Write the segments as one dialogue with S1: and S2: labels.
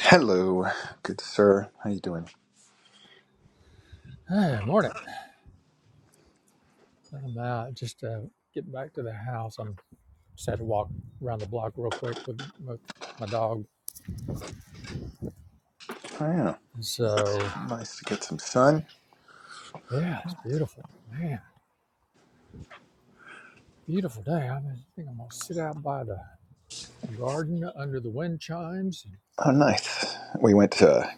S1: Hello, good sir. How you doing?
S2: Hey, morning. I'm uh, just uh, getting back to the house. I'm just had to walk around the block real quick with my, my dog.
S1: Oh, yeah.
S2: And so,
S1: Nice to get some sun.
S2: yeah, it's beautiful. Man, beautiful day. I, mean, I think I'm going to sit out by the garden under the wind chimes.
S1: Oh, nice. We went to a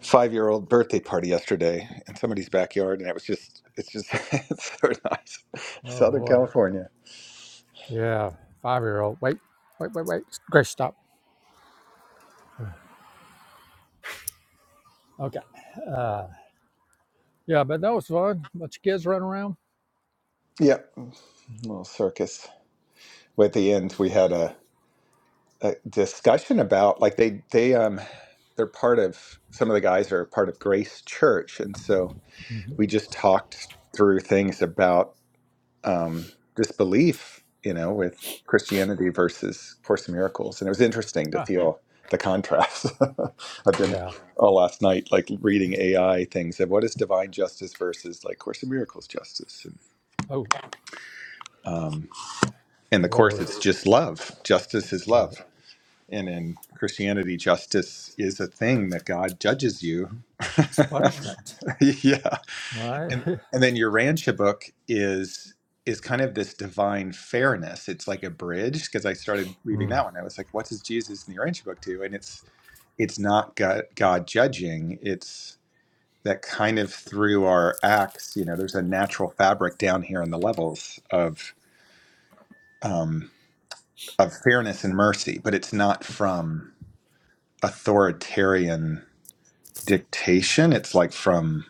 S1: five-year-old birthday party yesterday in somebody's backyard, and it was just, it's just, it's so nice.
S2: Oh,
S1: Southern
S2: boy.
S1: California.
S2: Yeah, five year old. Wait, wait, wait, wait. Grace, stop. Okay. Uh, yeah, but that was fun. Bunch of kids running around.
S1: Yep. Little circus. At the end, we had a, a discussion about, like, they, they, um, they're part of, some of the guys are part of Grace Church, and so
S2: hmm
S1: we just talked through things about um, disbelief, you know, with Christianity versus Course in Miracles. And it was interesting to
S2: Ah,
S1: feel the contrast. I've been
S2: yeah.
S1: all last night, like reading AI things of what is divine justice versus like Course in Miracles justice. And,
S2: Oh,
S1: um, in the
S2: what
S1: Course,
S2: was
S1: it's just love. Justice is
S2: right?
S1: love. And in Christianity, justice is a thing that God judges you.
S2: It's punishment,
S1: yeah.
S2: right?
S1: And and then your Rancha book is is kind of this divine fairness. It's like a bridge because I started reading
S2: Mm,
S1: that one. I was like, what does Jesus in the Rancha book do? And it's it's not God, God judging. It's that kind of through our acts, you know, there's a natural fabric down here in the levels of um, of fairness and mercy, but it's not from authoritarian dictation. It's like from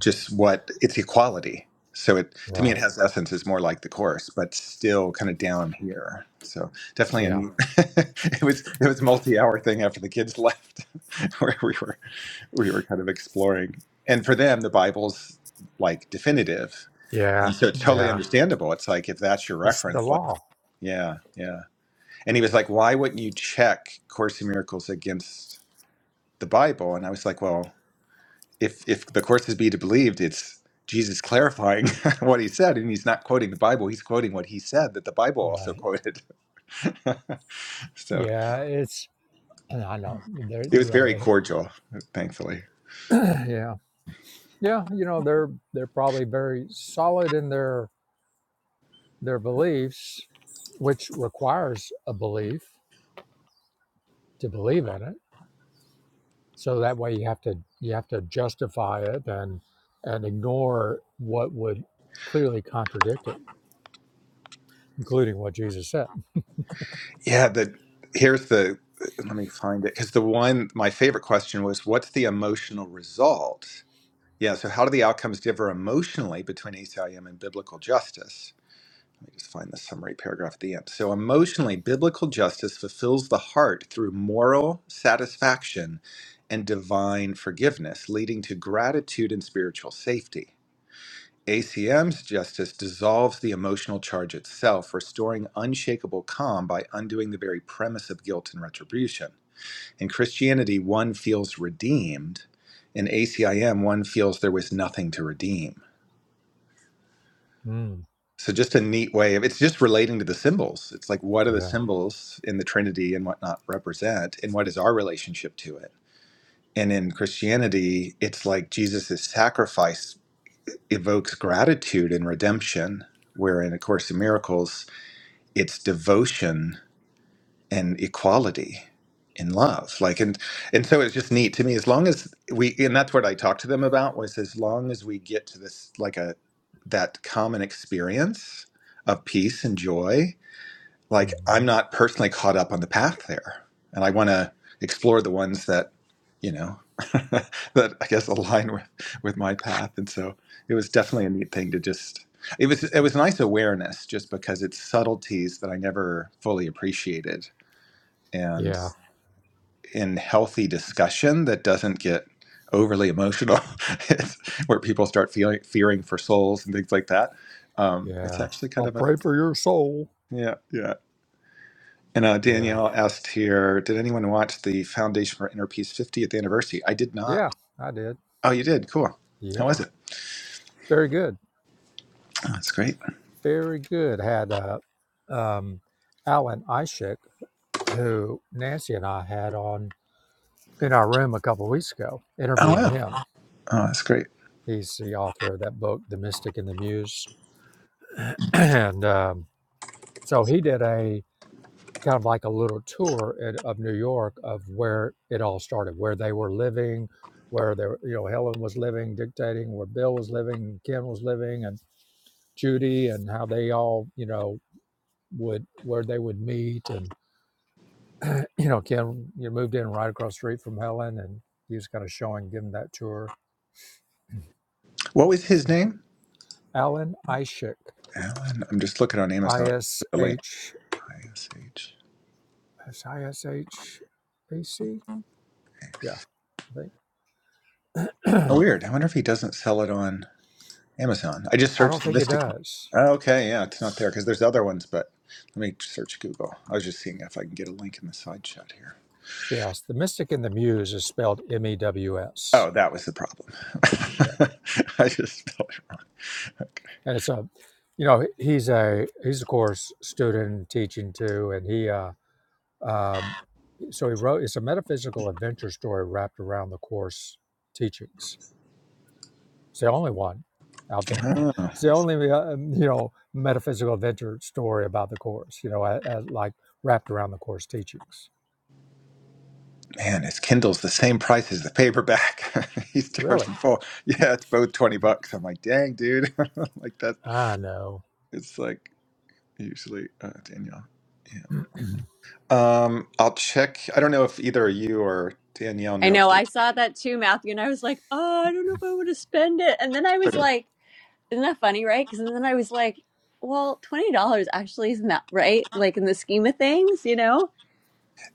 S1: just what it's equality. So it to me
S2: right.
S1: it has essence is more like the chorus, but still kind of down here. So definitely a
S2: Yeah,
S1: neat. it was it was a multi-hour thing after the kids left, where we were we were kind of exploring. And for them, the Bible's like definitive,
S2: yeah,
S1: and so it's totally
S2: yeah.
S1: understandable. It's like if that's your
S2: It's the
S1: reference, like
S2: law,
S1: yeah, yeah. And he was like, "Why wouldn't you check Course in Miracles against the Bible?" And I was like, "Well." if if the course is be to believed, it's Jesus clarifying what he said, and he's not quoting the Bible; he's quoting what he said that the Bible also
S2: right?
S1: quoted. so
S2: Yeah, it's and I know they're
S1: it
S2: they,
S1: was
S2: you know
S1: very
S2: they
S1: cordial, thankfully.
S2: yeah yeah you know they're they're probably very solid in their their beliefs, which requires a belief to believe in it. So that way you have to you have to justify it and and ignore what would clearly contradict it, including what Jesus said.
S1: Yeah, the here's the let me find it because the one my favorite question was, "What's the emotional result?" Yeah, so how do the outcomes differ emotionally between ACIM and biblical justice? Let me just find the summary paragraph at the end. So, emotionally, biblical justice fulfills the heart through moral satisfaction and divine forgiveness, leading to gratitude and spiritual safety. ACM's justice dissolves the emotional charge itself, restoring unshakable calm by undoing the very premise of guilt and retribution. In Christianity, one feels redeemed. In ACIM, one feels there was nothing to redeem.
S2: Mm,
S1: so just a neat way of it's just relating to the symbols it's like what are the
S2: yeah,
S1: symbols in the trinity and whatnot represent and what is our relationship to it and in christianity it's like jesus' sacrifice evokes gratitude and redemption where in a course in miracles it's devotion and equality in love like and and so it's just neat to me as long as we and that's what i talked to them about was as long as we get to this like a that common experience of peace and joy like I'm
S2: hmm
S1: not personally caught up on the path there, and I want to explore the ones that you know that I guess align with with my path. And so it was definitely a neat thing to just. It was it was a nice awareness just because it's subtleties that I never fully appreciated, and
S2: yeah,
S1: in healthy discussion that doesn't get overly emotional, it's where people start feeling fearing for souls and things like that. Um, it's
S2: yeah.
S1: actually kind
S2: I'll
S1: of a
S2: pray for your soul.
S1: yeah yeah And uh,
S2: Yeah.
S1: Danielle asked here, did anyone watch the Foundation for Inner Peace 50th anniversary? I did not.
S2: Yeah, I did.
S1: Oh, you did. Cool. How
S2: Yep.
S1: was it?
S2: Very good.
S1: Oh, that's great.
S2: Very good. Had uh, um, Alan Ishik, who Nancy and I had on in our room a couple of weeks ago,
S1: Oh,
S2: interviewing
S1: wow.
S2: him.
S1: Oh, that's great.
S2: He's the author of that book, The Mystic and the Muse. and um, so he did a kind of like a little tour in, of New York of where it all started, where they were living, where they were, you know, Helen was living, dictating, where Bill was living, Ken was living, and Judy, and how they all, you know, would where they would meet and you know ken you moved in right across the street from helen and he was kind of showing giving that tour
S1: What was his
S2: so
S1: name?
S2: alan ishik
S1: Alan. I'm just looking on Amazon. The link.
S2: ish
S1: ISH.
S2: yeah i think
S1: Oh, weird. I wonder if he doesn't sell it on Amazon. I just
S2: i
S1: searched
S2: don't
S1: the
S2: think it
S1: Mystic.
S2: does
S1: Oh, okay. Yeah, it's not there because there's other ones, but let me search Google. I was just seeing if I can get a link in the side chat here.
S2: yes the mystic and the muse is spelled m-e-w-s
S1: Oh, that was the problem.
S2: yeah
S1: I just spelled it wrong. Okay.
S2: and it's a you know he's a he's of course student and teaching too and he uh Um, so he wrote, it's a metaphysical adventure story wrapped around the course teachings. It's the only one out there.
S1: Oh.
S2: It's the only, uh, um, you know, metaphysical adventure story about the course, you know, a a- like wrapped around the course teachings.
S1: Man, his Kindle's the same price as the paperback. He's
S2: Really?
S1: charging full. Yeah, it's both twenty bucks. I'm like, dang, dude. like that.
S2: I know.
S1: It's like usually uh, Danielle. Yeah. Um, I'll check. I don't know if either you or Danielle
S3: I
S1: know if
S3: know.
S1: there's
S3: I saw that too, Matthew, and I was like, oh, I don't know if I want to spend it. And then I was
S1: Twitter.
S3: like, isn't that funny, right? Because then I was like, well, twenty dollars actually isn't that right? Like in the scheme of things, you know?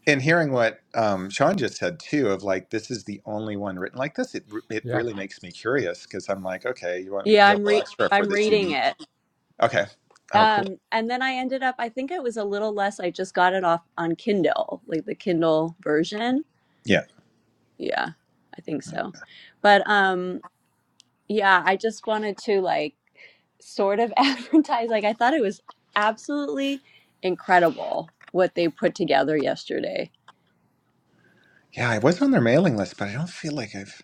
S1: And hearing what um, Sean just said too, of like this is the only one written like this, it re- it
S2: Yeah.
S1: really makes me curious because I'm like, okay, you want me to
S3: Yeah,
S1: pay a
S3: I'm
S1: little
S3: re
S1: extra for
S3: I'm
S1: this
S3: reading
S1: unique?
S3: it.
S1: Okay. Oh, cool.
S3: Um, and then I ended up, I think it was a little less. I just got it off on Kindle, like the Kindle version.
S1: Yeah.
S3: Yeah, I think so. But um, yeah, I just wanted to like sort of advertise. Like I thought it was absolutely incredible what they put together yesterday.
S1: Yeah, I was on their mailing list, but I don't feel like I've.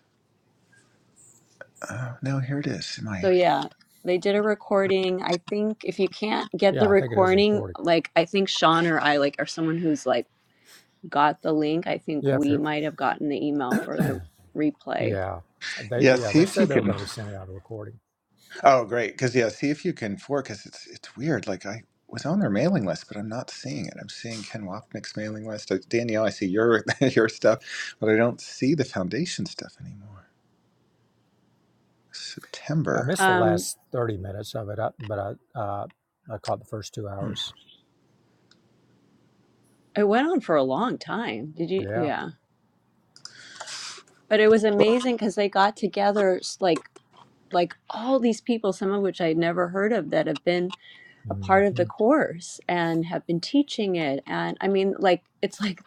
S1: Uh, no, here it is.
S3: So
S1: My
S3: yeah, they did a recording. I think if you can't get the
S2: Yeah. I think it is
S3: recording,
S2: recorded.
S3: like I think Sean or I like are someone who's like got the link. I think
S2: Yeah. If
S3: we
S2: you're,
S3: might have gotten the email for the replay.
S2: yeah. They,
S1: yeah.
S2: yeah,
S1: See
S2: they
S1: if you
S2: said they were going
S1: can.
S2: to be sending out a recording.
S1: Oh, great. Because yeah, see if you can forecast. It's it's weird. Like I was on their mailing list, but I'm not seeing it. I'm seeing Ken Wapnick's mailing list. Uh, Danielle, I see your your stuff, but I don't see the foundation stuff anymore.
S2: I
S1: September.
S2: missed the
S3: Um
S2: last 30 minutes of it, uh, but I, uh, I caught the first two
S1: Hmm.
S2: hours.
S3: it went on for a long time. Did you
S2: Yeah.
S3: yeah. But it was amazing cuz they got together s- like like all these people some of which I'd never heard of that have been a
S2: hmm
S3: part of the course and have been teaching it and i mean like it's like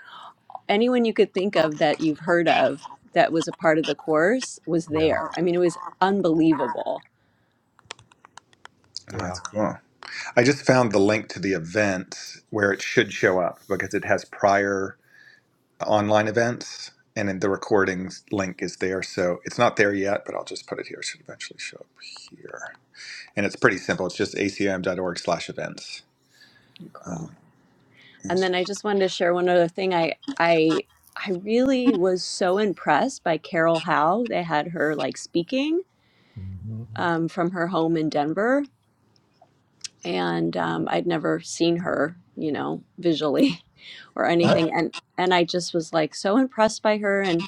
S3: anyone you could think of that you've heard of that was a part of the course was
S2: Yeah.
S3: there i mean it was unbelievable
S1: Oh,
S2: Yeah.
S1: that's cool. I just found the link to the event where it should show up because it has prior online events. And then the recordings link is there, so it's not there yet, but I'll just put it here. It should eventually show up here. and it's pretty simple. It's just acom.org slash events.
S3: cool
S1: Um,
S3: and
S1: it's-
S3: then i just wanted to share one other thing i i i really was so impressed by carol howe they had her like speaking
S2: hmm
S3: um, from her home in denver and um, i'd never seen her you know visually or
S2: I,
S3: anything and and i just was like so impressed by her and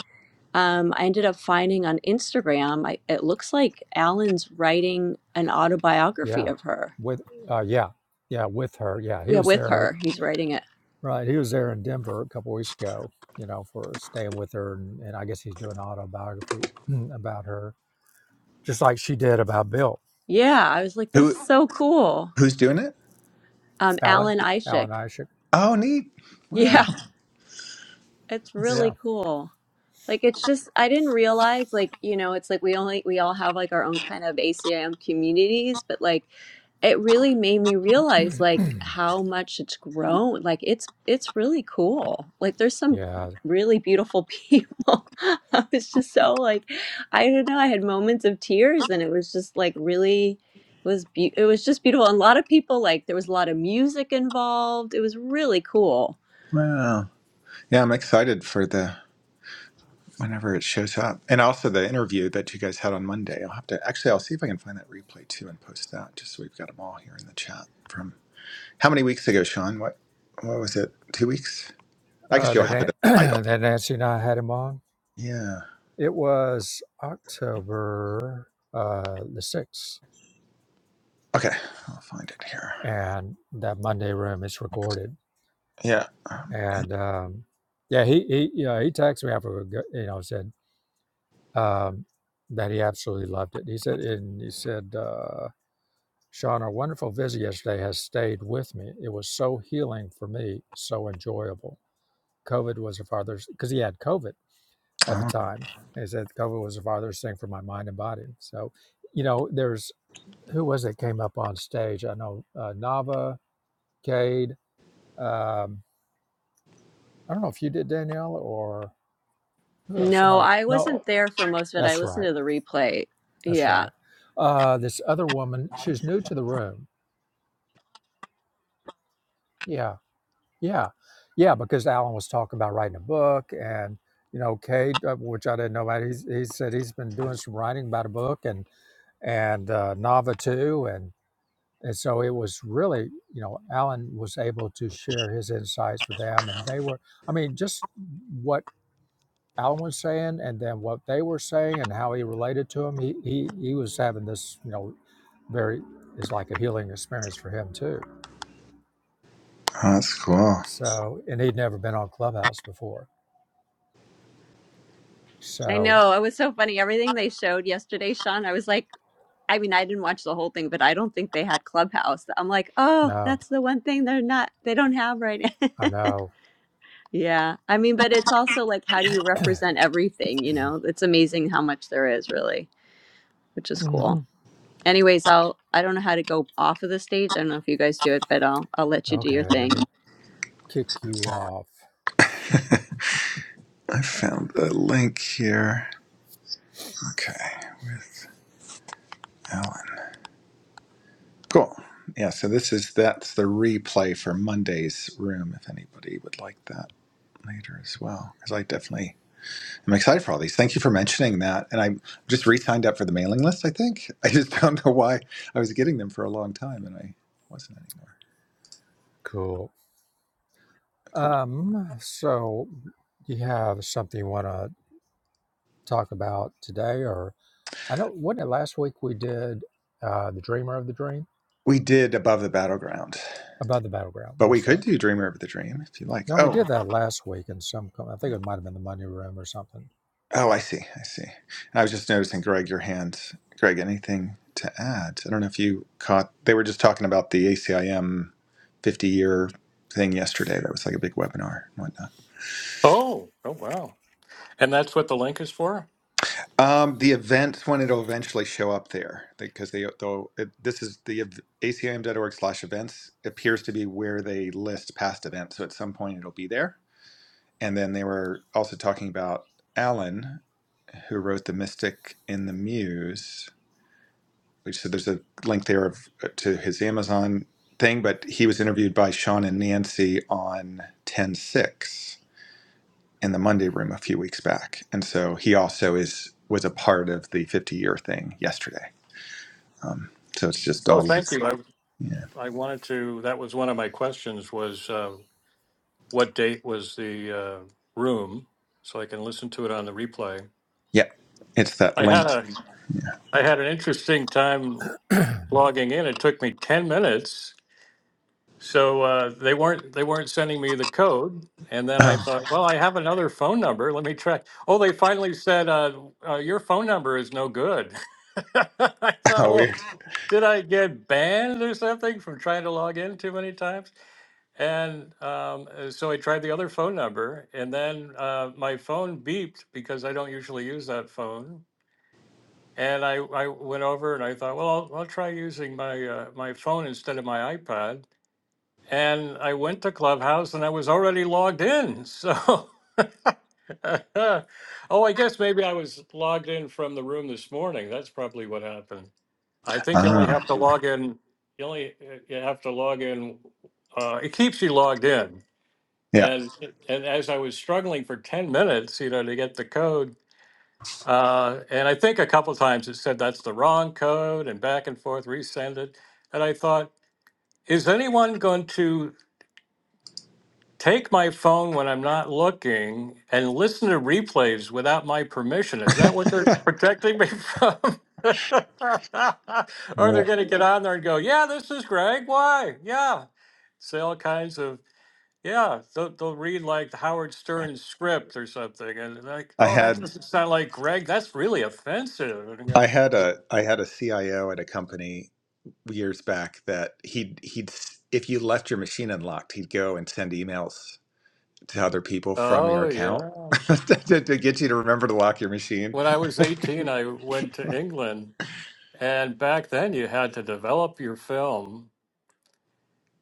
S3: um, I ended up finding on Instagram. I, it looks like Alan's writing an autobiography
S2: yeah,
S3: of her.
S2: with uh, yeah, yeah, with her. Yeah, he
S3: Yeah,
S2: was
S3: with
S2: there.
S3: her, he's writing it.
S2: Right, he was there in Denver a couple weeks ago. You know, for staying with her, and, and I guess he's doing an autobiography about her, just like she did about Bill,
S3: Yeah, I was like, this is
S1: who
S3: so cool.
S1: who's doing it?
S3: Um,
S2: Alan,
S3: Alan Ishik.
S2: Alan Isaac.
S1: Oh, neat. Wow,
S2: Yeah,
S3: Yeah, it's really
S2: yeah,
S3: cool. Like it's just I didn't realize like, you know, it's like we only we all have like our own kind of ACIM communities, but like it really made me realize like how much it's grown. Like it's it's really cool. Like there's some
S2: yeah.
S3: really beautiful people. I was just so like I don't know, I had moments of tears and it was just like really it was be- it was just beautiful. And a lot of people like there was a lot of music involved. It was really cool.
S1: wow. Yeah, I'm excited for the whenever it shows up, and also the interview that you guys had on Monday. I'll have to actually. I'll see if I can find that replay too and post that, just so we've got them all here in the chat from how many weeks ago, Sean? What what was it? Two weeks? I guess
S2: Uh,
S1: you'll
S2: that
S1: have it idle.
S2: Nan- that Nancy and I had him on.
S1: Yeah.
S2: It was October uh, the sixth,
S1: Okay, I'll find it here.
S2: and that Monday room is recorded.
S1: Yeah. Oh,
S2: and um, yeah, he he yeah he texted me after we go- you know said um, that he absolutely loved it. He said and he said, uh, Sean, our wonderful visit yesterday has stayed with me. It was so healing for me, so enjoyable. COVID was the farthest because he had COVID at the
S1: oh,
S2: time. And he said COVID was the farthest thing from my mind and body. So, you know, there's who was it came up on stage? I know uh, Nava, Cade. Um, I don't know if you did Danielle or who else?
S3: No,
S2: Somebody.
S3: I
S2: No.
S3: wasn't there for most of it. I
S2: That's
S3: listened
S2: right.
S3: to the replay.
S2: That's
S3: Yeah.
S2: right. Uh, this other woman, she was new to the room. Yeah, yeah, yeah. Because Alan was talking about writing a book, and you know, Cade, uh, which I didn't know about. He's, he said he's been doing some writing about a book, and and uh, Nava too, and and so it was really, you know, Alan was able to share his insights with them, and they were. I mean, just what Alan was saying and then what they were saying and how he related to him. He he he was having this, you know, very is like a healing experience for him too.
S1: that's cool.
S2: So and he'd never been on Clubhouse before.
S3: I
S2: So
S3: know. It was so funny. Everything they showed yesterday, Sean, I was like, I mean, I didn't watch the whole thing, but I don't think they had Clubhouse. I'm like, oh,
S2: no,
S3: that's the one thing they're not, they don't have right now.
S2: I know.
S3: yeah. I mean, but it's also like, how do you represent everything? You know, it's amazing how much there is really, which is
S2: hmm
S3: cool. Anyways, I'll, I don't know how to go off of the stage. I don't know if you guys do it, but I'll, I'll let you do your
S2: Okay, let
S3: thing.
S2: me kick you off.
S1: I found the link here. Okay, Alan. Cool. Yeah, so this is that's the replay for Monday's room. If anybody would like that later as well, because I definitely am excited for all these. Thank you for mentioning that. And I just re-signed up for the mailing list. I think I just don't know why I was getting them for a long time and I wasn't anymore.
S2: Cool.
S1: Cool.
S2: Um, so you have something you want to talk about today, or I know what last week we did uh, the Dreamer of the Dream
S1: We did above the battleground,
S2: above the battleground.
S1: but we
S2: That's right.
S1: could do Dreamer of the Dream if you like.
S2: No, we
S1: Oh,
S2: did that last week in some. co- I think it might have been the money room or something.
S1: Oh, I see. I see. And I was just noticing, Greg, your hand. Greg, anything to add? I don't know if you caught. They were just talking about the ACIM 50 year thing yesterday. That was like a big webinar and whatnot.
S4: Oh, oh wow. And that's what the link is for?
S1: Um, the event when it'll eventually show up there, because they though it, this is the ev- A C I M dot org slash events appears to be where they list past events. So at some point it'll be there. And then they were also talking about Alan, who wrote the Mystic in the Muse We said, there's a link there of, uh, to his Amazon thing, but he was interviewed by Sean and Nancy on 106 in the Monday room a few weeks back. And so he also is was a part of the 50 year thing yesterday. Um, so it's just
S4: Oh,
S1: all
S4: thank you. I
S1: yeah. Yeah.
S4: I wanted to that was one of my questions was uh, what date was the uh, room so I can listen to it on the replay.
S1: Yep. It's that
S4: I
S1: link.
S4: had a I had an interesting time logging in. It took me 10 minutes. So uh, they weren't they weren't sending me the code. And then I
S1: Oh,
S4: thought, well, I have another phone number. Let me try. Oh, they finally said, uh, uh, your phone number is no good. I thought,
S1: how
S4: well,
S1: weird.
S4: Did I get banned or something from trying to log in too many times? And um, uh, so I tried the other phone number, and then uh, my phone beeped because I don't usually use that phone. And I, I went over and I thought, well, I'll, I'll try using my uh, my phone instead of my iPad. And I went to Clubhouse, and I was already logged in. So, oh, I guess maybe I was logged in from the room this morning. That's probably what happened. I think you only have
S1: Ah,
S4: to log in, you only, uh, you have to log in, uh, it keeps you logged in.
S1: yeah.
S4: And, and as I was struggling for ten minutes, you know, to get the code, uh, and I think a couple times it said that's the wrong code and back and forth, resend it. And I thought, is anyone going to take my phone when I'm not looking and listen to replays without my permission. Is that what they're protecting me from? or they're
S1: yeah.
S4: going to get on there and go, yeah, this is Greg. Why? Yeah. Say all kinds of, yeah, they'll, they'll read like the Howard Stern script or something. And they're like,
S1: I
S4: oh, that
S1: had
S4: doesn't sound like Greg. That's really offensive. And you
S1: I
S4: go,
S1: had a I had a CIO at a company years back that he'd he'd if you left your machine unlocked, he'd go and send emails to other people from your
S4: oh,
S1: account
S4: yeah.
S1: to, to to get you to remember to lock your machine.
S4: When I was 18, I went to England. And back then, you had to develop your film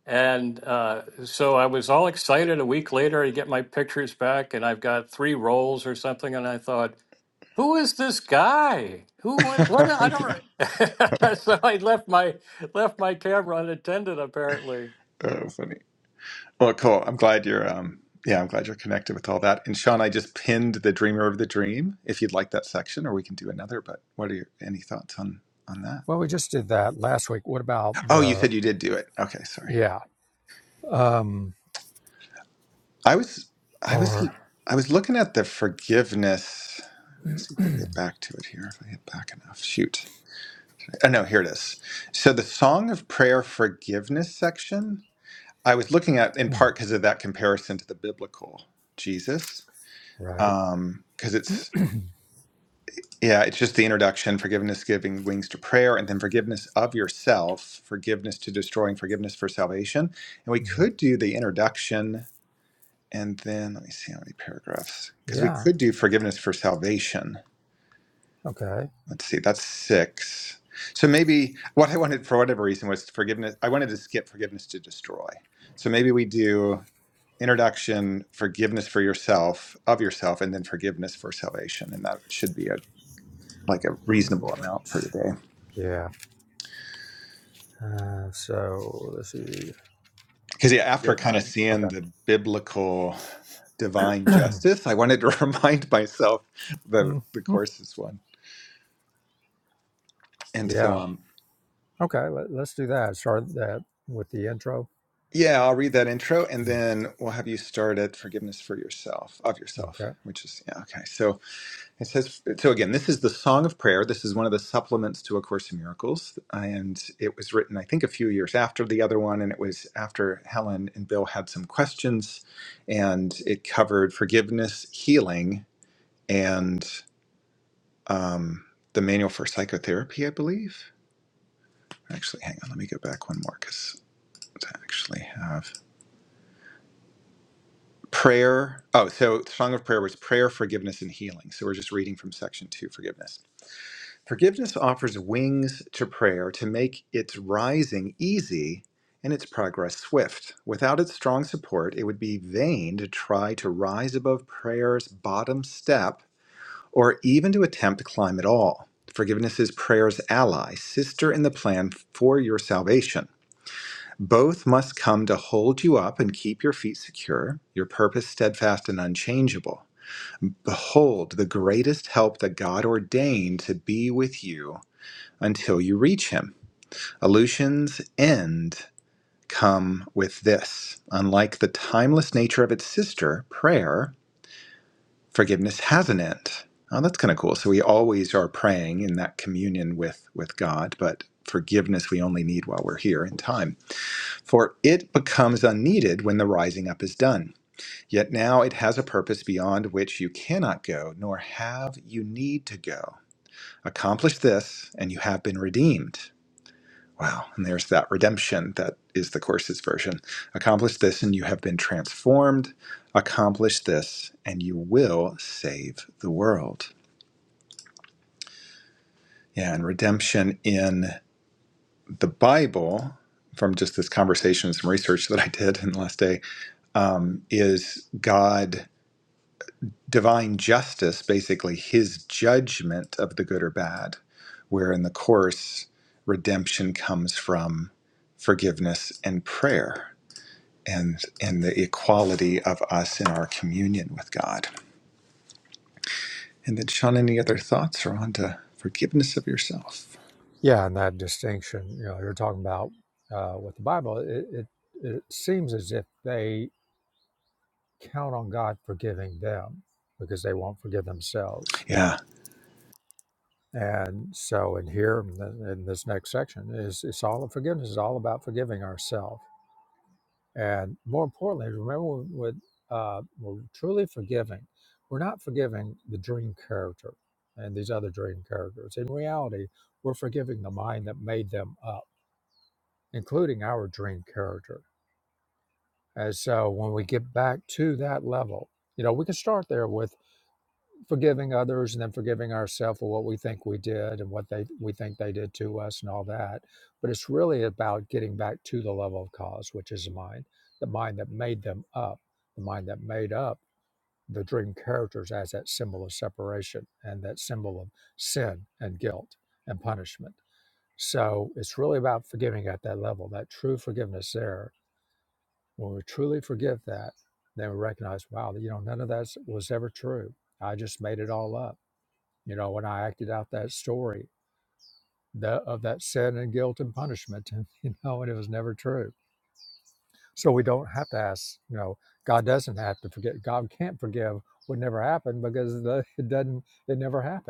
S4: And uh, so I was all excited. A week later, I get my pictures back, and I've got three rolls or something. And I thought, who is this guy? Who? What? what I
S1: yeah.
S4: don't. so I left my left my camera unattended, apparently.
S1: Oh, funny. Well, cool. I'm glad you're. Um, yeah, I'm glad you're connected with all that. And Sean, I just pinned the Dreamer of the Dream. If you'd like that section, or we can do another. But what are your any thoughts on on that?
S2: Well, we just did that last week. What about
S1: Oh, you
S2: the?
S1: said you did do it. Okay, sorry.
S2: Yeah. Um.
S1: I was I was
S2: Or.
S1: I was looking at the forgiveness. Let's see if I can get back to it here. If I get back enough, shoot. Oh no, here it is. So the Song of Prayer forgiveness section I was looking at in
S2: hmm,
S1: part because of that comparison to the biblical Jesus,
S2: right.
S1: because it's yeah, it's just the introduction, forgiveness giving wings to prayer, and then forgiveness of yourself, forgiveness to destroying, forgiveness for salvation, and we
S2: Hmm,
S1: could do the introduction, and then let me see how many paragraphs, because we
S2: Yeah.
S1: could do forgiveness for salvation.
S2: Okay.
S1: Let's see, that's six. So maybe what I wanted for whatever reason was forgiveness. I wanted to skip forgiveness to destroy. So maybe we do. introduction, forgiveness for yourself, of yourself, and then forgiveness for salvation. And that should be a like a
S2: All
S1: reasonable
S2: right.
S1: amount for today.
S2: Yeah. Uh, so let's see.
S1: Because yeah, after
S2: Forget.
S1: kind
S2: Uh,
S1: of seeing the biblical divine
S2: okay.
S1: justice, I wanted to remind myself the the
S2: Mhm.
S1: course's one. And so
S2: Yeah.
S1: um
S2: Okay. Let, let's do that. Start that with the intro.
S1: yeah, I'll read that intro and then we'll have you start at forgiveness for yourself, of yourself,
S2: Okay.
S1: which is yeah, okay. So It says, so again, this is the Song of Prayer. This is one of the supplements to A Course in Miracles. And it was written, I think, a few years after the other one. And it was after Helen and Bill had some questions. And it covered forgiveness, healing, and um, the manual for psychotherapy, I believe. Actually, hang on, let me go back one more because I actually have prayer. Oh, so Song of Prayer was prayer, forgiveness, and healing. So we're just reading from section two, forgiveness. Forgiveness offers wings to prayer to make its rising easy and its progress swift. Without its strong support, it would be vain to try to rise above prayer's bottom step or even to attempt to climb at all. Forgiveness is prayer's ally, sister in the plan for your salvation. Both must come to hold you up and keep your feet secure, your purpose steadfast and unchangeable. Behold the greatest help that God ordained to be with you until you reach him. Aleutian's end come with this. Unlike the timeless nature of its sister, prayer, forgiveness has an end. Oh, that's kind of cool. So we always are praying in that communion with, with God, but forgiveness we only need while we're here in time. For it becomes unneeded when the rising up is done. Yet now it has a purpose beyond which you cannot go, nor have you need to go. Accomplish this, and you have been redeemed. Wow. And there's that redemption that is the course's version. Accomplish this and you have been transformed. Accomplish this and you will save the world. Yeah. And redemption in the Bible, from just this conversation and some research that I did in the last day, um, is God, divine justice, basically his judgment of the good or bad, where in the course, redemption comes from forgiveness and prayer and and the equality of us in our communion with God. And then, Sean, any other thoughts around uh, forgiveness of yourself?
S2: Yeah, and that distinction, you know, you're talking about uh, with the Bible. It, it it seems as if they count on God forgiving them because they won't forgive themselves.
S1: Yeah,
S2: And so, in here, in the- in this next section, is it's all forgiveness is all about forgiving ourselves. And more importantly, remember when when, uh, we're truly forgiving, we're not forgiving the dream character and these other dream characters. In reality, we're forgiving the mind that made them up, including our dream character. And so, when we get back to that level, you know, we can start there with. forgiving others and then forgiving ourselves for what we think we did and what they we think they did to us and all that. But it's really about getting back to the level of cause, which is the mind, the mind that made them up, the mind that made up the dream characters as that symbol of separation and that symbol of sin and guilt and punishment. So it's really about forgiving at that level, that true forgiveness there. When we truly forgive that, then we recognize, wow, you know, none of that was ever true. I just made it all up you know, when I acted out that story that, of that sin and guilt and punishment, and, you know, and it was never true. So we don't have to ask, you know, God doesn't have to forget. God can't forgive what never happened because the, it doesn't, it never happened.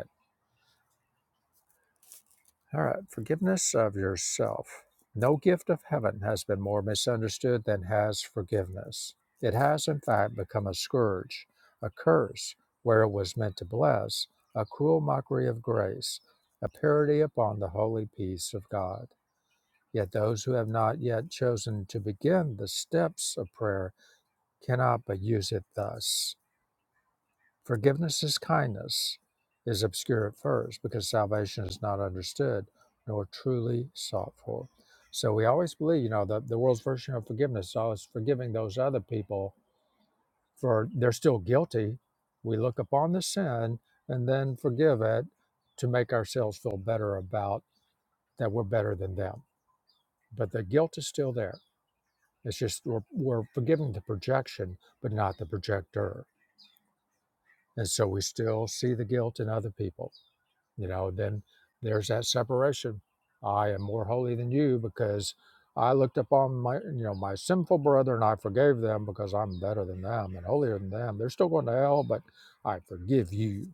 S2: All right, forgiveness of yourself. No gift of heaven has been more misunderstood than has forgiveness. It has, in fact, become a scourge, a curse where it was meant to bless, a cruel mockery of grace, a parody upon the holy peace of God. Yet those who have not yet chosen to begin the steps of prayer cannot but use it thus. Forgiveness is kindness is obscure at first because salvation is not understood nor truly sought for. So we always believe, you know, the, the world's version of forgiveness is always forgiving those other people for they're still guilty. We look upon the sin and then forgive it to make ourselves feel better about that we're better than them. But the guilt is still there. It's just we're, we're forgiving the projection, but not the projector. And so we still see the guilt in other people you know then there's that separation i am more holy than you because i looked upon my you know my sinful brother and i forgave them because i'm better than them and holier than them they're still going to hell but i forgive you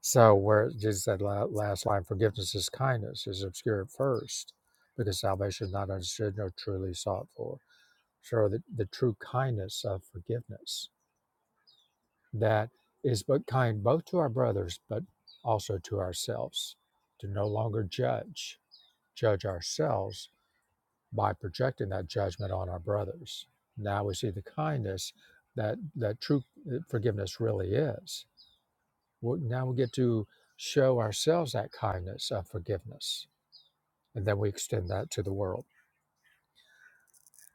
S2: so where jesus said la- last line forgiveness is kindness is obscure at first because salvation is not understood nor truly sought for show the, the true kindness of forgiveness that is but kind both to our brothers but also to ourselves to no longer judge judge ourselves by projecting that judgment on our brothers now we see the kindness that that true uh, forgiveness really is Well, now we get to show ourselves that kindness of forgiveness and then we extend that to the world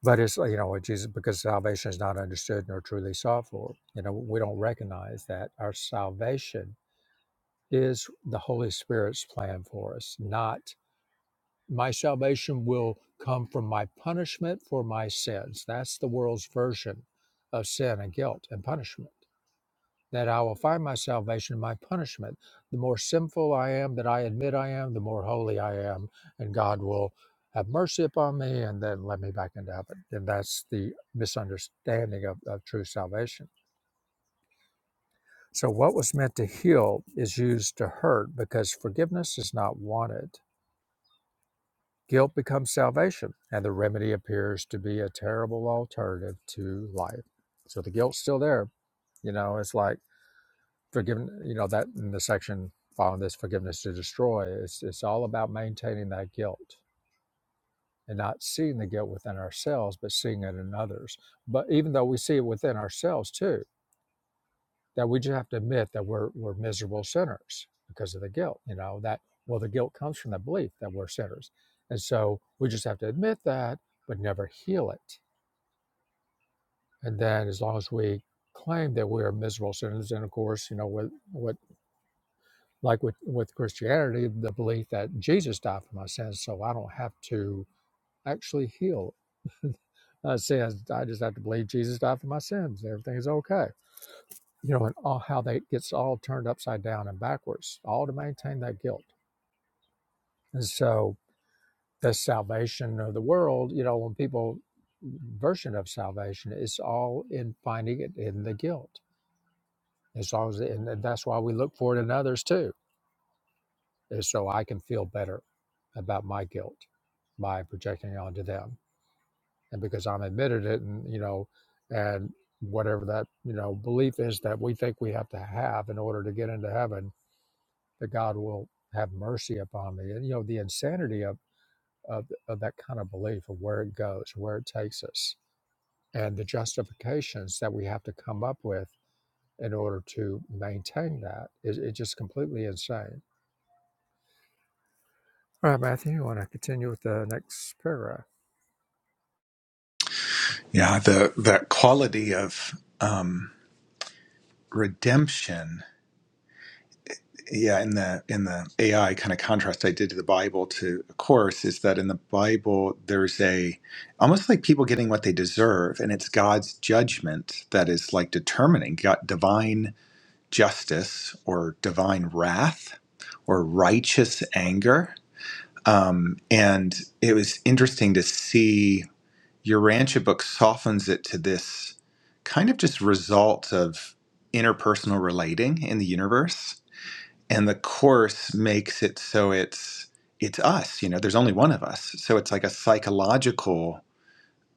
S2: but it's like, you know jesus because salvation is not understood nor truly sought for you know we don't recognize that our salvation is the Holy Spirit's plan for us, not my salvation will come from my punishment for my sins. That's the world's version of sin and guilt and punishment. That I will find my salvation in my punishment. The more sinful I am, that I admit I am, the more holy I am, and God will have mercy upon me and then let me back into heaven. And that's the misunderstanding of, of true salvation. So, what was meant to heal is used to hurt because forgiveness is not wanted Guilt becomes salvation, and the remedy appears to be a terrible alternative to life. So the guilt's still there. You know, it's like forgiven. You know that in the section following this, forgiveness to destroy. It's it's all about maintaining that guilt and not seeing the guilt within ourselves, but seeing it in others. But even though we see it within ourselves too, that we just have to admit that we're we're miserable sinners because of the guilt. You know that well, the guilt comes from the belief that we're sinners, and so we just have to admit that, but never heal it. And then, as long as we claim that we are miserable sinners, and of course, you know, with what like with with Christianity, the belief that Jesus died for my sins, so I don't have to actually heal uh, sins. I just have to believe Jesus died for my sins. Everything is okay you know, and all, how that gets all turned upside down and backwards, all to maintain that guilt. And so the salvation of the world, you know, when people version of salvation it's all in finding it in the guilt. As long as, and that's why we look for it in others too, is so I can feel better about my guilt by projecting it onto them, and because I'm admitted it, and you know, and whatever that you know belief is that we think we have to have in order to get into heaven that God will have mercy upon me. And you know the insanity of of, of that kind of belief of where it goes, where it takes us, and the justifications that we have to come up with in order to maintain that is it's just completely insane. All right, Matthew, you want to continue with the next paragraph?
S1: yeah, the the quality of um, redemption. Yeah, in the in the AI kind of contrast I did to the Bible to a course is that in the Bible there's a almost like people getting what they deserve, and it's God's judgment that is like determining God, divine justice or divine wrath or righteous anger. Um, and it was interesting to see your Rancha book softens it to this kind of just result of interpersonal relating in the universe. And the course makes it so it's it's us, you know, there's only one of us. So it's like a psychological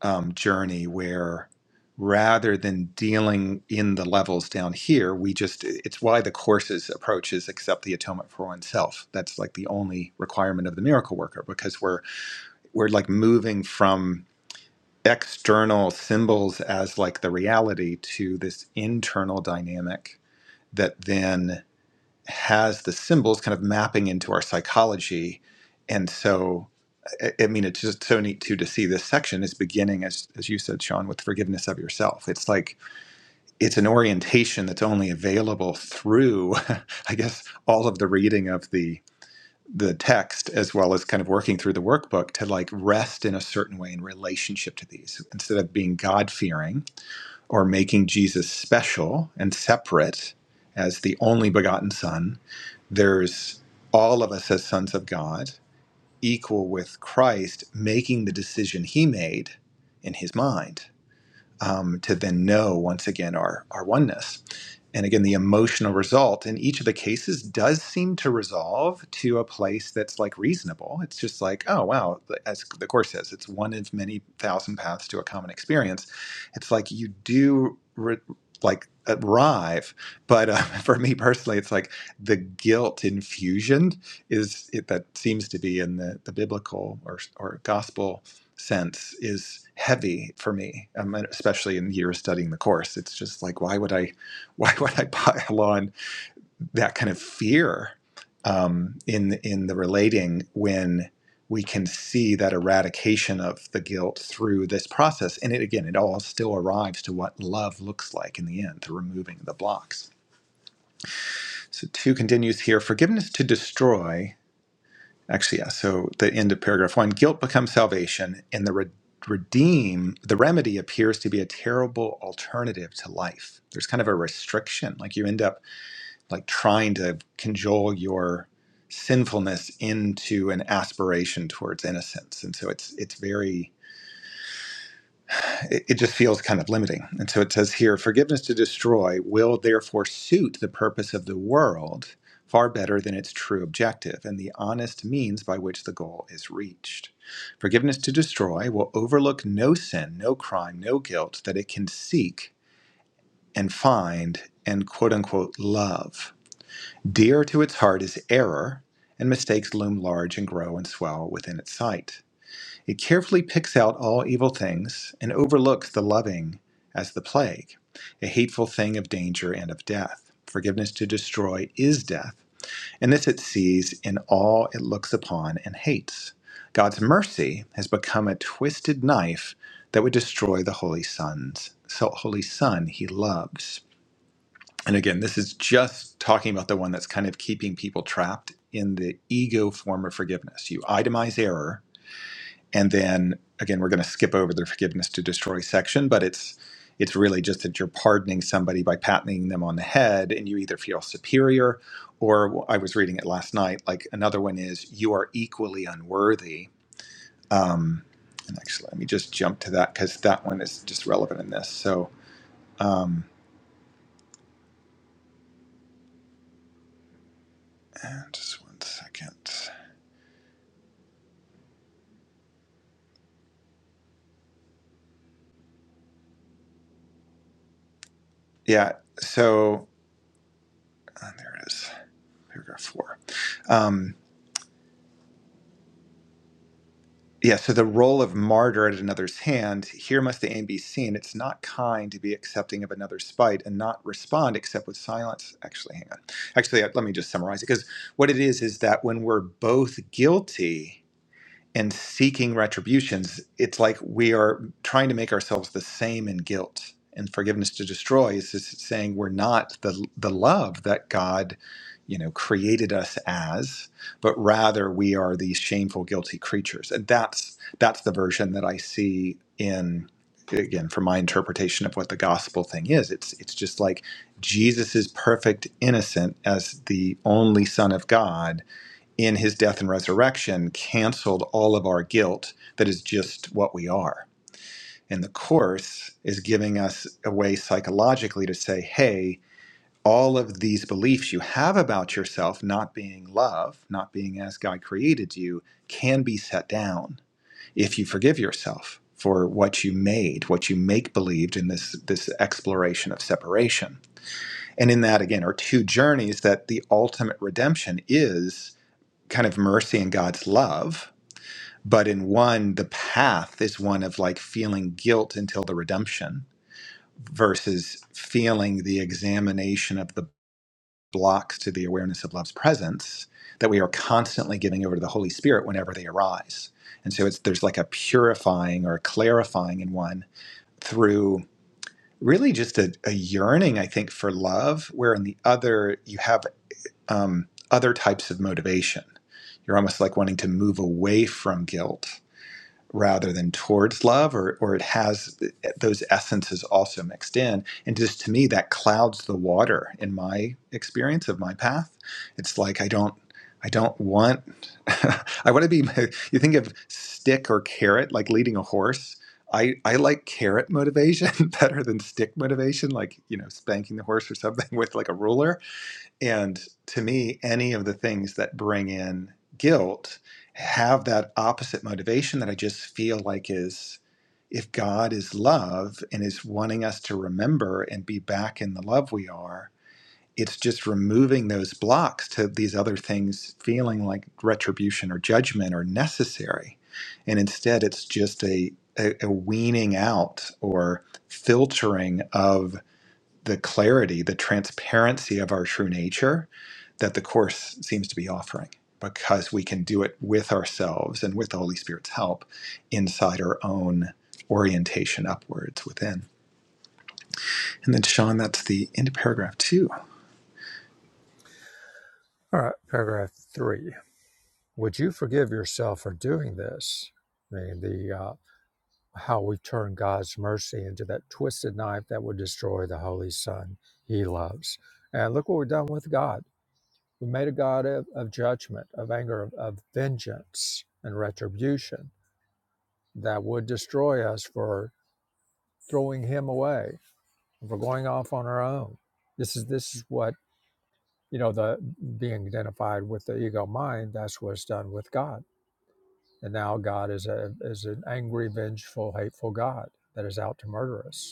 S1: um, journey where rather than dealing in the levels down here, we just, it's why the course's approach is accept the atonement for oneself. That's like the only requirement of the miracle worker because we're, we're like moving from external symbols as like the reality to this internal dynamic that then has the symbols kind of mapping into our psychology. And so, I, I mean, it's just so neat too to see this section is beginning, as, as you said, Sean, with forgiveness of yourself. It's like it's an orientation that's only available through, I guess, all of the reading of the the text as well as kind of working through the workbook to like rest in a certain way in relationship to these instead of being god fearing or making jesus special and separate as the only begotten son there's all of us as sons of God, equal with Christ, making the decision he made in his mind um, to then know once again our, our oneness and again the emotional result in each of the cases does seem to resolve to a place that's like reasonable it's just like oh wow as the course says it's one of many thousand paths to a common experience it's like you do re- like arrive but uh, for me personally it's like the guilt infusion is it that seems to be in the, the biblical or, or gospel sense is heavy for me um, especially in years studying the course it's just like why would i why would I pile on that kind of fear um, in in the relating when we can see that eradication of the guilt through this process? And it again, it all still arrives to what love looks like in the end, the removing the blocks. So two continues here: forgiveness to destroy. Actually, yeah. So the end of paragraph one: guilt becomes salvation, and the re- redeem the remedy appears to be a terrible alternative to life. There's kind of a restriction, like you end up like trying to conjole your sinfulness into an aspiration towards innocence and so it's it's very it, it just feels kind of limiting and so it says here forgiveness to destroy will therefore suit the purpose of the world far better than its true objective and the honest means by which the goal is reached forgiveness to destroy will overlook no sin no crime no guilt that it can seek and find and quote unquote love Dear to its heart is error, and mistakes loom large and grow and swell within its sight. It carefully picks out all evil things and overlooks the loving as the plague, a hateful thing of danger and of death. Forgiveness to destroy is death, and this it sees in all it looks upon and hates. God's mercy has become a twisted knife that would destroy the holy sons, so holy son he loves. And again, this is just talking about the one that's kind of keeping people trapped in the ego form of forgiveness. You itemize error, and then again, we're going to skip over the forgiveness to destroy section, but it's it's really just that you're pardoning somebody by patting them on the head, and you either feel superior, or I was reading it last night. Like another one is you are equally unworthy. Um, and actually, let me just jump to that because that one is just relevant in this. So um, and just one second. Yeah. So uh, there it is, paragraph four. Um, yeah. So the role of martyr at another's hand, here must the aim be seen. It's not kind to be accepting of another's spite and not respond except with silence. Actually, hang on. Actually, uh, let me just summarize it because what it is is that when we're both guilty, and seeking retributions, it's like we are trying to make ourselves the same in guilt. And forgiveness to destroy is just saying we're not the the love that God, you know, created us as, but rather we are these shameful, guilty creatures. And that's that's the version that I see in again from my interpretation of what the gospel thing is. It's it's just like Jesus is perfect innocent as the only Son of God in his death and resurrection canceled all of our guilt that is just what we are. And the Course is giving us a way psychologically to say, hey, all of these beliefs you have about yourself not being love, not being as God created you, can be set down if you forgive yourself for what you made, what you make believed in this, this exploration of separation. And in that, again, are two journeys that the ultimate redemption is kind of mercy and God's love but in one, the path is one of like feeling guilt until the redemption versus feeling the examination of the blocks to the awareness of love's presence that we are constantly giving over to the Holy Spirit whenever they arise. And so it's there's like a purifying or a clarifying in one through really just a, a yearning, I think, for love, where in the other you have um, other types of motivation. You're almost like wanting to move away from guilt rather than towards love, or, or it has those essences also mixed in. And just to me, that clouds the water in my experience of my path. It's like I don't. I don't want. I want to be. You think of stick or carrot, like leading a horse. I, I like carrot motivation better than stick motivation, like you know spanking the horse or something with like a ruler and to me, any of the things that bring in guilt have that opposite motivation that I just feel like is if God is love and is wanting us to remember and be back in the love we are, it's just removing those blocks to these other things feeling like retribution or judgment or necessary. And instead, it's just a, a, a weaning out or filtering of the clarity, the transparency of our true nature that the Course seems to be offering because we can do it with ourselves and with the Holy Spirit's help inside our own orientation upwards within. And then, Sean, that's the end of paragraph two.
S2: All right, paragraph three. Would you forgive yourself for doing this? I mean, the uh, how we turn God's mercy into that twisted knife that would destroy the Holy Son he loves. And look what we've done with God. We made a God of, of judgment, of anger, of, of vengeance and retribution that would destroy us for throwing him away, for going off on our own. This is this is what, you know, the being identified with the ego mind, that's what's done with God. And now God is a is an angry, vengeful, hateful God that is out to murder us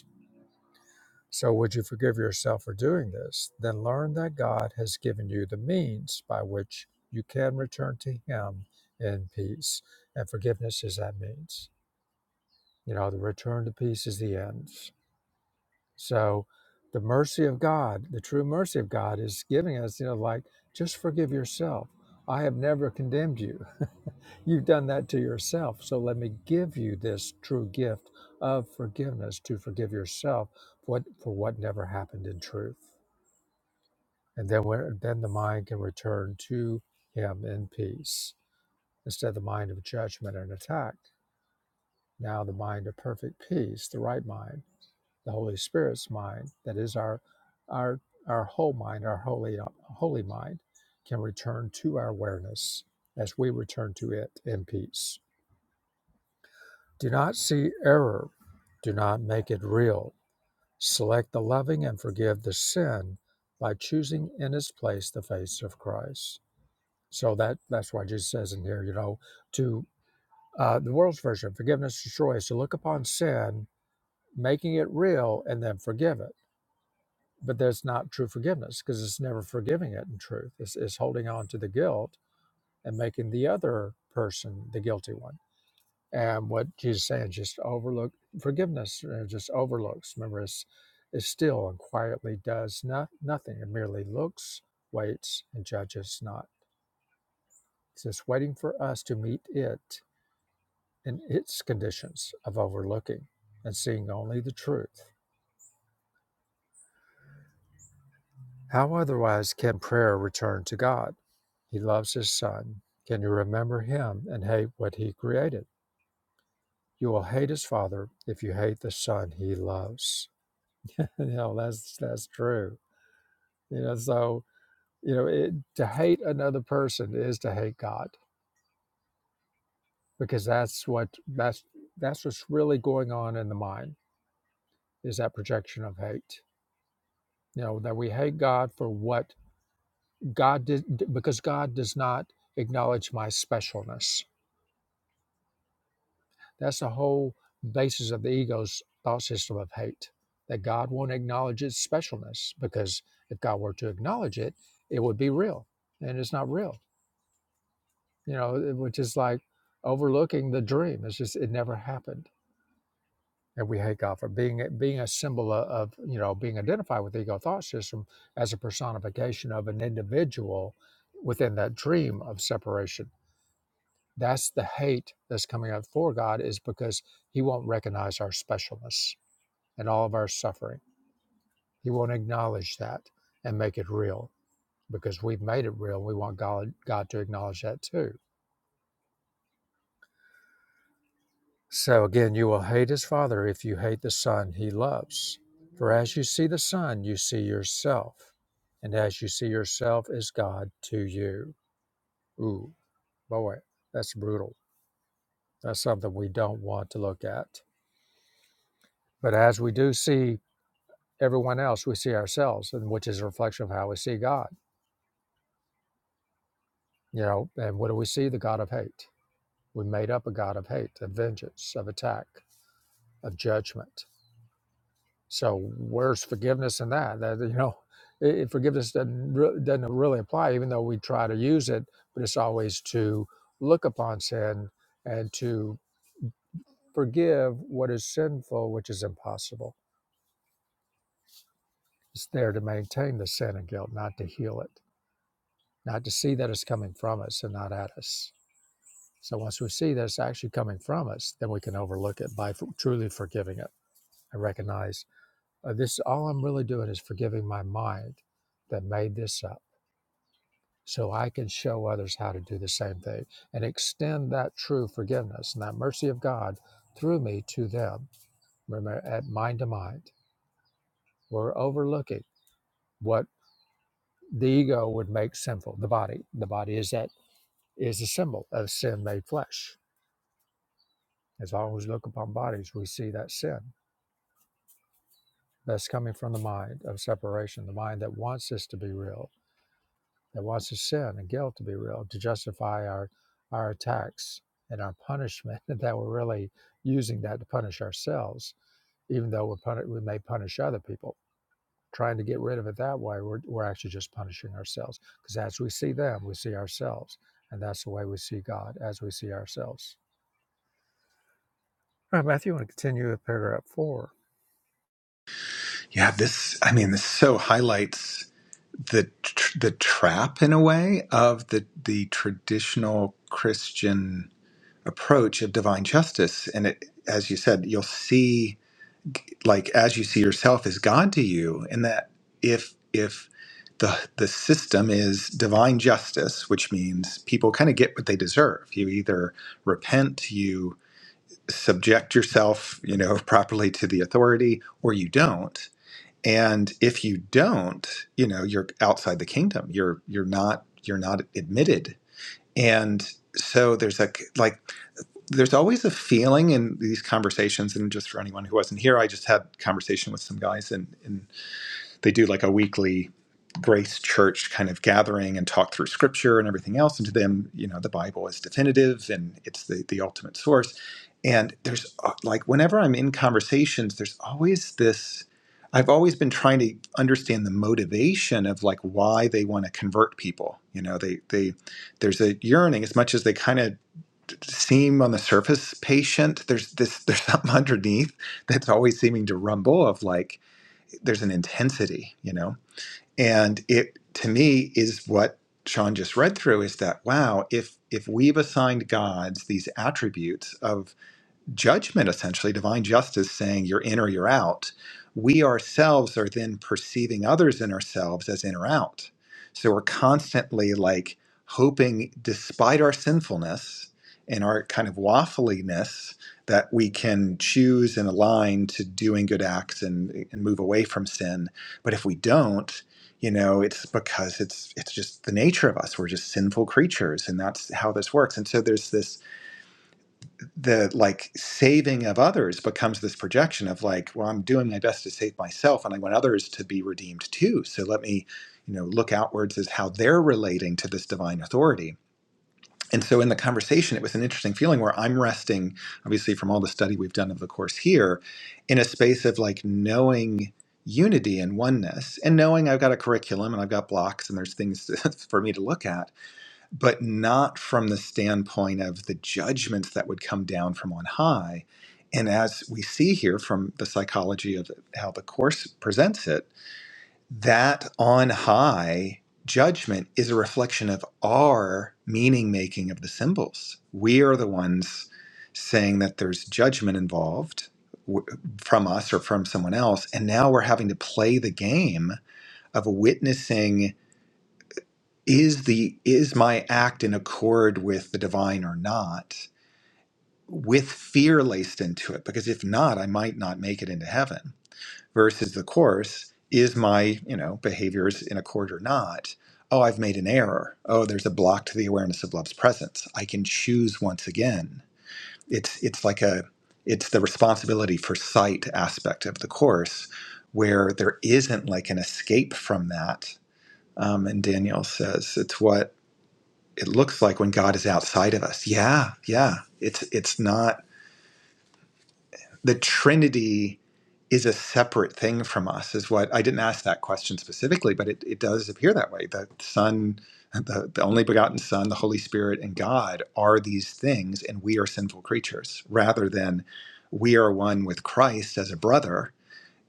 S2: So, would you forgive yourself for doing this? Then learn that God has given you the means by which you can return to Him in peace. And forgiveness is that means. You know, the return to peace is the end. So, the mercy of God, the true mercy of God, is giving us, you know, like, just forgive yourself. I have never condemned you. You've done that to yourself. So, let me give you this true gift of forgiveness to forgive yourself for, for what never happened in truth and then, where, then the mind can return to him in peace instead of the mind of judgment and attack now the mind of perfect peace the right mind the holy spirit's mind that is our our our whole mind our holy holy mind can return to our awareness as we return to it in peace do not see error do not make it real select the loving and forgive the sin by choosing in its place the face of christ So that that's why Jesus says in here, you know, to uh, the world's version, forgiveness destroys. To look upon sin, making it real, and then forgive it. But that's not true forgiveness because it's never forgiving it in truth. It's, it's holding on to the guilt and making the other person the guilty one. And what Jesus is saying, just overlook forgiveness, uh, just overlooks. Remember, it's, it's still and quietly does not, nothing. It merely looks, waits, and judges not. It's just waiting for us to meet it in its conditions of overlooking and seeing only the truth. How otherwise can prayer return to God? He loves his son. Can you remember him and hate what he created? You will hate his father if you hate the son he loves. you know, that's that's true. You know, so you know, it, to hate another person is to hate God because that's what that's that's what's really going on in the mind is that projection of hate. You know, that we hate God for what God did because God does not acknowledge my specialness. That's the whole basis of the ego's thought system of hate. That God won't acknowledge its specialness because if God were to acknowledge it, it would be real, and it's not real. You know, which is like overlooking the dream. It's just it never happened, and we hate God for being being a symbol of, of you know being identified with the ego thought system as a personification of an individual within that dream of separation That's the hate that's coming up for God is because he won't recognize our specialness and all of our suffering. He won't acknowledge that and make it real because we've made it real. We want God, God to acknowledge that too. So again, you will hate his father if you hate the son he loves. For as you see the son, you see yourself. And as you see yourself is God to you. Ooh, boy, that's brutal. That's something we don't want to look at. But as we do see everyone else, we see ourselves, and which is a reflection of how we see God. You know, and what do we see? The God of hate. We made up a God of hate, of vengeance, of attack, of judgment. So where's forgiveness in that? That you know, it, it- forgiveness doesn't re- doesn't really apply, even though we try to use it. But it's always to look upon sin and to forgive what is sinful, which is impossible. It's there to maintain the sin and guilt, not to heal it, not to see that it's coming from us and not at us So once we see that it's actually coming from us, then we can overlook it by f- truly forgiving it and recognize uh, this. All I'm really doing is forgiving my mind that made this up, so I can show others how to do the same thing and extend that true forgiveness and that mercy of God through me to them. Remember, at mind to mind, we're overlooking what the ego would make sinful. The body, the body is that is a symbol of sin made flesh. As long as we look upon bodies, we see that sin That's coming from the mind of separation, the mind that wants this to be real, that wants the sin and guilt to be real, to justify our our attacks and our punishment, and that we're really using that to punish ourselves, even though we're puni- we may punish other people. Trying to get rid of it that way, we're, we're actually just punishing ourselves. Because as we see them, we see ourselves. And that's the way we see God, as we see ourselves. All right, Matthew, you want to continue with paragraph four?
S1: You have this, I mean, this so highlights the tr- the trap in a way of the the traditional Christian approach of divine justice and it as you said you'll see like as you see yourself is God to you, and that if if the the system is divine justice, which means people kind of get what they deserve. You either repent, you subject yourself, you know, properly to the authority, or you don't. And if you don't, you know, you're outside the kingdom. You're you're not you're not admitted. And so there's a like there's always a feeling in these conversations and just for anyone who wasn't here i just had a conversation with some guys and, and they do like a weekly grace church kind of gathering and talk through scripture and everything else and to them you know the bible is definitive and it's the, the ultimate source and there's uh, like whenever i'm in conversations there's always this i've always been trying to understand the motivation of like why they want to convert people you know they they there's a yearning as much as they kind of seem on the surface patient there's this there's something underneath that's always seeming to rumble of like there's an intensity you know and it to me is what sean just read through is that wow if if we've assigned gods these attributes of judgment, essentially, divine justice saying you're in or you're out, we ourselves are then perceiving others and ourselves as in or out. So we're constantly like hoping, despite our sinfulness and our kind of waffliness, that we can choose and align to doing good acts and, and move away from sin. But if we don't, you know, it's because it's it's just the nature of us. We're just sinful creatures, and that's how this works. And so there's this the like saving of others becomes this projection of like well i'm doing my best to save myself and i want others to be redeemed too so let me you know look outwards as how they're relating to this divine authority and so in the conversation it was an interesting feeling where i'm resting obviously from all the study we've done of the course here in a space of like knowing unity and oneness and knowing i've got a curriculum and i've got blocks and there's things for me to look at but not from the standpoint of the judgments that would come down from on high. And as we see here from the psychology of how the Course presents it, that on high judgment is a reflection of our meaning making of the symbols. We are the ones saying that there's judgment involved w- from us or from someone else. And now we're having to play the game of witnessing is the is my act in accord with the divine or not with fear laced into it because if not i might not make it into heaven versus the course is my you know behaviors in accord or not oh i've made an error oh there's a block to the awareness of love's presence i can choose once again it's it's like a it's the responsibility for sight aspect of the course where there isn't like an escape from that um, and daniel says it's what it looks like when God is outside of us. Yeah, yeah. It's it's not the Trinity is a separate thing from us, is what I didn't ask that question specifically, but it, it does appear that way. The Son, the, the only begotten Son, the Holy Spirit, and God are these things, and we are sinful creatures, rather than we are one with Christ as a brother,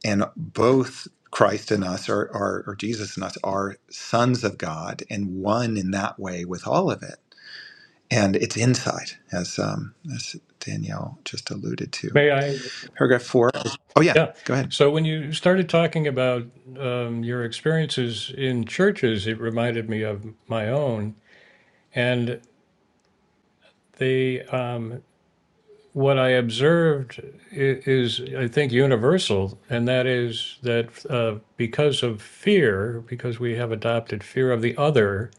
S1: and both Christ and us are, are or Jesus and us are sons of God and one in that way with all of it and it's insight, as um, as Danielle just alluded to.
S4: May I?
S1: Paragraph four. is- Oh yeah,
S4: Yeah.
S1: go ahead.
S4: So when you started talking about um, your experiences in churches, it reminded me of my own. And they, um, what I observed is, I think, universal, and that is that uh, because of fear, because we have adopted fear of the other,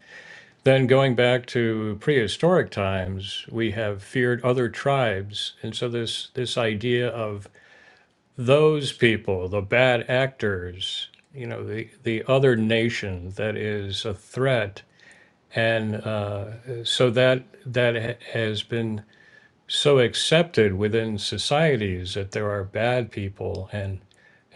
S4: then going back to prehistoric times, we have feared other tribes, and so this this idea of those people, the bad actors, you know, the the other nation that is a threat, and uh, so that that has been so accepted within societies that there are bad people and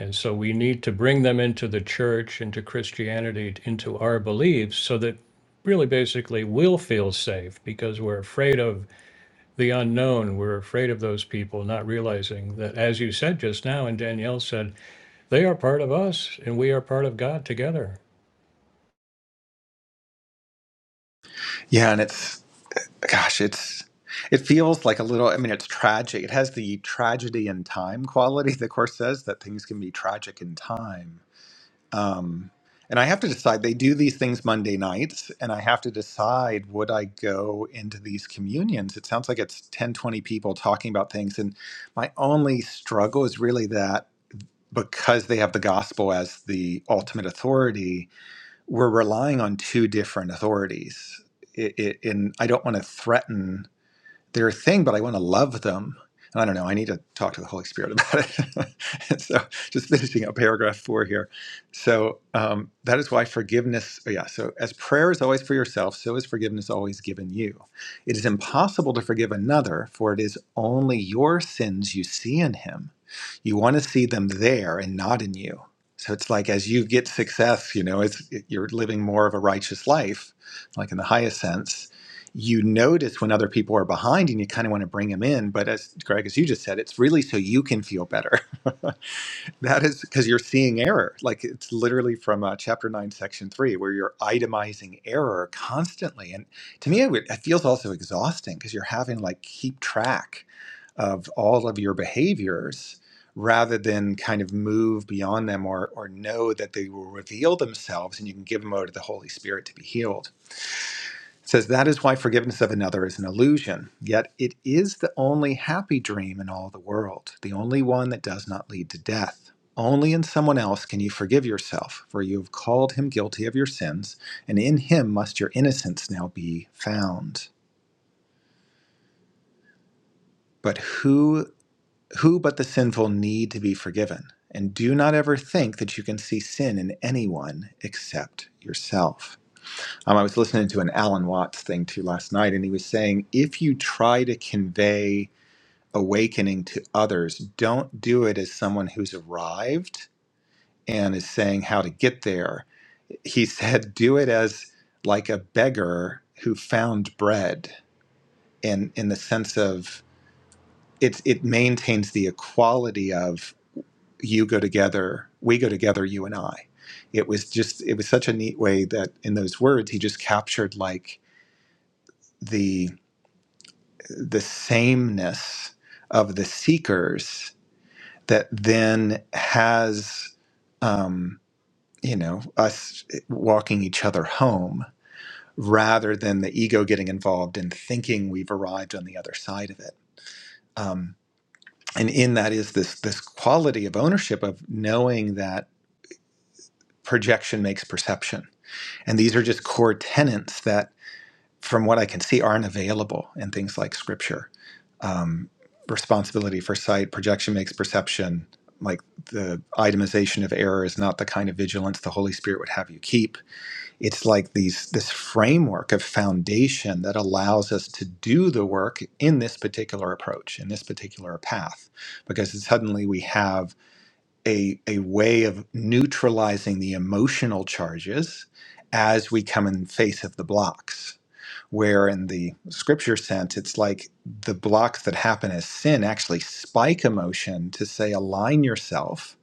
S4: and so we need to bring them into the church into christianity into our beliefs so that really basically we'll feel safe because we're afraid of the unknown we're afraid of those people not realizing that as you said just now and danielle said they are part of us and we are part of god together
S1: Yeah, and it's gosh, it's it feels like a little. I mean, it's tragic. It has the tragedy in time quality. The course says that things can be tragic in time. Um, and I have to decide. They do these things Monday nights, and I have to decide would I go into these communions. It sounds like it's 10 20 people talking about things, and my only struggle is really that. because they have the gospel as the ultimate authority, we're relying on two different authorities. It, it, and I don't want to threaten they're a thing, but I want to love them. And I don't know. I need to talk to the Holy Spirit about it. And so, just finishing up paragraph four here. So um, that is why forgiveness. oh, Yeah. So as prayer is always for yourself, so is forgiveness always given you. It is impossible to forgive another, for it is only your sins you see in him. You want to see them there and not in you. So it's like as you get success, you know, it's it, you're living more of a righteous life, like in the highest sense you notice when other people are behind and you kind of want to bring them in. But as Greg, as you just said, it's really so you can feel better. that is because you're seeing error. Like it's literally from uh, chapter nine, section three, where you're itemizing error constantly. And to me, it, would- it feels also exhausting because you're having like keep track of all of your behaviors rather than kind of move beyond them or, or know that they will reveal themselves and you can give them over to the Holy Spirit to be healed. It says that is why forgiveness of another is an illusion, yet it is the only happy dream in all the world, the only one that does not lead to death. Only in someone else can you forgive yourself, for you have called him guilty of your sins, and in him must your innocence now be found. But who who but the sinful need to be forgiven? And do not ever think that you can see sin in anyone except yourself. Um, I was listening to an Alan Watts thing too last night, and he was saying if you try to convey awakening to others, don't do it as someone who's arrived and is saying how to get there. He said, do it as like a beggar who found bread, and in the sense of it, it maintains the equality of you go together, we go together, you and I. It was just, it was such a neat way that in those words, he just captured like, the. the sameness of the seekers that then has um, you know us walking each other home rather than the ego getting involved in thinking we've arrived on the other side of it um, and in that is this this quality of ownership of knowing that projection makes perception and these are just core tenets that from what I can see, aren't available in things like scripture. Um, responsibility for sight, projection makes perception. Like the itemization of error is not the kind of vigilance the Holy Spirit would have you keep. It's like these this framework of foundation that allows us to do the work in this particular approach, in this particular path, because suddenly we have a a way of neutralizing the emotional charges as we come in face of the blocks where in the scripture sense, it's like the blocks that happen as sin actually spike emotion to say, align yourself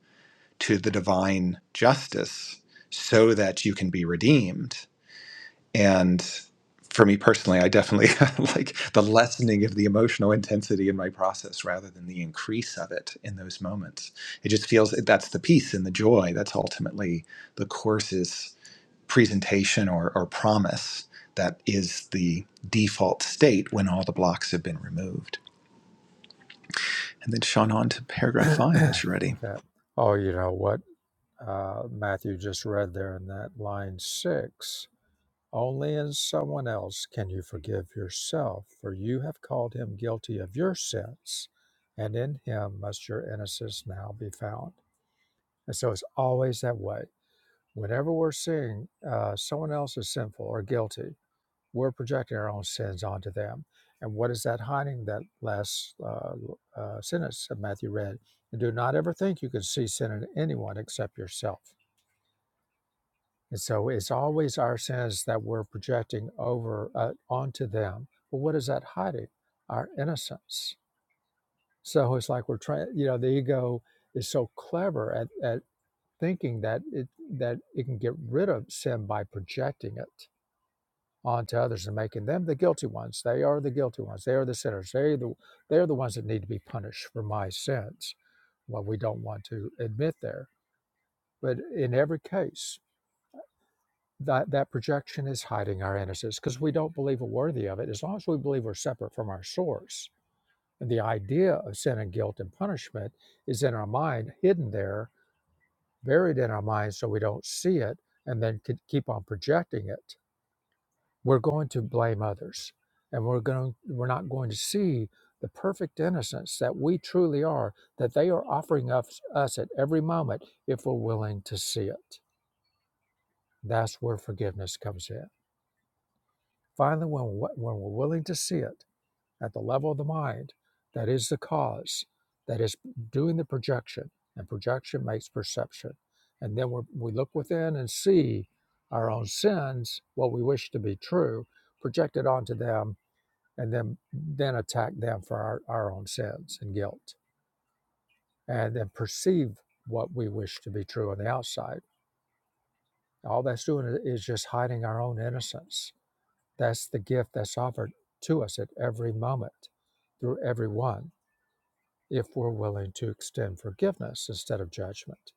S1: to the divine justice so that you can be redeemed. And for me personally, I definitely like the lessening of the emotional intensity in my process rather than the increase of it in those moments. It just feels that's the peace and the joy. That's ultimately the courses presentation or, or promise that is the default state when all the blocks have been removed. And then Sean on to paragraph
S2: okay.
S1: five As you're ready.
S2: Oh, you know what? uh, Matthew just read there in that line six. Only in someone else can you forgive yourself, for you have called him guilty of your sins, and in him must your innocence now be found. And so it's always that way. Whenever we're seeing uh, someone else is sinful or guilty, we're projecting our own sins onto them. And what is that hiding that last uh, uh, sentence that Matthew read? And do not ever think you can see sin in anyone except yourself And so it's always our sins that we're projecting over uh, onto them. But what is that hiding? Our innocence. So it's like we're trying, you know, the ego is so clever at, at thinking that it that it can get rid of sin by projecting it onto others and making them the guilty ones. They are the guilty ones. They are the sinners. They are the they are the ones that need to be punished for my sins. What we don't want to admit there. But in every case, that that projection is hiding our innocence because we don't believe we're worthy of it as long as we believe we're separate from our source and the idea of sin and guilt and punishment is in our mind hidden there buried in our mind so we don't see it and then could keep on projecting it we're going to blame others and we're going we're not going to see the perfect innocence that we truly are that they are offering us, us at every moment if we're willing to see it that's where forgiveness comes in Finally, when, we- when we're willing to see it at the level of the mind, that is the cause that is doing the projection, and projection makes perception. And then we're, we look within and see our own sins, what we wish to be true, projected onto them, and then then attack them for our, our own sins and guilt, and then perceive what we wish to be true on the outside. All that's doing is just hiding our own innocence That's the gift that's offered to us at every moment through everyone if we're willing to extend forgiveness instead of judgment.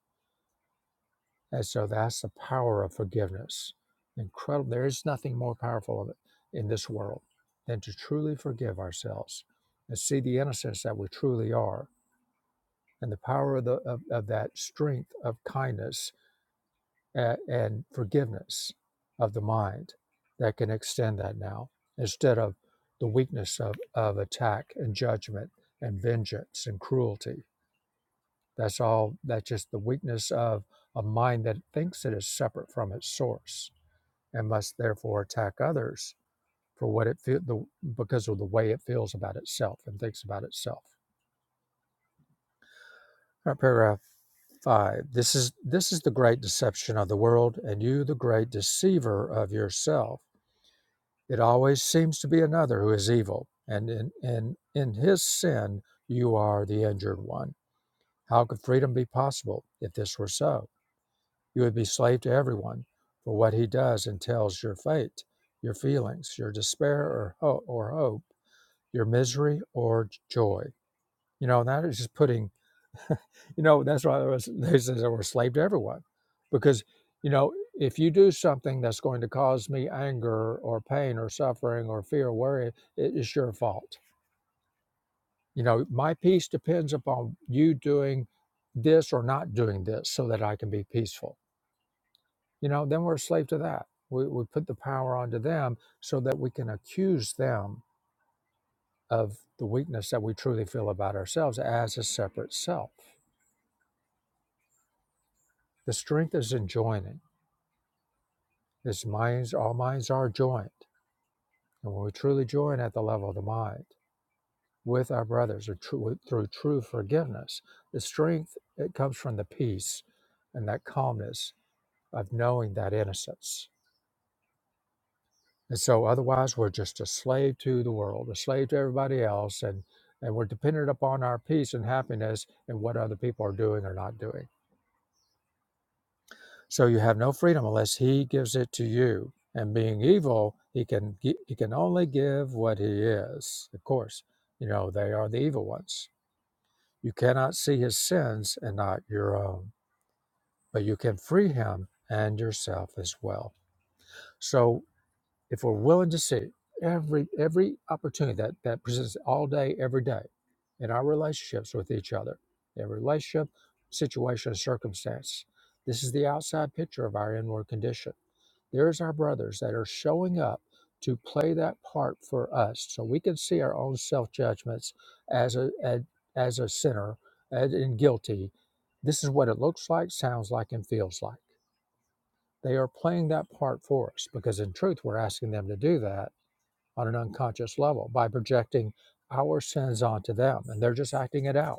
S2: And so that's the power of forgiveness. Incredible. There is nothing more powerful of it in this world than to truly forgive ourselves and see the innocence that we truly are and the power of, the, of, of that strength of kindness and, and forgiveness of the mind that can extend that now instead of the weakness of, of attack and judgment and vengeance and cruelty. That's all, that's just the weakness of a mind that thinks it is separate from its source and must therefore attack others for what it feel, the, because of the way it feels about itself and thinks about itself. All right, paragraph five. This is this is the great deception of the world, and you the great deceiver of yourself It always seems to be another who is evil, and in, in, in his sin you are the injured one. How could freedom be possible if this were so? You would be slave to everyone, for what he does entails your fate, your feelings, your despair or, ho- or hope, your misery or joy. You know, that is just putting you know, that's why there was, they says they were a slave to everyone. Because, you know, if you do something that's going to cause me anger or pain or suffering or fear or worry, it is your fault. You know, my peace depends upon you doing this or not doing this so that I can be peaceful. You know, then we're a slave to that. We, we put the power onto them so that we can accuse them of the weakness that we truly feel about ourselves as a separate self. The strength is in joining His minds, all minds are joined. And when we truly join at the level of the mind with our brothers or tru- through true forgiveness, the strength, it comes from the peace and that calmness of knowing that innocence. And so otherwise we're just a slave to the world, a slave to everybody else, and, and we're dependent upon our peace and happiness and what other people are doing or not doing. So you have no freedom unless he gives it to you. And being evil, he can gi- he can only give what he is. Of course, you know they are the evil ones. You cannot see his sins and not your own, but you can free him and yourself as well. So if we're willing to see every every opportunity that that presents all day, every day, in our relationships with each other, in relationship, situation, circumstance, this is the outside picture of our inward condition there's our brothers that are showing up to play that part for us so we can see our own self judgments as a, as, as a sinner as, and guilty. This is what it looks like, sounds like, and feels like. They are playing that part for us because, in truth, we're asking them to do that on an unconscious level by projecting our sins onto them and they're just acting it out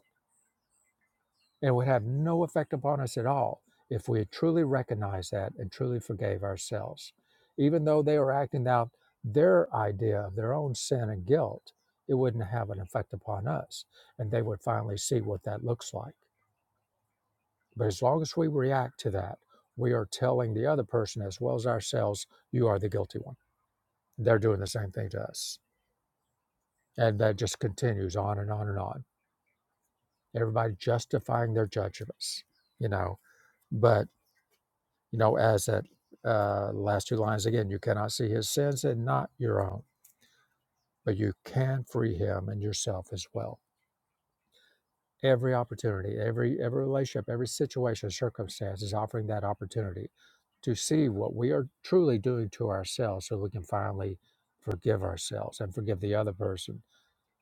S2: and it would have no effect upon us at all if we had truly recognized that and truly forgave ourselves. Even though they were acting out their idea of their own sin and guilt, it wouldn't have an effect upon us. And they would finally see what that looks like. But as long as we react to that, we are telling the other person as well as ourselves, you are the guilty one. They're doing the same thing to us. And that just continues on and on and on. Everybody justifying their judgments, you know. But you know, as that uh, last two lines again, you cannot see his sins and not your own, but you can free him and yourself as well. Every opportunity, every every relationship, every situation, circumstance is offering that opportunity to see what we are truly doing to ourselves, so we can finally forgive ourselves and forgive the other person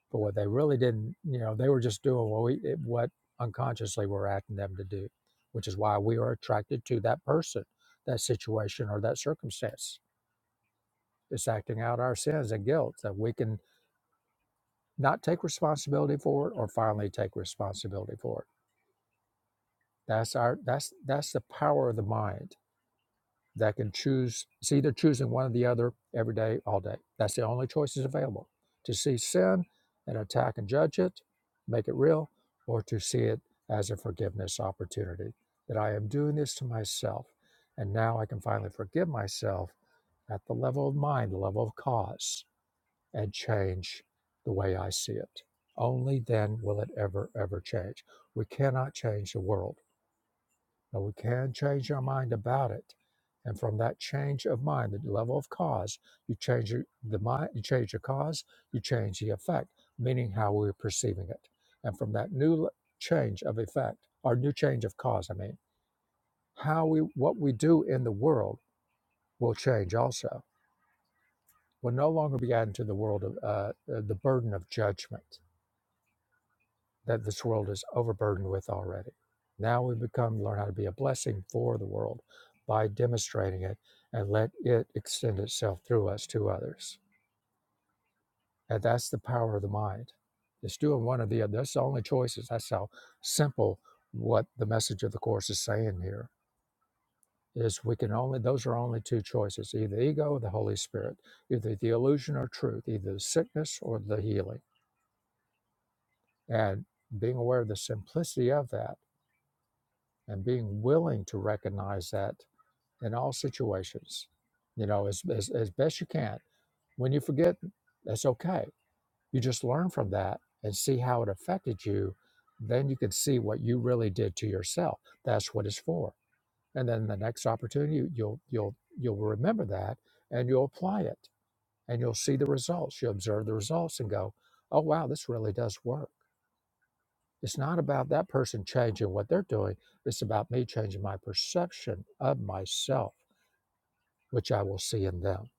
S2: for what they really didn't. You know, they were just doing what we what unconsciously we're asking them to do, which is why we are attracted to that person, that situation, or that circumstance It's acting out our sins and guilt that we can not take responsibility for it or finally take responsibility for it. That's our that's that's the power of the mind that can choose it's either choosing one or the other every day, all day. That's the only choices available. To see sin and attack and judge it, make it real, or to see it as a forgiveness opportunity. That I am doing this to myself. And now I can finally forgive myself at the level of mind, the level of cause and change the way I see it. Only then will it ever, ever change. We cannot change the world, but we can change our mind about it. And from that change of mind, the level of cause, you change your, the mind, you change the cause, you change the effect, meaning how we're perceiving it. And from that new le- change of effect, or new change of cause, I mean, how we what we do in the world will change also. We'll no longer be adding to the world of uh, uh, the burden of judgment that this world is overburdened with already. Now we become learn how to be a blessing for the world by demonstrating it and let it extend itself through us to others. And that's the power of the mind. It's doing one or the other. That's the only choices. That's how simple what the message of the course is saying here is we can only those are only two choices either ego or the holy spirit either the illusion or truth either the sickness or the healing and being aware of the simplicity of that and being willing to recognize that in all situations, you know, as, as, as best you can. When you forget, that's okay. You just learn from that and see how it affected you. Then you can see what you really did to yourself. That's what it's for. And then the next opportunity, you'll you'll you'll remember that and you'll apply it and you'll see the results. You'll observe the results and go, "Oh wow, this really does work." It's not about that person changing what they're doing. It's about me changing my perception of myself, which I will see in them.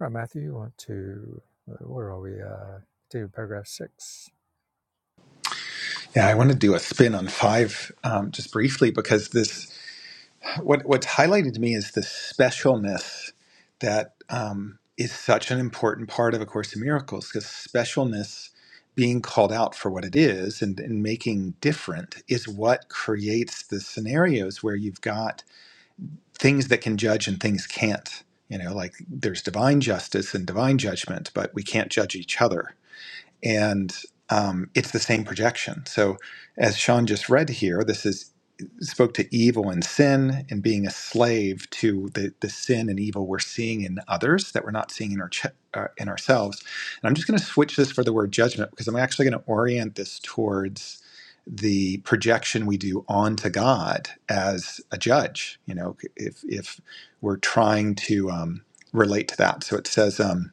S2: All right, Matthew, you want to, where are we? Uh, to paragraph six.
S1: Yeah, I want to do a spin on five um, just briefly because this what what's highlighted to me is the specialness that um, is such an important part of A Course in Miracles because specialness being called out for what it is and, and making different is what creates the scenarios where you've got things that can judge and things can't. You know, like there's divine justice and divine judgment, but we can't judge each other and um, it's the same projection. So, as Sean just read here, this is spoke to evil and sin and being a slave to the, the sin and evil we're seeing in others that we're not seeing in our ch- uh, in ourselves. And I'm just going to switch this for the word judgment because I'm actually going to orient this towards the projection we do onto God as a judge. You know, if if we're trying to um, relate to that, so it says. Um,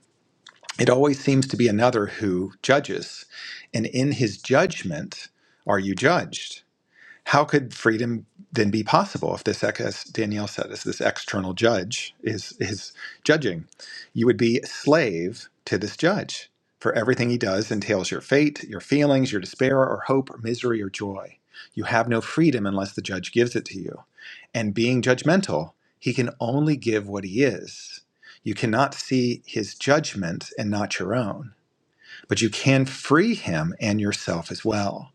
S1: it always seems to be another who judges. And in his judgment, are you judged? How could freedom then be possible if this, as Danielle said, is this external judge is is judging? You would be a slave to this judge. For everything he does entails your fate, your feelings, your despair or hope or misery or joy. You have no freedom unless the judge gives it to you. And being judgmental, he can only give what he is. You cannot see his judgment and not your own, but you can free him and yourself as well.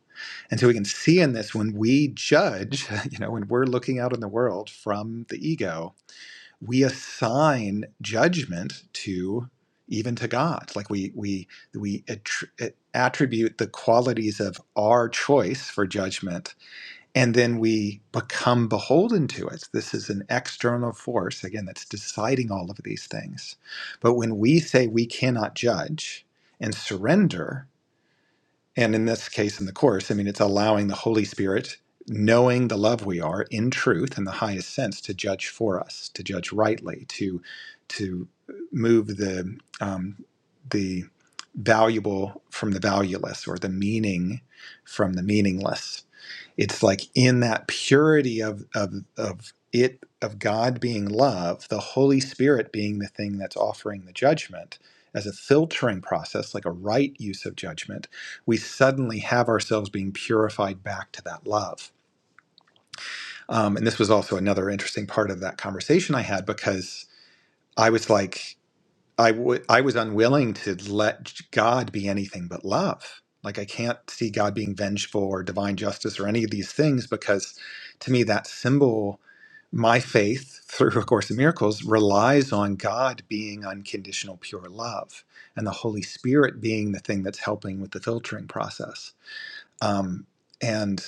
S1: And so we can see in this when we judge, you know, when we're looking out in the world from the ego, we assign judgment to even to God. Like we we we attr- attribute the qualities of our choice for judgment, and then we become beholden to it. This is an external force again that's deciding all of these things. But when we say we cannot judge and surrender, and in this case, in the Course, I mean, it's allowing the Holy Spirit, knowing the love we are in truth, in the highest sense, to judge for us, to judge rightly, to to move the um, the valuable from the valueless, or the meaning from the meaningless it's like in that purity of of of it of God being love, the Holy Spirit being the thing that's offering the judgment as a filtering process, like a right use of judgment, we suddenly have ourselves being purified back to that love. Um, and this was also another interesting part of that conversation I had because I was like, I wa- I was unwilling to let God be anything but love. Like I can't see God being vengeful or divine justice or any of these things because to me that symbol, my faith through A Course in Miracles relies on God being unconditional pure love and the Holy Spirit being the thing that's helping with the filtering process. Um, and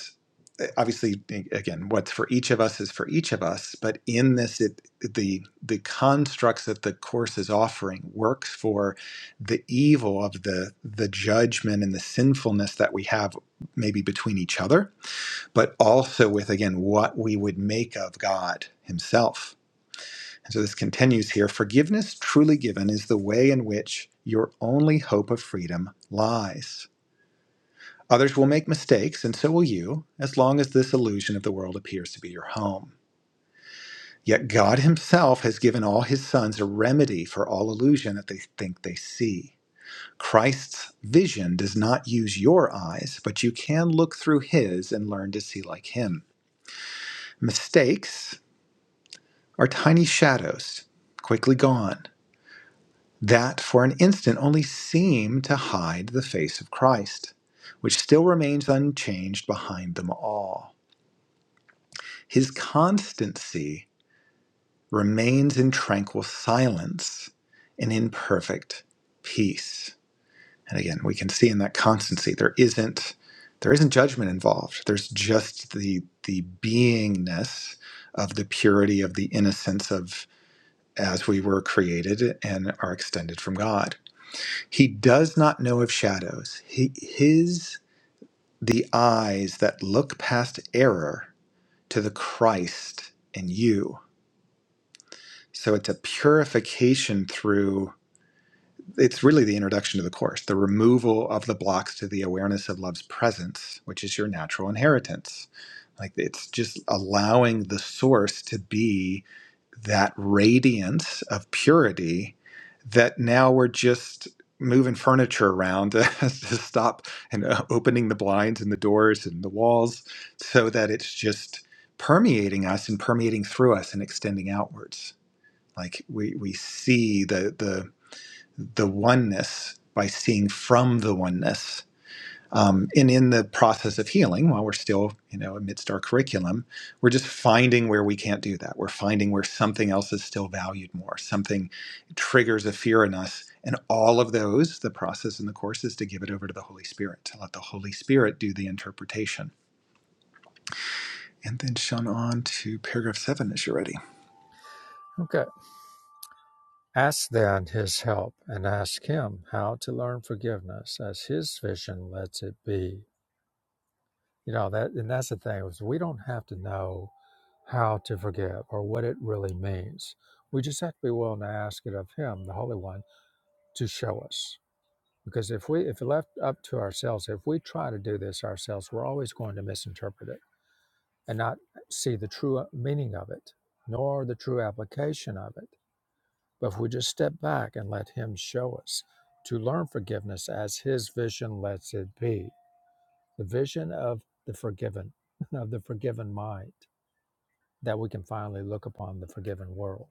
S1: eh, obviously, again, what's for each of us is for each of us. But in this, it, the the constructs that the course is offering works for the evil of the the judgment and the sinfulness that we have, maybe between each other, but also with again what we would make of God Himself. And so this continues here. Forgiveness truly given is the way in which your only hope of freedom lies. Others will make mistakes, and so will you, as long as this illusion of the world appears to be your home. Yet God Himself has given all His sons a remedy for all illusion that they think they see. Christ's vision does not use your eyes, but you can look through His and learn to see like Him. Mistakes are tiny shadows, quickly gone, that for an instant only seem to hide the face of Christ, which still remains unchanged behind them all. His constancy remains in tranquil silence and in perfect peace. And again, we can see in that constancy there isn't there isn't judgment involved. There's just the the beingness of the purity of the innocence of as we were created and are extended from God. He does not know of shadows. He his the eyes that look past error to the Christ in you So it's a purification through, it's really the introduction to the Course, the removal of the blocks to the awareness of love's presence, which is your natural inheritance. Like it's just allowing the source to be that radiance of purity that now we're just moving furniture around to stop and uh, opening the blinds and the doors and the walls so that it's just permeating us and permeating through us and extending outwards like we we see the the the oneness by seeing from the oneness um, and in the process of healing while we're still you know amidst our curriculum we're just finding where we can't do that we're finding where something else is still valued more something triggers a fear in us and all of those the process in the course is to give it over to the holy spirit to let the holy spirit do the interpretation and then sean on to paragraph seven as you're ready
S2: Okay. Ask then his help and ask him how to learn forgiveness as his vision lets it be. You know, that, and that's the thing is we don't have to know how to forgive or what it really means. We just have to be willing to ask it of him, the Holy One, to show us. Because if we, if left up to ourselves, if we try to do this ourselves, we're always going to misinterpret it and not see the true uh, meaning of it, nor the true application of it. But if we just step back and let Him show us to learn forgiveness as His vision lets it be, the vision of the forgiven, of the forgiven mind, that we can finally look upon the forgiven world.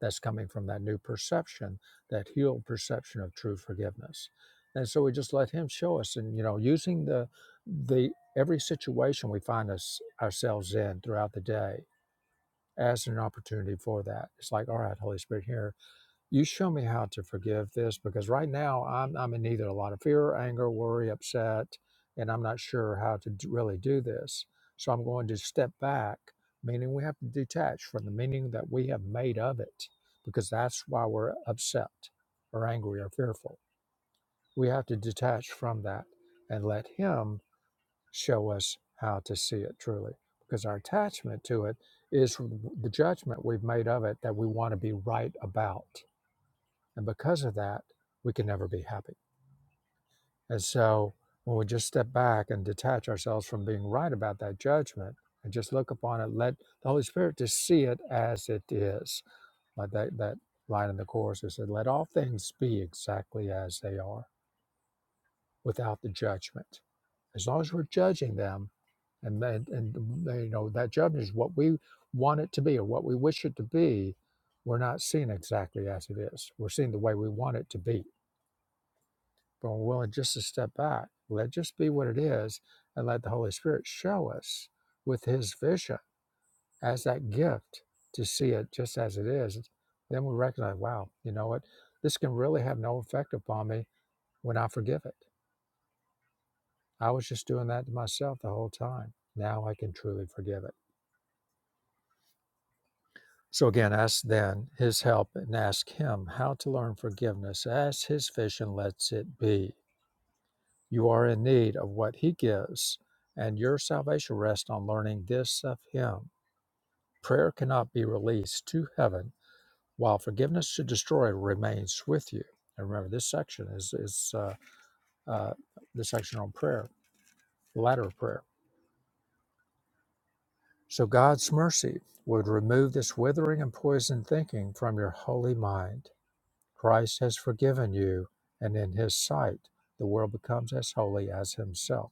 S2: That's coming from that new perception, that healed perception of true forgiveness. And so we just let him show us and you know, using the the every situation we find us ourselves in throughout the day as an opportunity for that. It's like, all right, Holy Spirit, here you show me how to forgive this because right now I'm, I'm in either a lot of fear, anger, worry, upset, and I'm not sure how to d- really do this. So I'm going to step back, meaning we have to detach from the meaning that we have made of it because that's why we're upset or angry or fearful. We have to detach from that and let Him show us how to see it truly because our attachment to it is the judgment we've made of it that we want to be right about and because of that, we can never be happy. And so when we just step back and detach ourselves from being right about that judgment and just look upon it, let the Holy Spirit just see it as it is. Like that, that line in the Course that said, let all things be exactly as they are without the judgment. As long as we're judging them, and, and, and you know that judgment is what we want it to be or what we wish it to be, we're not seeing exactly as it is. We're seeing the way we want it to be But we're willing just to step back, let just be what it is, and let the Holy Spirit show us with His vision as that gift to see it just as it is. Then we recognize, wow, you know what? This can really have no effect upon me when I forgive it. I was just doing that to myself the whole time. Now I can truly forgive it. So again, ask then His help and ask Him how to learn forgiveness as His vision lets it be You are in need of what He gives, and your salvation rests on learning this of Him. Prayer cannot be released to heaven while forgiveness to destroy remains with you. And remember, this section is, is uh, uh, the section on prayer, the ladder of prayer. So God's mercy would remove this withering and poisoned thinking from your holy mind. Christ has forgiven you, and in His sight, the world becomes as holy as Himself.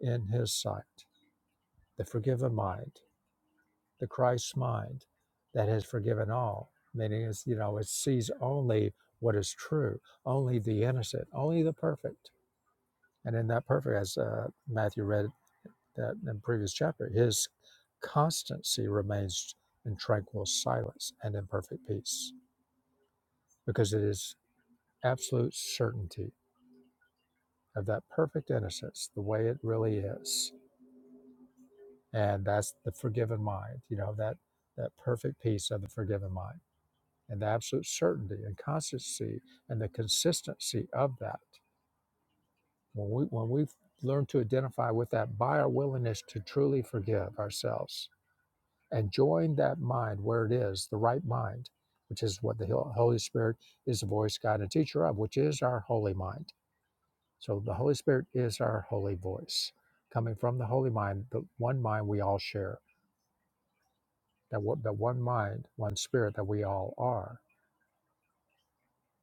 S2: In His sight, the forgiven mind the Christ mind that has forgiven all. Meaning, it's, you know, it sees only what is true, only the innocent, only the perfect. And in that perfect, as uh, Matthew read that in the previous chapter, his constancy remains in tranquil silence and in perfect peace because it is absolute certainty of that perfect innocence, the way it really is. And that's the forgiven mind, you know, that, that perfect peace of the forgiven mind. and the absolute certainty and constancy and the consistency of that. When we when we learn to identify with that by our willingness to truly forgive ourselves and join that mind where it is, the right mind, which is what the Holy Spirit is the voice, guide, and teacher of, which is our holy mind. So the Holy Spirit is our holy voice, coming from the holy mind, the one mind we all share, that that one mind, one spirit that we all are.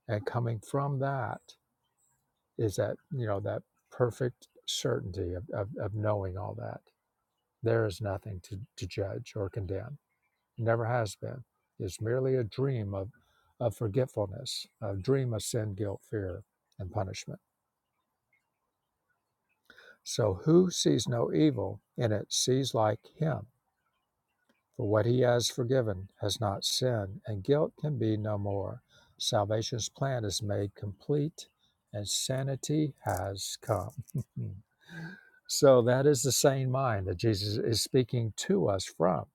S2: And coming from that is that you know that perfect certainty of, of, of knowing all that there is nothing to, to judge or condemn It never has been it's merely a dream of, of forgetfulness a dream of sin guilt fear and punishment so who sees no evil in it sees like him for what he has forgiven has not sinned and guilt can be no more salvation's plan is made complete and sanity has come So that is the sane mind that Jesus is speaking to us from.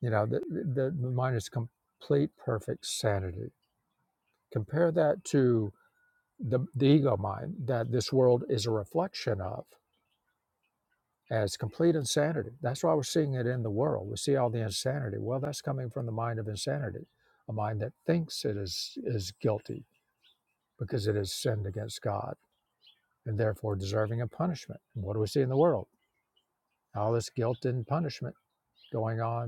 S2: You know, the, the, the mind is complete, perfect sanity. Compare that to the, the ego mind that this world is a reflection of as complete insanity. That's why we're seeing it in the world. We see all the insanity. Well, that's coming from the mind of insanity, a mind that thinks it is is guilty because it has sinned against God and therefore deserving of punishment. And what do we see in the world? All this guilt and punishment going on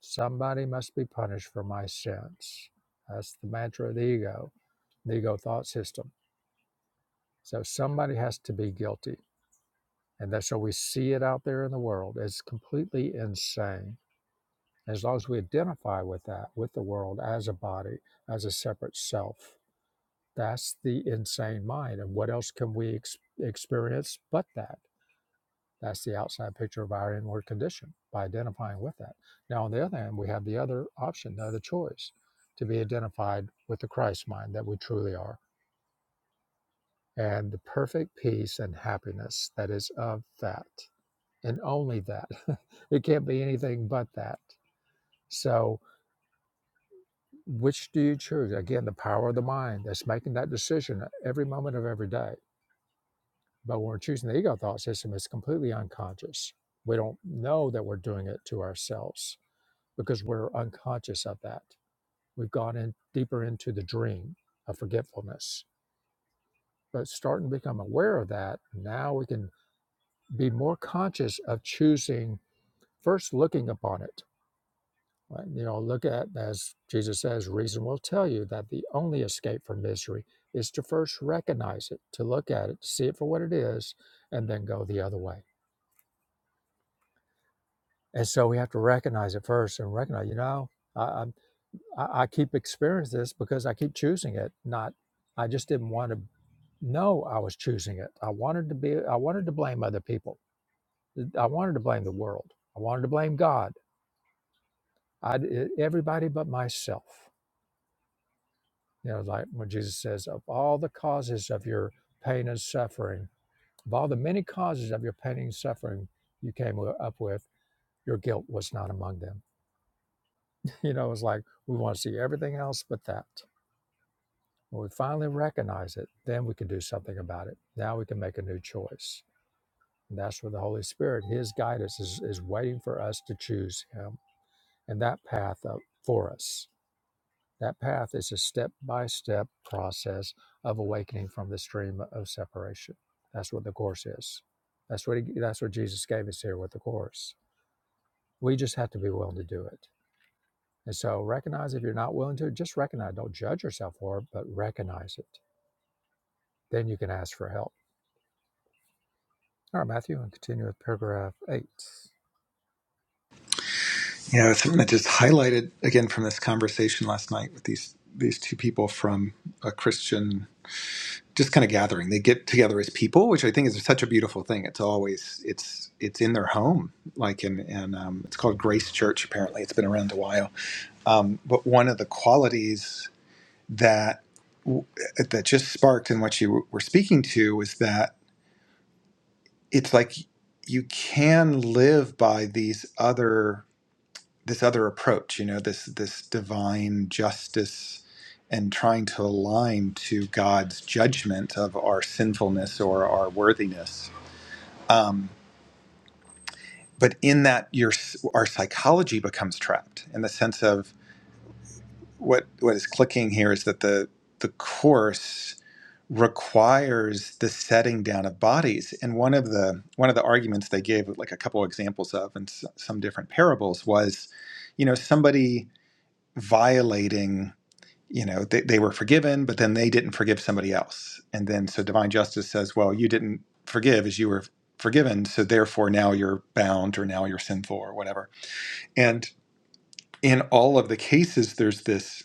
S2: Somebody must be punished for my sins. That's the mantra of the ego, the ego thought system. So somebody has to be guilty. And that's so we see it out there in the world. It's completely insane. As long as we identify with that, with the world as a body, as a separate self, that's the insane mind. And what else can we ex- experience but that? That's the outside picture of our inward condition by identifying with that. Now, on the other hand, we have the other option, the other choice, to be identified with the Christ mind that we truly are and the perfect peace and happiness that is of that and only that. it can't be anything but that. So, which do you choose? Again, the power of the mind that's making that decision every moment of every day. But when we're choosing the ego thought system, it's completely unconscious. We don't know that we're doing it to ourselves because we're unconscious of that. We've gone in deeper into the dream of forgetfulness. But starting to become aware of that, now we can be more conscious of choosing first looking upon it. Right? You know, look at as Jesus says, reason will tell you that the only escape from misery is to first recognize it, to look at it, to see it for what it is, and then go the other way. And so we have to recognize it first and recognize, you know, I'm. I, I keep experiencing this because I keep choosing it. Not, I just didn't want to know I was choosing it. I wanted to be. I wanted to blame other people. I wanted to blame the world. I wanted to blame God. I d- e, everybody but myself. You know, like when Jesus says, "Of all the causes of your pain and suffering, of all the many causes of your pain and suffering you came up with, your guilt was not among them." You know, it's like we want to see everything else but that. When we finally recognize it, then we can do something about it. Now we can make a new choice. And that's where the Holy Spirit, His guidance, is, is waiting for us to choose Him and that path up for us. That path is a step by step process of awakening from the stream of separation. That's what the Course is. That's what, he, that's what Jesus gave us here with the Course. We just have to be willing to do it. And so recognize if you're not willing to, just recognize. Don't judge yourself for it, but recognize it. Then you can ask for help All right, Matthew, and continue with paragraph eight.
S1: You know, something that just highlighted again from this conversation last night with these these two people from a Christian just kind of gathering. They get together as people, which I think is such a beautiful thing. It's always it's it's in their home, like in and um, it's called Grace Church. Apparently, it's been around a while. Um, but one of the qualities that that just sparked in what you were speaking to was that it's like you can live by these other this other approach you know this this divine justice and trying to align to god's judgment of our sinfulness or our worthiness um, but in that your our psychology becomes trapped in the sense of what what is clicking here is that the the course requires the setting down of bodies and one of the one of the arguments they gave like a couple of examples of and s- some different parables was you know somebody violating you know they, they were forgiven but then they didn't forgive somebody else and then so divine justice says well you didn't forgive as you were forgiven so therefore now you're bound or now you're sinful or whatever and in all of the cases there's this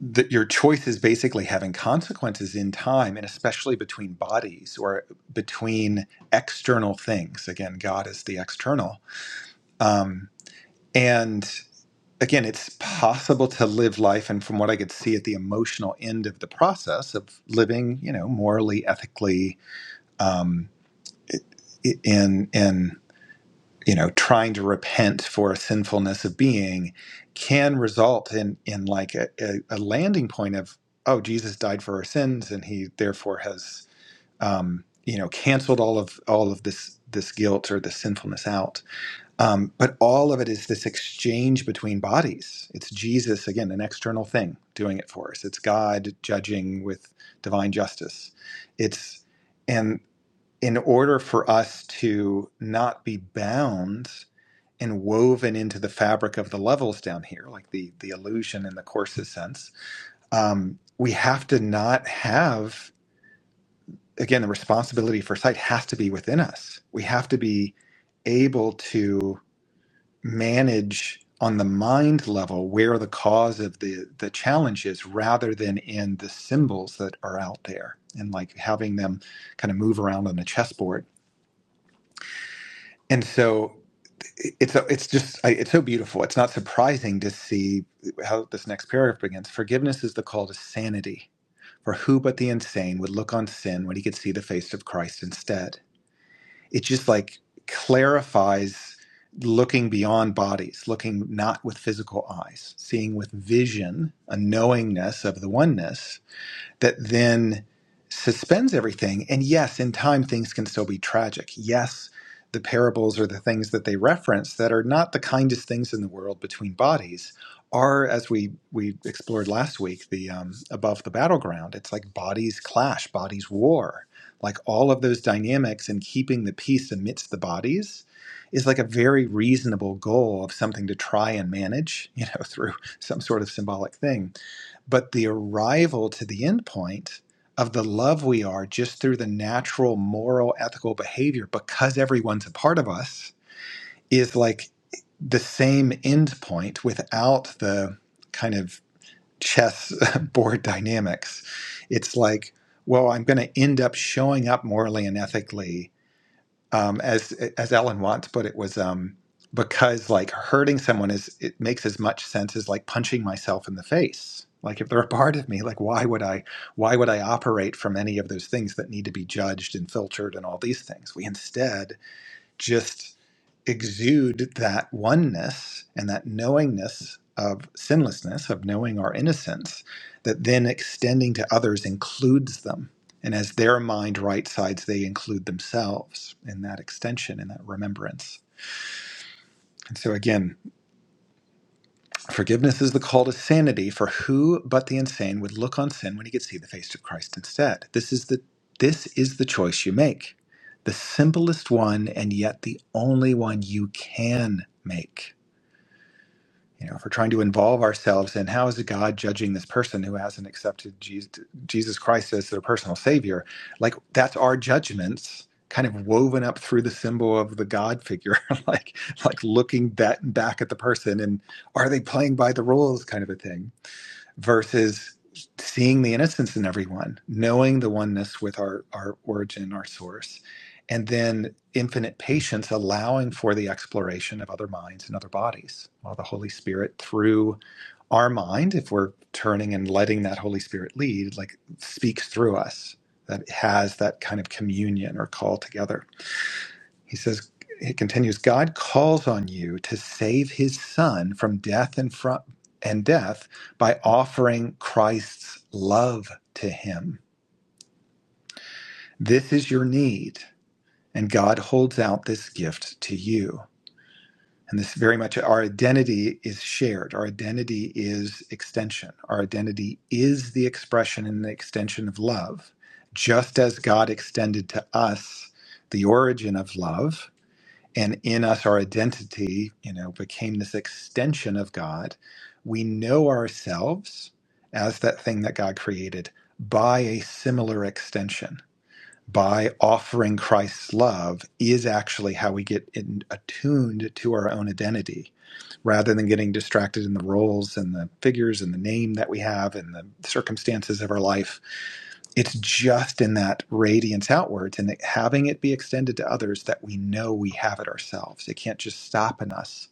S1: that your choice is basically having consequences in time and especially between bodies or between external things again god is the external um, and again, it's possible to live life, and from what I could see at the emotional end of the process of living, you know, morally, ethically, um, in in you know, trying to repent for a sinfulness of being, can result in in like a, a, a landing point of oh, Jesus died for our sins, and he therefore has um, you know canceled all of all of this this guilt or this sinfulness out um, but all of it is this exchange between bodies. It's Jesus, again, an external thing doing it for us. It's God judging with divine justice. It's, and in order for us to not be bound and woven into the fabric of the levels down here, like the, the illusion in the course's sense, um, we have to not have, again, the responsibility for sight has to be within us. We have to be able to manage on the mind level where the cause of the the challenge is rather than in the symbols that are out there and like having them kind of move around on a chessboard and so it's a- it's just it's so beautiful it's not surprising to see how this next paragraph begins forgiveness is the call to sanity for who but the insane would look on sin when he could see the face of christ instead it just like clarifies looking beyond bodies, looking not with physical eyes, seeing with vision, a knowingness of the oneness that then suspends everything. And yes, in time, things can still be tragic. Yes, the parables or the things that they reference that are not the kindest things in the world between bodies are, as we, we explored last week, the um, above the battleground. It's like bodies clash, bodies war. Like all of those dynamics and keeping the peace amidst the bodies is like a very reasonable goal of something to try and manage, you know, through some sort of symbolic thing but the arrival to the end point of the love we are just through the natural moral ethical behavior because everyone's a part of us is like the same end point without the kind of chess board dynamics it's like well i'm going to end up showing up morally and ethically um, as as Ellen Watts put it, was um, because like hurting someone is it makes as much sense as like punching myself in the face. Like if they're a part of me, like why would I why would I operate from any of those things that need to be judged and filtered and all these things? We instead just exude that oneness and that knowingness of sinlessness, of knowing our innocence, that then extending to others includes them. And as their mind right sides, they include themselves in that extension, in that remembrance. And so, again, Forgiveness is the call to sanity, for who but the insane would look on sin when he could see the face of Christ instead? This is the this is the choice you make. The simplest one and yet the only one you can make you know, if we're trying to involve ourselves in how is God judging this person who hasn't accepted Jesus, Jesus Christ as their personal savior, like that's our judgments kind of woven up through the symbol of the God figure, like like looking that back at the person and are they playing by the rules kind of a thing versus seeing the innocence in everyone, knowing the oneness with our, our origin, our source, and then infinite patience, allowing for the exploration of other minds and other bodies. While the Holy Spirit, through our mind, if we're turning and letting that Holy Spirit lead, like speaks through us, that has that kind of communion or call together. He says, he continues, God calls on you to save his son from death and from and death by offering Christ's love to him. This is your need, and God holds out this gift to you. And this very much our identity is shared. Our identity is extension. Our identity is the expression and the extension of love. Just as God extended to us the origin of love, and in us our identity you know became this extension of god we know ourselves as that thing that god created by a similar extension by offering christ's love is actually how we get in, attuned to our own identity rather than getting distracted in the roles and the figures and the name that we have and the circumstances of our life it's just in that radiance outwards and that having it be extended to others that we know we have it ourselves. It can't just stop in us.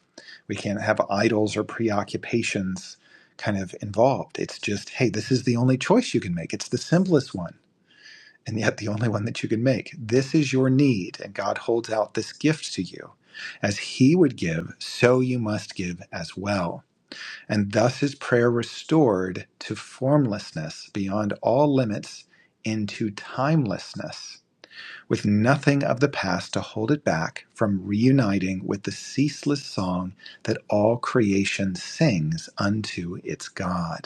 S1: We can't have idols or preoccupations kind of involved. It's just, hey, this is the only choice you can make. It's the simplest one, and yet the only one that you can make. This is your need, and God holds out this gift to you. As He would give, so you must give as well and thus is prayer restored to formlessness beyond all limits into timelessness, with nothing of the past to hold it back from reuniting with the ceaseless song that all creation sings unto its God.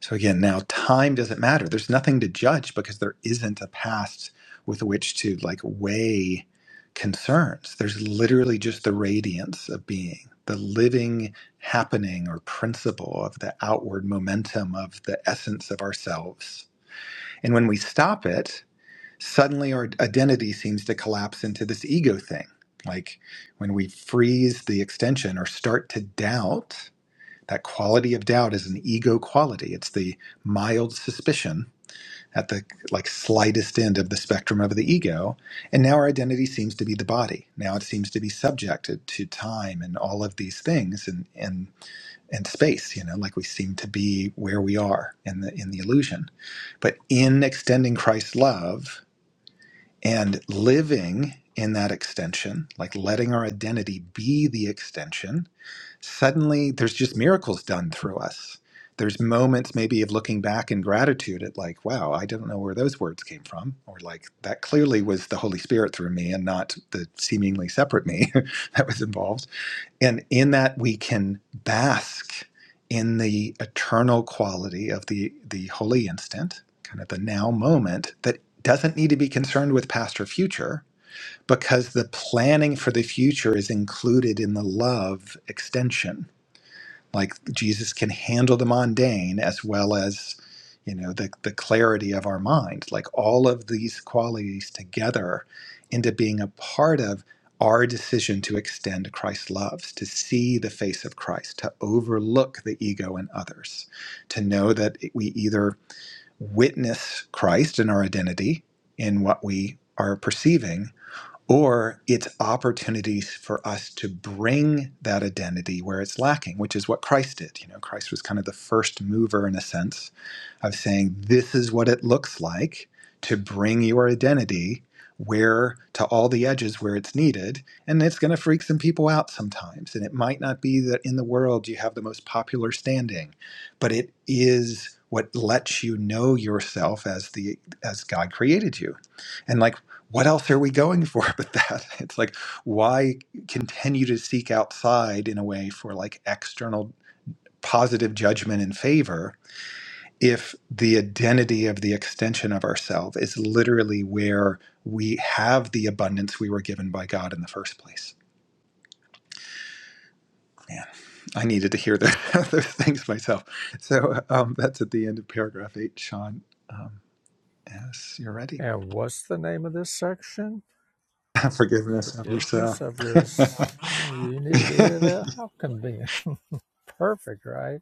S1: So again, now time doesn't matter. There's nothing to judge because there isn't a past with which to like weigh concerns. There's literally just the radiance of being, the living happening or principle of the outward momentum of the essence of ourselves. And when we stop it, suddenly our identity seems to collapse into this ego thing. Like when we freeze the extension or start to doubt that quality of doubt is an ego quality it's the mild suspicion at the like slightest end of the spectrum of the ego and now our identity seems to be the body now it seems to be subjected to time and all of these things and and and space you know like we seem to be where we are in the in the illusion but in extending christ's love and living in that extension like letting our identity be the extension suddenly there's just miracles done through us. There's moments maybe of looking back in gratitude at like, wow, I don't know where those words came from, or like that clearly was the Holy Spirit through me and not the seemingly separate me that was involved. And in that we can bask in the eternal quality of the the holy instant, kind of the now moment that doesn't need to be concerned with past or future because the planning for the future is included in the love extension like Jesus can handle the mundane as well as you know the the clarity of our mind like all of these qualities together into being a part of our decision to extend Christ's love, to see the face of Christ, to overlook the ego in others, to know that we either witness Christ in our identity, in what we are perceiving, or it's opportunities for us to bring that identity where it's lacking which is what christ did you know christ was kind of the first mover in a sense of saying this is what it looks like to bring your identity where to all the edges where it's needed and it's going to freak some people out sometimes and it might not be that in the world you have the most popular standing but it is what lets you know yourself as the as god created you and like what else are we going for but that? It's like, why continue to seek outside in a way for like external positive judgment and favor if the identity of the extension of ourself is literally where we have the abundance we were given by God in the first place? Man, I needed to hear those, those things myself. So um, that's at the end of paragraph eight, Sean. Um, yes, you're ready.
S2: And what's the name of this section?
S1: Forgiveness of yourself.
S2: Forgiveness of your. Oh, you needed to hear that? How convenient. Perfect, right?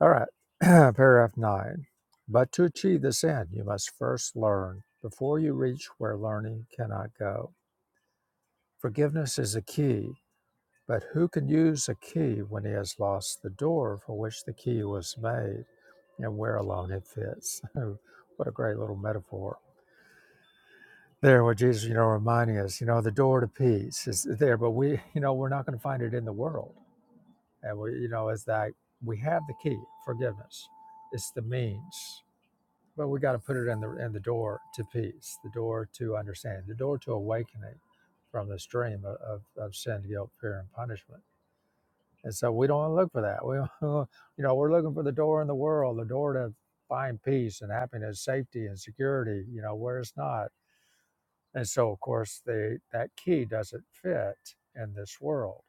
S2: All right. paragraph nine. But to achieve this end, you must first learn before you reach where learning cannot go. Forgiveness is a key But who can use a key when he has lost the door for which the key was made and where alone it fits? what a great little metaphor. There, what Jesus, you know, reminding us, you know, the door to peace is there, but we, you know, we're not going to find it in the world. And we, you know, it's that we have the key, forgiveness. It's the means, but we got to put it in the in the door to peace, the door to understanding, the door to awakening from this dream of, of, of sin, guilt, fear, and punishment And so we don't want to look for that. We, you know, we're looking for the door in the world, the door to find peace and happiness, safety and security. You know, where it's not. And so, of course, the that key doesn't fit in this world.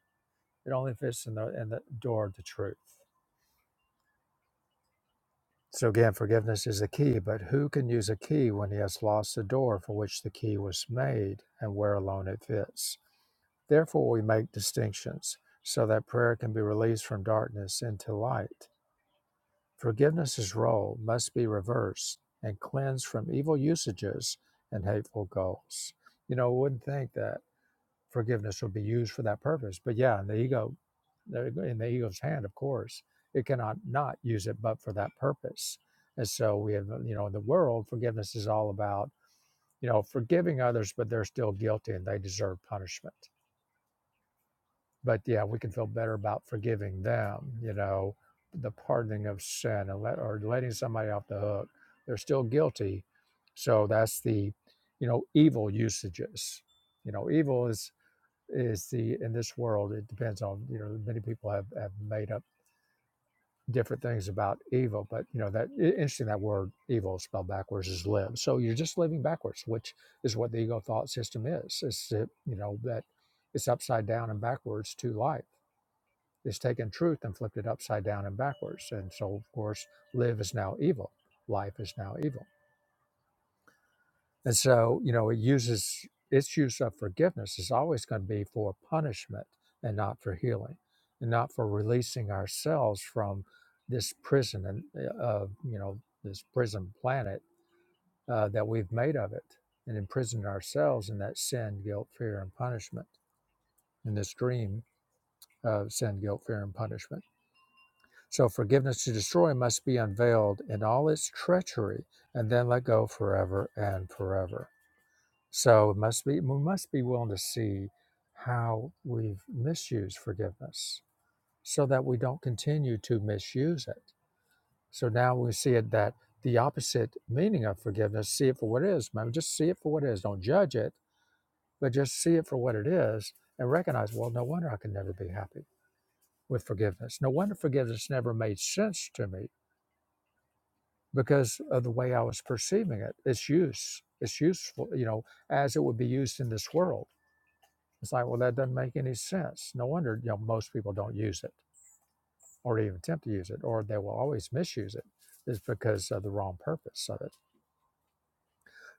S2: It only fits in the in the door to truth. So again, forgiveness is the key, but who can use a key when he has lost the door for which the key was made and where alone it fits? Therefore, we make distinctions so that prayer can be released from darkness into light Forgiveness's role must be reversed and cleansed from evil usages and hateful goals. You know, I wouldn't think that forgiveness would be used for that purpose, but yeah, in the ego, in the ego's hand, of course, it cannot not use it but for that purpose. And so we have, uh, you know, in the world, forgiveness is all about, you know, forgiving others, but they're still guilty and they deserve punishment but yeah, we can feel better about forgiving them, you know, the pardoning of sin and let, or letting somebody off the hook. They're still guilty. So that's the, you know, evil usages. You know, evil is is the in this world, it depends on, you know, many people have, have made up different things about evil, but you know, that interesting that word evil spelled backwards is live. So you're just living backwards, which is what the ego thought system is. It's uh, you know, that it's upside down and backwards to life it's taken truth and flipped it upside down and backwards. And so, of course, live is now evil. Life is now evil. And so, you know, it uses its use of forgiveness is always going to be for punishment and not for healing and not for releasing ourselves from this prison and uh, of, you know, this prison planet uh, that we've made of it and imprisoned ourselves in that sin, guilt, fear, and punishment in this dream of sin, guilt, fear, and punishment So forgiveness to destroy must be unveiled in all its treachery and then let go forever and forever. So it must be we must be willing to see how we've misused forgiveness so that we don't continue to misuse it. So now we see it that the opposite meaning of forgiveness, see it for what it is, man. Just see it for what it is. Don't judge it, but just see it for what it is and recognize, well, no wonder I can never be happy with forgiveness. No wonder forgiveness never made sense to me because of the way I was perceiving it. Its use, it's useful, you know, as it would be used in this world. It's like, well, that doesn't make any sense. No wonder, you know, most people don't use it or even attempt to use it, or they will always misuse it. It's because of the wrong purpose of it.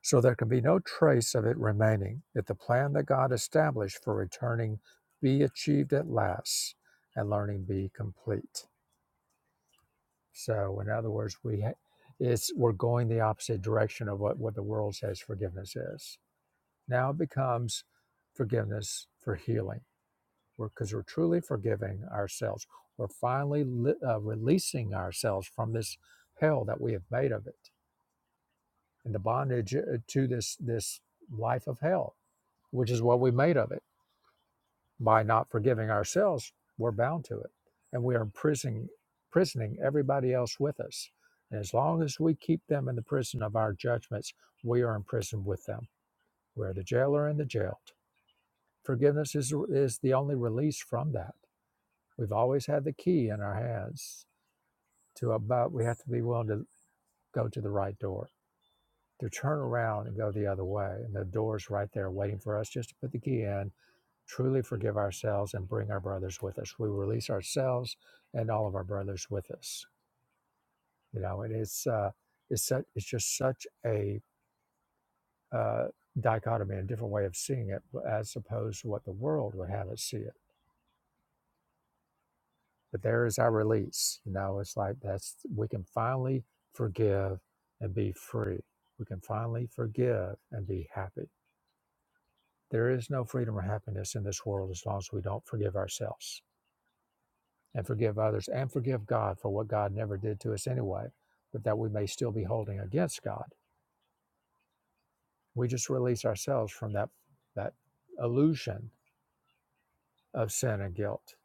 S2: So there can be no trace of it remaining if the plan that God established for returning be achieved at last and learning be complete. So, in other words, we ha- it's we're going the opposite direction of what, what the world says forgiveness is Now becomes forgiveness for healing because we're, 'cause we're truly forgiving ourselves. We're finally li- uh, releasing ourselves from this hell that we have made of it and the bondage uh, to this, this life of hell, which is what we made of it. By not forgiving ourselves, we're bound to it and we are imprisoning, imprisoning everybody else with us. And as long as we keep them in the prison of our judgments, we are imprisoned with them. We're the jailer in the jail. Forgiveness is, is the only release from that. We've always had the key in our hands to about, we have to be willing to go to the right door, to turn around and go the other way. And the door's right there waiting for us just to put the key in, truly forgive ourselves and bring our brothers with us. We release ourselves and all of our brothers with us. You know, and it's, uh, it's, such, it's just such a uh, dichotomy, a different way of seeing it as opposed to what the world would have us see it But there is our release. You know, it's like that's we can finally forgive and be free. We can finally forgive and be happy. There is no freedom or happiness in this world as long as we don't forgive ourselves and forgive others and forgive God for what God never did to us anyway, but that we may still be holding against God. We just release ourselves from that that illusion of sin and guilt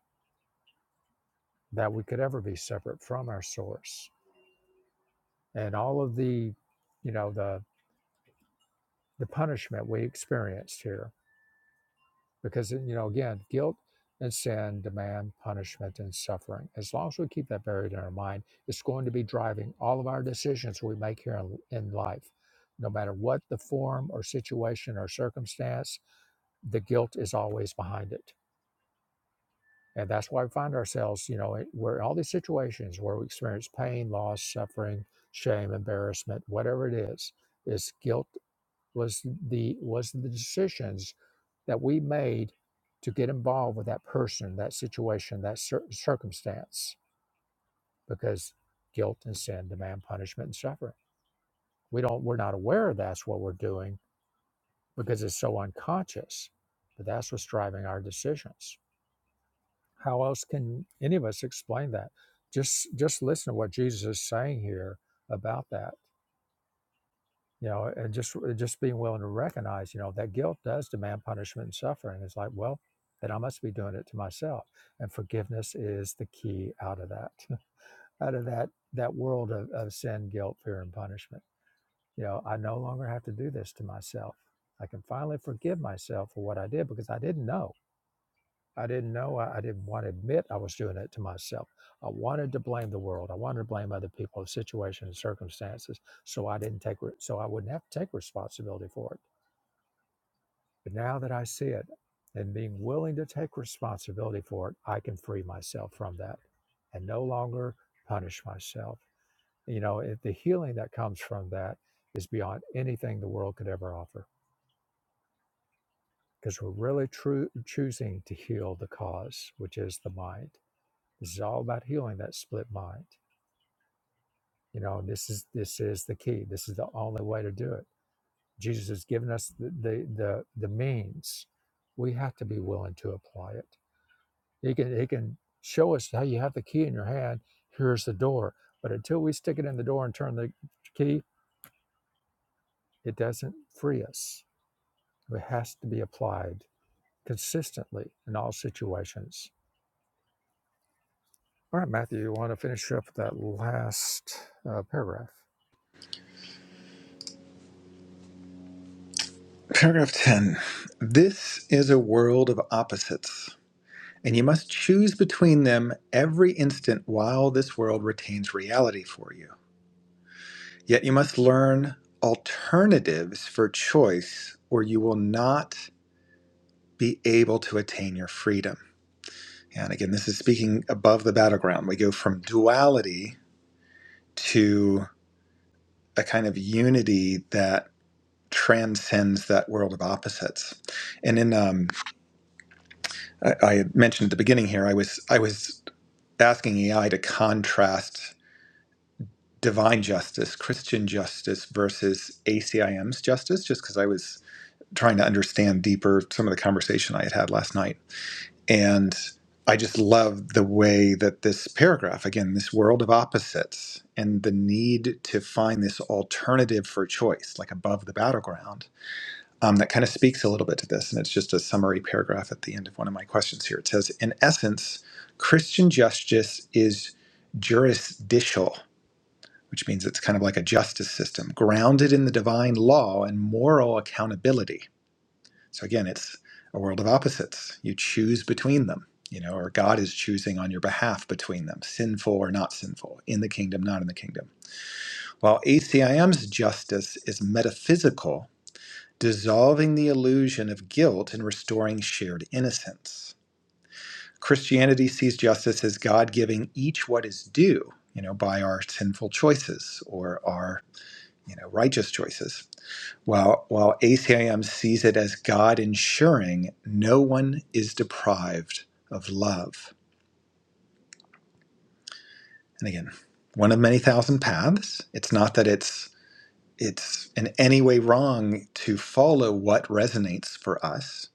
S2: that we could ever be separate from our source. And all of the, you know, the the punishment we experienced here because you know again guilt and sin demand punishment and suffering as long as we keep that buried in our mind it's going to be driving all of our decisions we make here in, in life no matter what the form or situation or circumstance the guilt is always behind it and that's why we find ourselves you know where all these situations where we experience pain loss suffering shame embarrassment whatever it is is guilt was the was the decisions that we made to get involved with that person, that situation, that cir- circumstance, because guilt and sin demand punishment and suffering. We don't we're not aware that's what we're doing because it's so unconscious, but that's what's driving our decisions. How else can any of us explain that? Just just listen to what Jesus is saying here about that you know and just just being willing to recognize you know that guilt does demand punishment and suffering it's like well then i must be doing it to myself and forgiveness is the key out of that out of that that world of, of sin guilt fear and punishment you know i no longer have to do this to myself i can finally forgive myself for what i did because i didn't know I didn't know. I, I didn't want to admit I was doing it to myself. I wanted to blame the world. I wanted to blame other people, situations, and circumstances. So I didn't take, re- so I wouldn't have to take responsibility for it. But now that I see it and being willing to take responsibility for it, I can free myself from that and no longer punish myself. You know, it, the healing that comes from that is beyond anything the world could ever offer because we're really true choosing to heal the cause, which is the mind This is all about healing that split mind. You know, this is this is the key. This is the only way to do it. Jesus has given us the the the, the means. We have to be willing to apply it. He can he can show us how you have the key in your hand. Here's the door. But until we stick it in the door and turn the key, it doesn't free us. It has to be applied consistently in all situations All right, Matthew, you want to finish up that last uh, paragraph?
S1: Paragraph 10 This is a world of opposites, and you must choose between them every instant while this world retains reality for you. Yet you must learn alternatives for choice, or you will not be able to attain your freedom. And again, this is speaking above the battleground. We go from duality to a kind of unity that transcends that world of opposites. And in um, I, I had mentioned at the beginning here, I was I was asking AI to contrast divine justice, Christian justice versus ACIM's justice, just because I was trying to understand deeper some of the conversation I had had last night. And I just love the way that this paragraph, again, this world of opposites and the need to find this alternative for choice, like above the battleground, um, that kind of speaks a little bit to this, and it's just a summary paragraph at the end of one of my questions here. It says, in essence, Christian justice is jurisdictional, which means it's kind of like a justice system grounded in the divine law and moral accountability. So again, it's a world of opposites. You choose between them, you know, or God is choosing on your behalf between them, sinful or not sinful, in the kingdom, not in the kingdom. While ACIM's justice is metaphysical, dissolving the illusion of guilt and restoring shared innocence. Christianity sees justice as God giving each what is due, you know, by our sinful choices or our, you know, righteous choices. While while ACIM sees it as God ensuring no one is deprived of love. And again, one of many thousand paths. It's not that it's it's in any way wrong to follow what resonates for us.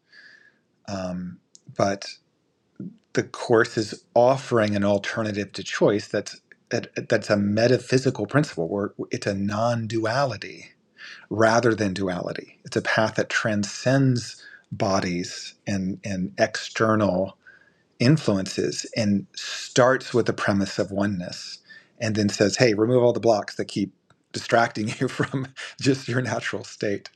S1: Um, but the course is offering an alternative to choice that's that, that's a metaphysical principle where it's a non-duality rather than duality it's a path that transcends bodies and and external influences and starts with the premise of oneness and then says hey remove all the blocks that keep distracting you from just your natural state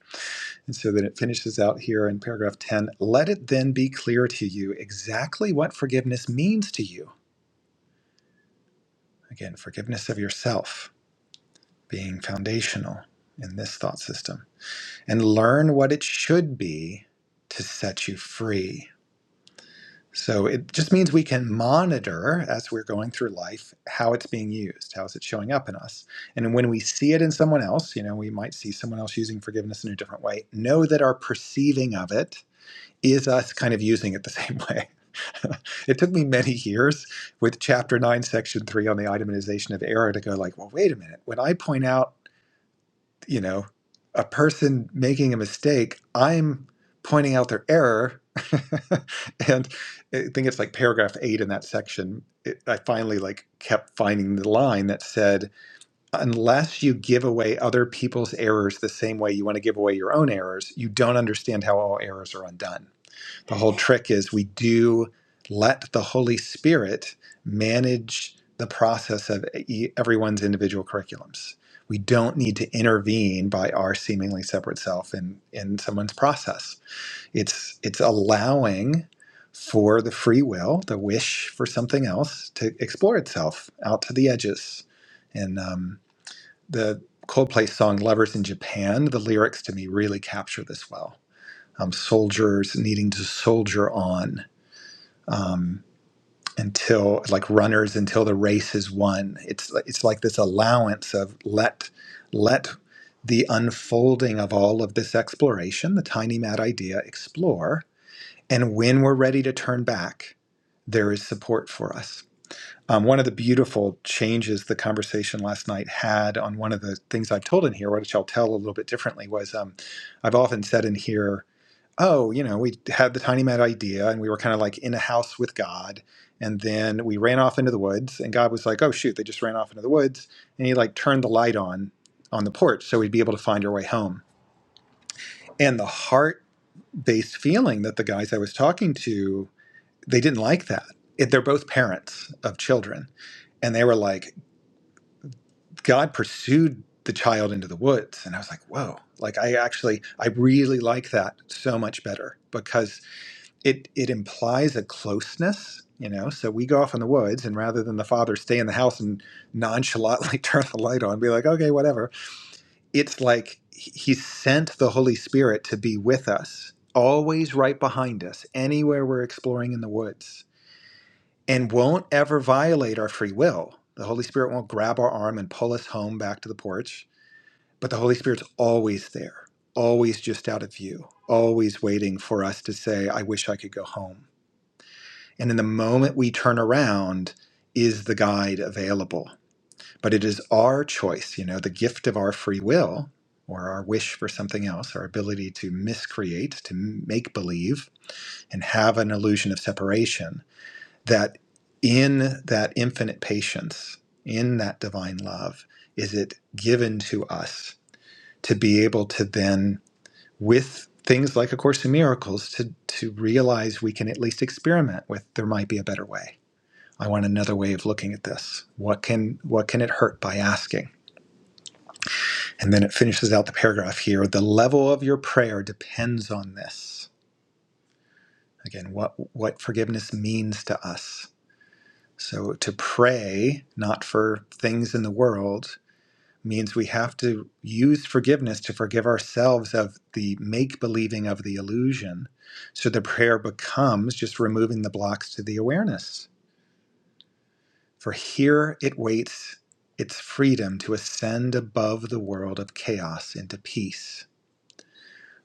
S1: and so then it finishes out here in paragraph 10 let it then be clear to you exactly what forgiveness means to you. Again, forgiveness of yourself being foundational in this thought system, and learn what it should be to set you free. So it just means we can monitor as we're going through life how it's being used, how is it showing up in us. And when we see it in someone else, you know, we might see someone else using forgiveness in a different way, know that our perceiving of it is us kind of using it the same way. it took me many years with chapter 9 section 3 on the itemization of error to go like, well wait a minute, when I point out, you know, a person making a mistake, I'm pointing out their error. and I think it's like paragraph 8 in that section. It, I finally like kept finding the line that said unless you give away other people's errors the same way you want to give away your own errors, you don't understand how all errors are undone the whole trick is we do let the Holy Spirit manage the process of e- everyone's individual curriculums. We don't need to intervene by our seemingly separate self in, in someone's process. It's it's allowing for the free will, the wish for something else to explore itself out to the edges. And um, the Coldplay song "Lovers in Japan," the lyrics to me really capture this well um, soldiers needing to soldier on um, until like runners until the race is won. It's it's like this allowance of let let the unfolding of all of this exploration, the tiny mad idea, explore, and when we're ready to turn back, there is support for us. Um, one of the beautiful changes the conversation last night had on one of the things I've told in here, which I'll tell a little bit differently, was um, I've often said in here oh, you know, we had the tiny mad idea and we were kind of like in a house with God. And then we ran off into the woods and God was like, oh, shoot, they just ran off into the woods. And he like turned the light on on the porch so we'd be able to find our way home. And the heart based feeling that the guys I was talking to, they didn't like that. It, they're both parents of children. And they were like, God pursued the child into the woods. And I was like, whoa, like I actually, I really like that so much better because it it implies a closeness you know so we go off in the woods and rather than the father stay in the house and nonchalantly turn the light on and be like okay whatever it's like he he sent the holy spirit to be with us always right behind us anywhere we're exploring in the woods and won't ever violate our free will the holy spirit won't grab our arm and pull us home back to the porch but the holy spirit's always there always just out of view always waiting for us to say i wish i could go home and in the moment we turn around, is the guide available? But it is our choice, you know, the gift of our free will or our wish for something else, our ability to miscreate, to make believe, and have an illusion of separation. That in that infinite patience, in that divine love, is it given to us to be able to then, with things like A Course in Miracles, to, to realize we can at least experiment with there might be a better way I want another way of looking at this. What can what can it hurt by asking? And then it finishes out the paragraph here. The level of your prayer depends on this. Again, what what forgiveness means to us. So to pray not for things in the world means we have to use forgiveness to forgive ourselves of the make believing of the illusion. So the prayer becomes just removing the blocks to the awareness For here it waits its freedom to ascend above the world of chaos into peace.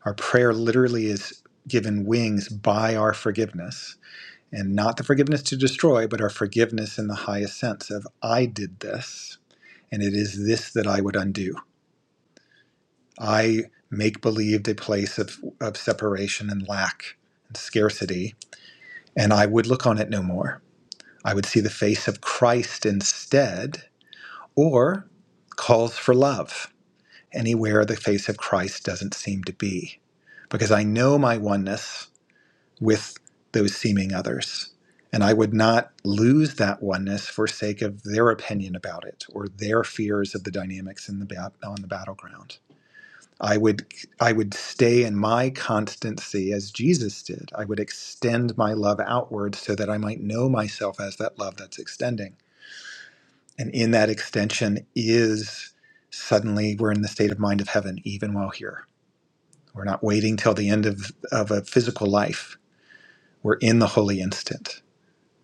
S1: Our prayer literally is given wings by our forgiveness, and not the forgiveness to destroy, but our forgiveness in the highest sense of I did this, and it is this that I would undo. I make believed a place of, of separation and lack and scarcity, and I would look on it no more. I would see the face of Christ instead or calls for love anywhere the face of Christ doesn't seem to be. Because I know my oneness with those seeming others. And I would not lose that oneness for sake of their opinion about it or their fears of the dynamics in the bat- on the battleground. I would I would stay in my constancy as Jesus did. I would extend my love outward so that I might know myself as that love that's extending and in that extension is suddenly we're in the state of mind of heaven, even while here. We're not waiting till the end of, of a physical life. We're in the holy instant.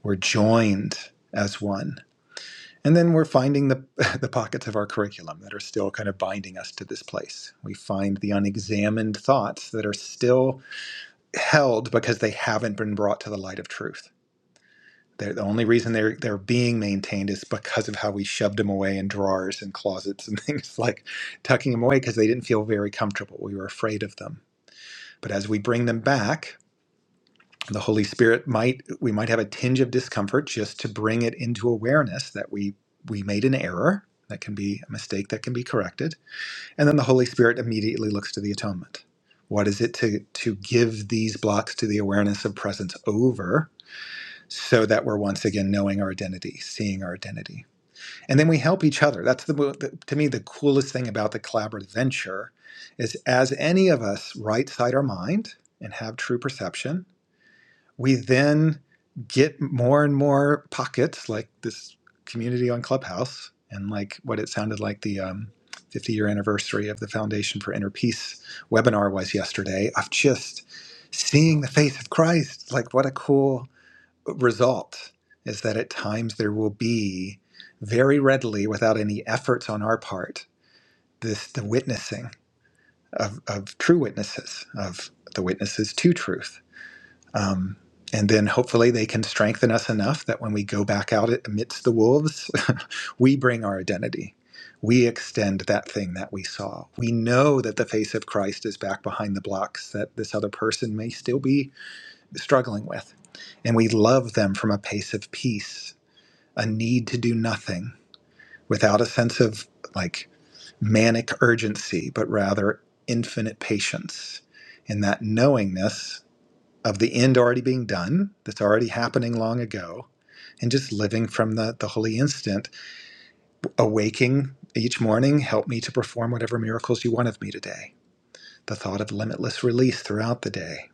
S1: We're joined as one. And then we're finding the, the pockets of our curriculum that are still kind of binding us to this place. We find the unexamined thoughts that are still held because they haven't been brought to the light of truth They're, the only reason they're they're being maintained is because of how we shoved them away in drawers and closets and things like tucking them away because they didn't feel very comfortable. We were afraid of them. But as we bring them back, the Holy Spirit might we might have a tinge of discomfort just to bring it into awareness that we we made an error that can be a mistake that can be corrected, and then the Holy Spirit immediately looks to the atonement. What is it to to give these blocks to the awareness of presence over? so that we're once again knowing our identity, seeing our identity. And then we help each other. That's the, the to me the coolest thing about the collaborative venture is as any of us right side our mind and have true perception, we then get more and more pockets like this community on Clubhouse and like what it sounded like the um, 50 year anniversary of the Foundation for Inner Peace webinar was yesterday of just seeing the face of Christ. Like what a cool result is that at times there will be very readily, without any efforts on our part, this the witnessing of, of true witnesses, of the witnesses to truth. Um, and then hopefully they can strengthen us enough that when we go back out amidst the wolves, we bring our identity. We extend that thing that we saw. We know that the face of Christ is back behind the blocks that this other person may still be struggling with and we love them from a place of peace a need to do nothing without a sense of like manic urgency, but rather infinite patience in that knowingness of the end already being done, that's already happening long ago, and just living from the, the holy instant, awaking each morning, help me to perform whatever miracles you want of me today. The thought of limitless release throughout the day.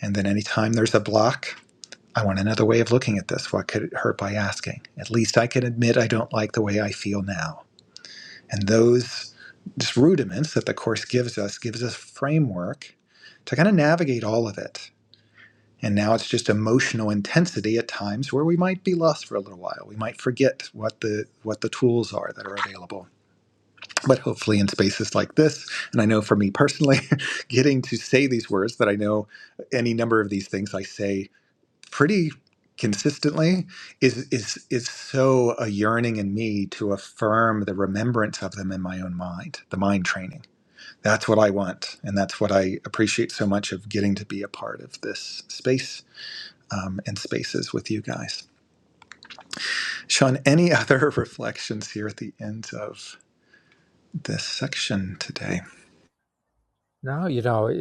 S1: And then anytime there's a block, I want another way of looking at this. What could it hurt by asking? At least I can admit I don't like the way I feel now And those just rudiments that the course gives us gives us framework to kind of navigate all of it. And now it's just emotional intensity at times where we might be lost for a little while. We might forget what the what the tools are that are available. But hopefully in spaces like this, and I know for me personally, getting to say these words that I know any number of these things I say pretty consistently is is is so a yearning in me to affirm the remembrance of them in my own mind the mind training that's what i want and that's what i appreciate so much of getting to be a part of this space um, and spaces with you guys sean any other reflections here at the end of this section today
S2: No, you know, it,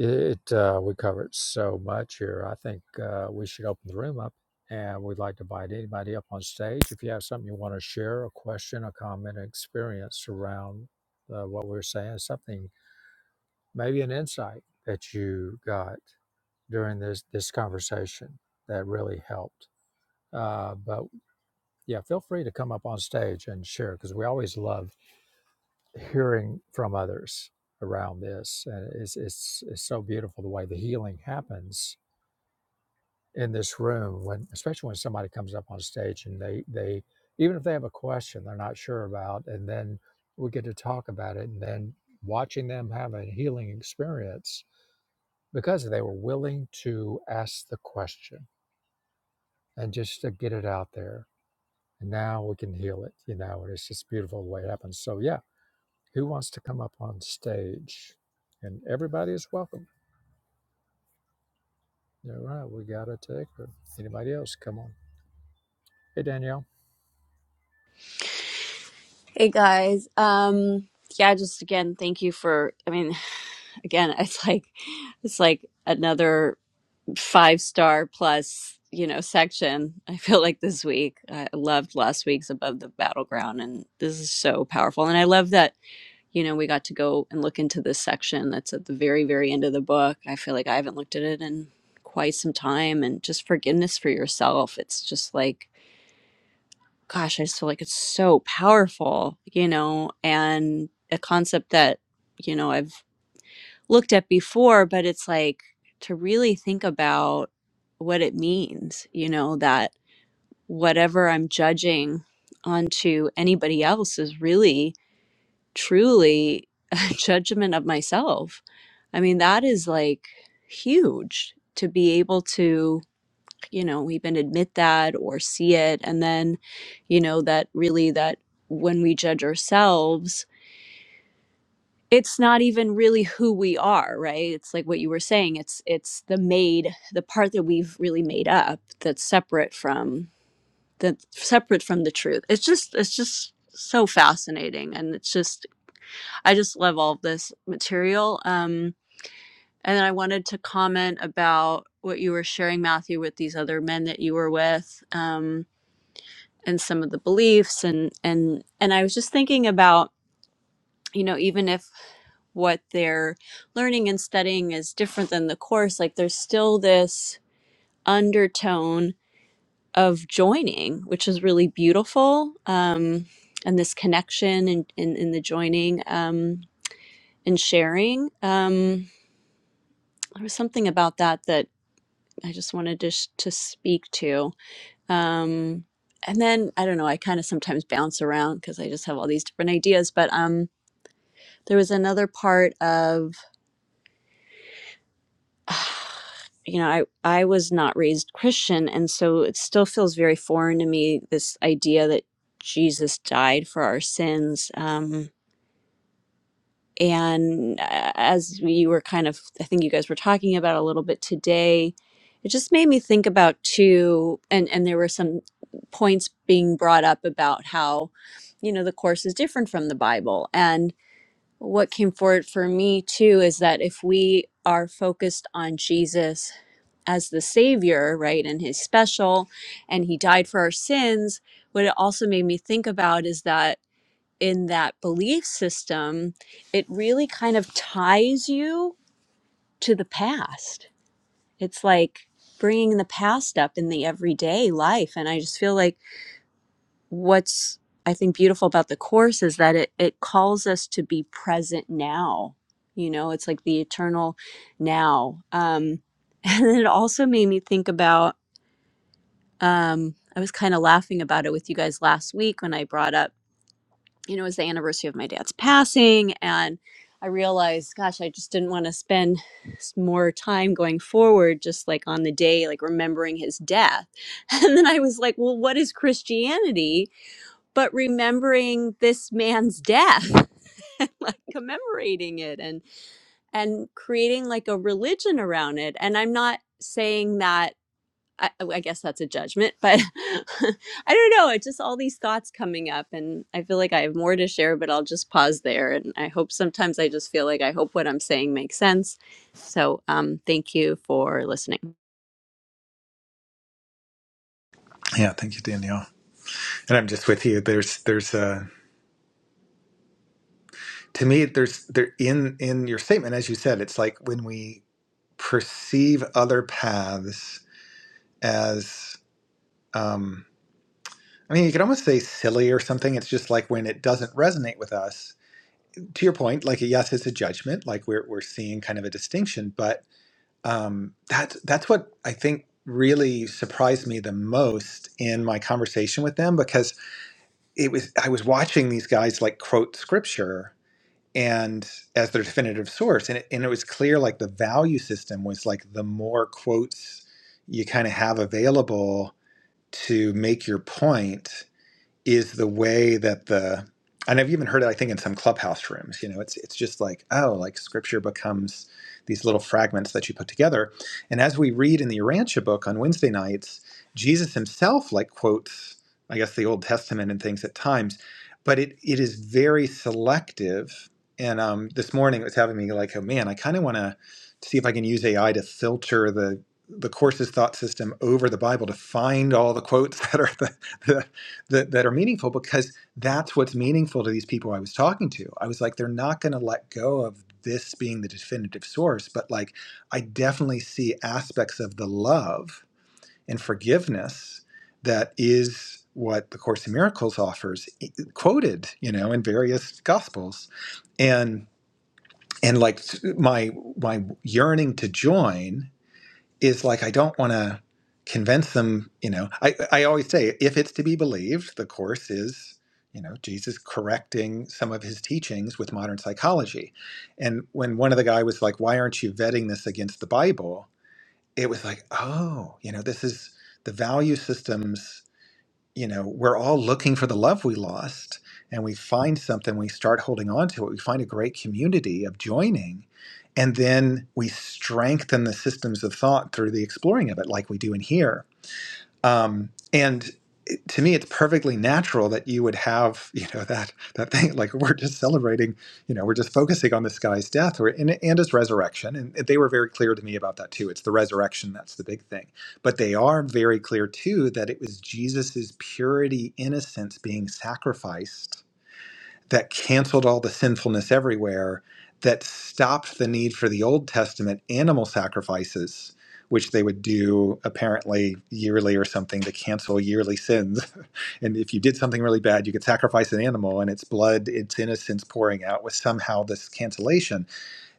S2: uh, we covered so much here. I think uh, we should open the room up and we'd like to invite anybody up on stage. If you have something you want to share, a question, a comment, an experience around uh, what we are saying, something, maybe an insight that you got during this, this conversation that really helped. Uh, but yeah, feel free to come up on stage and share because we always love hearing from others around this. And it's, it's, it's so beautiful the way the healing happens in this room when, especially when somebody comes up on stage and they, they, even if they have a question they're not sure about, and then we get to talk about it and then watching them have a healing experience because they were willing to ask the question and just to get it out there. And now we can heal it, you know, and it's just beautiful the way it happens. So, yeah. Who wants to come up on stage? And everybody is welcome. All right, we got a ticker. Anybody else? Come on. Hey, Danielle.
S3: Hey guys. Um yeah, just again, thank you for I mean, again, it's like it's like another five star plus, you know, section. I feel like this week. I loved last week's above the battleground and this is so powerful. And I love that, you know, we got to go and look into this section that's at the very, very end of the book. I feel like I haven't looked at it in quite some time and just forgiveness for yourself. It's just like gosh, I just feel like it's so powerful, you know, and a concept that, you know, I've looked at before, but it's like to really think about what it means, you know, that whatever I'm judging onto anybody else is really, truly a judgment of myself. I mean, that is like huge to be able to you know even admit that or see it and then you know that really that when we judge ourselves it's not even really who we are right it's like what you were saying it's it's the made the part that we've really made up that's separate from that's separate from the truth it's just it's just so fascinating and it's just i just love all of this material um and then i wanted to comment about what you were sharing matthew with these other men that you were with Um. and some of the beliefs and and and I was just thinking about you know even if what they're learning and studying is different than the course like there's still this undertone of joining which is really beautiful um and this connection and in, in, the joining um and sharing um there was something about that that I just wanted to sh- to speak to Um, and then I don't know, I kind of sometimes bounce around because I just have all these different ideas. But um, there was another part of, you know, I, I was not raised Christian. And so it still feels very foreign to me this idea that Jesus died for our sins. Um, And uh, as we were kind of, I think you guys were talking about a little bit today, it just made me think about too, and, and there were some points being brought up about how, you know, the Course is different from the Bible. And what came forward for me too is that if we are focused on Jesus as the Savior, right, and His special, and He died for our sins, what it also made me think about is that in that belief system, it really kind of ties you to the past. It's like bringing the past up in the everyday life. And I just feel like what's, I think, beautiful about the Course is that it, it calls us to be present now. You know, it's like the eternal now. Um, and it also made me think about, um, I was kind of laughing about it with you guys last week when I brought up you know, it was the anniversary of my dad's passing. And I realized, gosh, I just didn't want to spend more time going forward, just like on the day, like remembering his death. And then I was like, well, what is Christianity but remembering this man's death? and like commemorating it and and creating like a religion around it and i'm not saying that I, I guess that's a judgment, but I don't know. It's just all these thoughts coming up, and I feel like I have more to share, but I'll just pause there. And I hope sometimes I just feel like I hope what I'm saying makes sense. So um, thank you for listening.
S1: yeah thank you danielle and i'm just with you there's there's a to me there's there in in your statement as you said it's like when we perceive other paths as um, I mean, you could almost say silly or something. It's just like when it doesn't resonate with us. To your point, like yes, it's a judgment. Like we're we're seeing kind of a distinction, but um, that's that's what I think really surprised me the most in my conversation with them because it was I was watching these guys like quote scripture and as their definitive source and it, and it was clear like the value system was like the more quotes you kind of have available to make your point is the way that the and I've even heard it, I think, in some clubhouse rooms. You know, it's it's just like, oh, like scripture becomes these little fragments that you put together. And as we read in the Urantia book on Wednesday nights, Jesus himself like quotes, I guess, the Old Testament and things at times, but it it is very selective. And um, this morning it was having me like, oh man, I kind of want to see if I can use AI to filter the the course's thought system over the Bible to find all the quotes that are the the that, that are meaningful because that's what's meaningful to these people I was talking to. I was like, they're not going to let go of this being the definitive source, but like, I definitely see aspects of the love and forgiveness that is what the Course in Miracles offers, e, quoted, you know, in various gospels, and and like my my yearning to join is like I don't want to convince them, you know. I, I always say if it's to be believed, the course is, you know, Jesus correcting some of his teachings with modern psychology. And when one of the guy was like, Why aren't you vetting this against the Bible? It was like, oh, you know, this is the value systems you know, we're all looking for the love we lost and we find something, we start holding on to it, we find a great community of joining, and then we strengthen the systems of thought through the exploring of it, like we do in here. Um, and it- to me, it's perfectly natural that you would have, you know, that that thing like we're just celebrating, you know, we're just focusing on this guy's death or and, and his resurrection. And they were very clear to me about that too. It's the resurrection that's the big thing. But they are very clear too that it was Jesus's purity, innocence being sacrificed that canceled all the sinfulness everywhere, that stopped the need for the Old Testament animal sacrifices, which they would do apparently yearly or something to cancel yearly sins. and if you did something really bad, you could sacrifice an animal and its blood, its innocence pouring out was somehow this cancellation.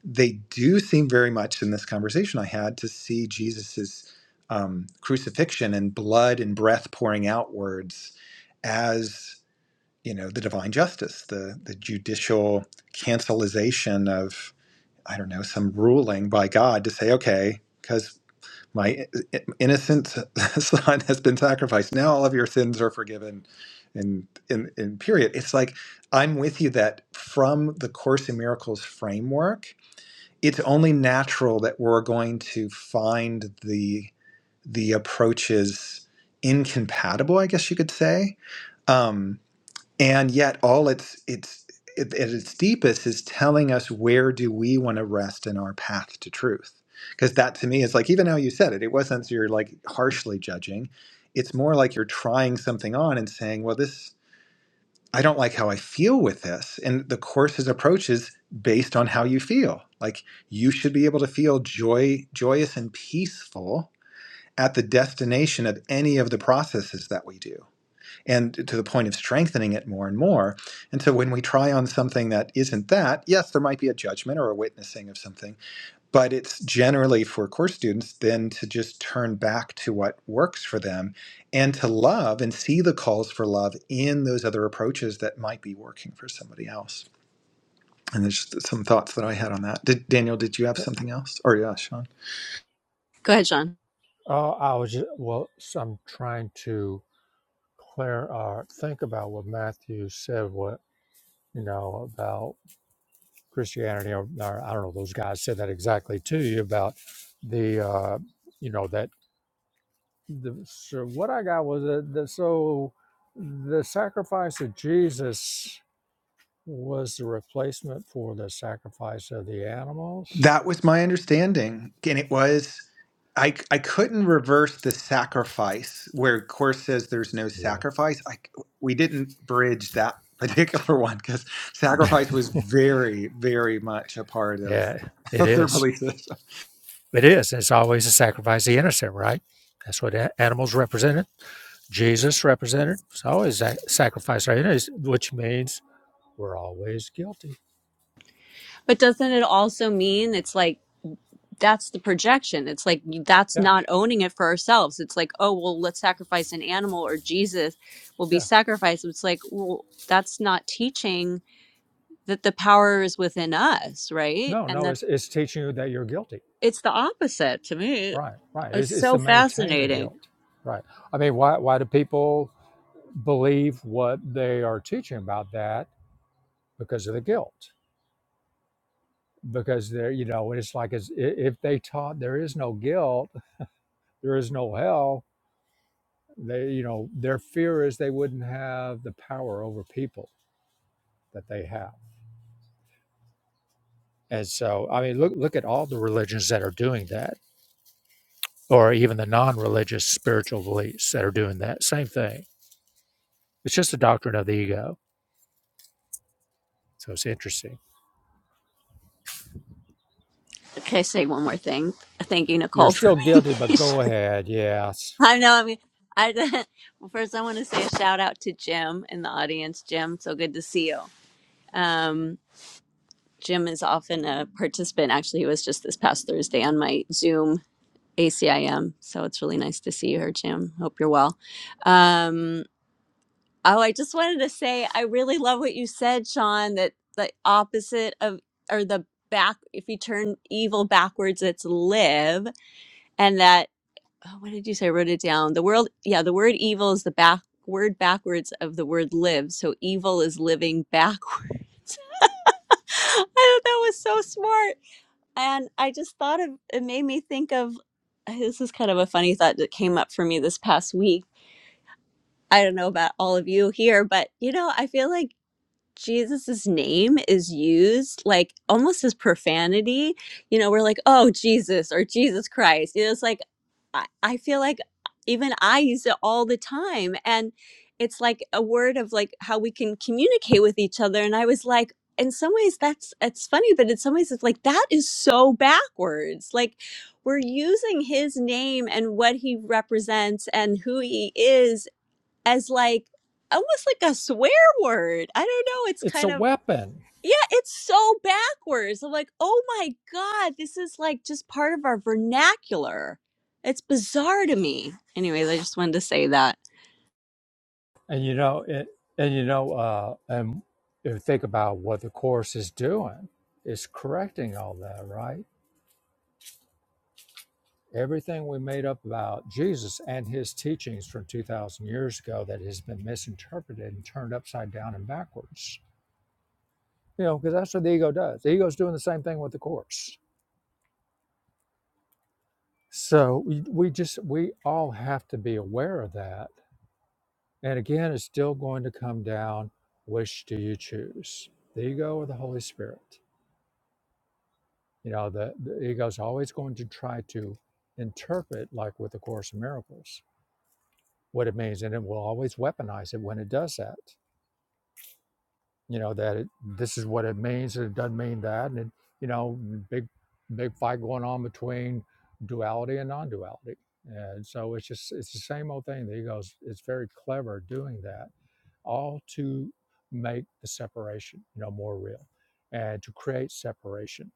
S1: They do seem very much in this conversation I had to see Jesus's um, crucifixion and blood and breath pouring outwards as you know the divine justice the the judicial cancelization of i don't know some ruling by god to say okay because my innocent son has been sacrificed now all of your sins are forgiven and in, in period it's like i'm with you that from the course in miracles framework it's only natural that we're going to find the the approaches incompatible i guess you could say um, and yet all it's it's it, at its deepest is telling us where do we want to rest in our path to truth because that to me is like even how you said it it wasn't you're like harshly judging it's more like you're trying something on and saying well this i don't like how i feel with this and the course's approach is based on how you feel like you should be able to feel joy joyous and peaceful at the destination of any of the processes that we do and to the point of strengthening it more and more. And so when we try on something that isn't that, yes, there might be a judgment or a witnessing of something, but it's generally for course students then to just turn back to what works for them and to love and see the calls for love in those other approaches that might be working for somebody else. And there's just some thoughts that I had on that. Did Daniel, did you have something else? Or yeah, Sean?
S3: Go ahead, Sean.
S2: Oh, I was just, well. So I'm trying to clear or think about what Matthew said. What you know about Christianity, or, or I don't know. Those guys said that exactly to you about the, uh, you know that the. So what I got was that the, so the sacrifice of Jesus. was the replacement for the sacrifice of the animals.
S1: That was my understanding. And it was, I, I couldn't reverse the sacrifice where Course says there's no
S2: Yeah.
S1: sacrifice. I, we didn't bridge that particular one because sacrifice was very, very much a part of,
S2: Yeah, it
S1: of their
S2: is.
S1: belief system.
S2: It is. It's always a sacrifice of the innocent, right? That's what a- animals represented. Jesus represented. It's always a sacrifice of the innocent, which means we're always guilty.
S3: But doesn't it also mean it's like that's the projection? It's like that's
S2: Yeah,
S3: not owning it for ourselves. It's like, oh, well, let's sacrifice an animal or Jesus will be
S2: yeah.
S3: sacrificed. It's like, well, that's not teaching that the power is within us, right?
S2: No,
S3: And that
S2: no, it's, it's teaching you that you're guilty.
S3: It's the opposite to me.
S2: Right, right. It's,
S3: It's
S2: it's to
S3: so
S2: maintain the
S3: fascinating.
S2: guilt. Right. I mean, why, why do people believe what they are teaching about that? Because of the guilt because they're you know it's like it's, i- if they taught there is no guilt there is no hell they you know their fear is they wouldn't have the power over people that they have and so i mean look look at all the religions that are doing that or even the non-religious spiritual beliefs that are doing that same thing it's just a doctrine of the ego so it's interesting
S3: Can I say one more thing? Thank you,
S2: you're
S3: Nicole, for
S2: still
S3: being
S2: guilty but go
S3: patient.
S2: ahead yes
S3: I know. I mean, I well, first I want to say a shout out to Jim in the audience. Jim, so good to see you. Um, Jim is often a participant. Actually, he was just this past Thursday on my Zoom ACIM. So it's really nice to see you here, Jim. Hope you're well. Um, Oh, I just wanted to say I really love what you said, Sean, that the opposite of or the back if you turn evil backwards, it's live. And that oh, what did you say? I wrote it down. The world yeah, the word evil is the back word backwards of the word live. So evil is living backwards. I thought that was so smart. And I just thought of it made me think of this is kind of a funny thought that came up for me this past week. I don't know about all of you here, but you know, I feel like Jesus's name is used like almost as profanity. You know, we're like, oh, Jesus or Jesus Christ. You know, it's like, I, I feel like even I use it all the time. And it's like a word of like how we can communicate with each other. And I was like, in some ways that's it's funny but in some ways it's like that is so backwards like we're using his name and what he represents and who he is as like almost like a swear word. I don't know. It's
S2: it's a
S3: kind of
S2: weapon
S3: yeah, it's so backwards. I'm like, oh my god, this is like just part of our vernacular. It's bizarre to me. Anyways, I just wanted to say that.
S2: And you know, it, and you know, uh, and if you think about what the course is doing, it's correcting all that, right? Everything we made up about Jesus and his teachings from two thousand years ago that has been misinterpreted and turned upside down and backwards. You know, because that's what the ego does. The ego's doing the same thing with the course. So we, we just we all have to be aware of that. And again, it's still going to come down. Which do you choose, the ego or the Holy Spirit? You know, the, the ego's always going to try to interpret, like with the Course in Miracles, what it means, and it will always weaponize it when it does that. You know that it, this is what it means, and it doesn't mean that, and it, you know, big big fight going on between duality and non-duality, and so it's just it's the same old thing. The ego's it's very clever doing that, all to make the separation, you know, more real, and to create separation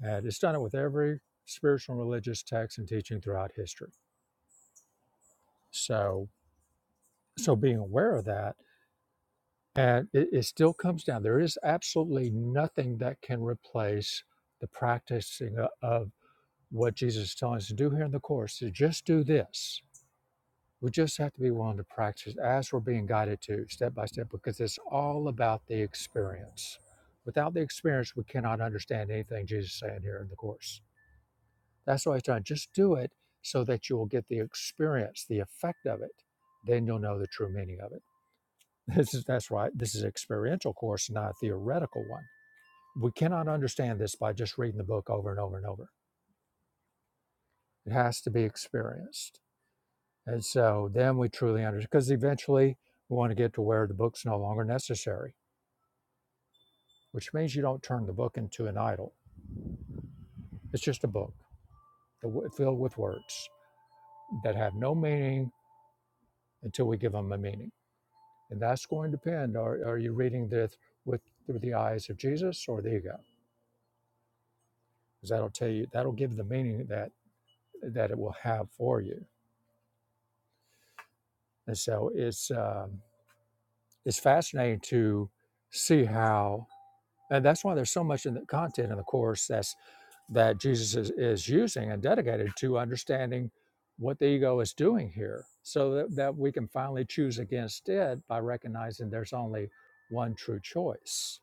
S2: And it's done it with every spiritual and religious text and teaching throughout history. So, so being aware of that, and it, it still comes down. There is absolutely nothing that can replace the practicing o- of what Jesus is telling us to do here in the course. To just do this. We just have to be willing to practice as we're being guided to, step by step, because it's all about the experience. Without the experience, we cannot understand anything Jesus is saying here in the course. That's why I try just do it so that you will get the experience, the effect of it. Then you'll know the true meaning of it. This is that's right. This is an experiential course, not a theoretical one. We cannot understand this by just reading the book over and over and over. It has to be experienced. And so then we truly understand because eventually we want to get to where the book's no longer necessary, which means you don't turn the book into an idol. It's just a book filled with words that have no meaning until we give them a meaning And that's going to depend. Are, are you reading this with through the eyes of Jesus or the ego? Because that'll tell you, that'll give the meaning that that it will have for you. And so it's um, it's fascinating to see how, and that's why there's so much in the content in the course that's that Jesus is, is using and dedicated to understanding what the ego is doing here, so that, that we can finally choose against it by recognizing there's only one true choice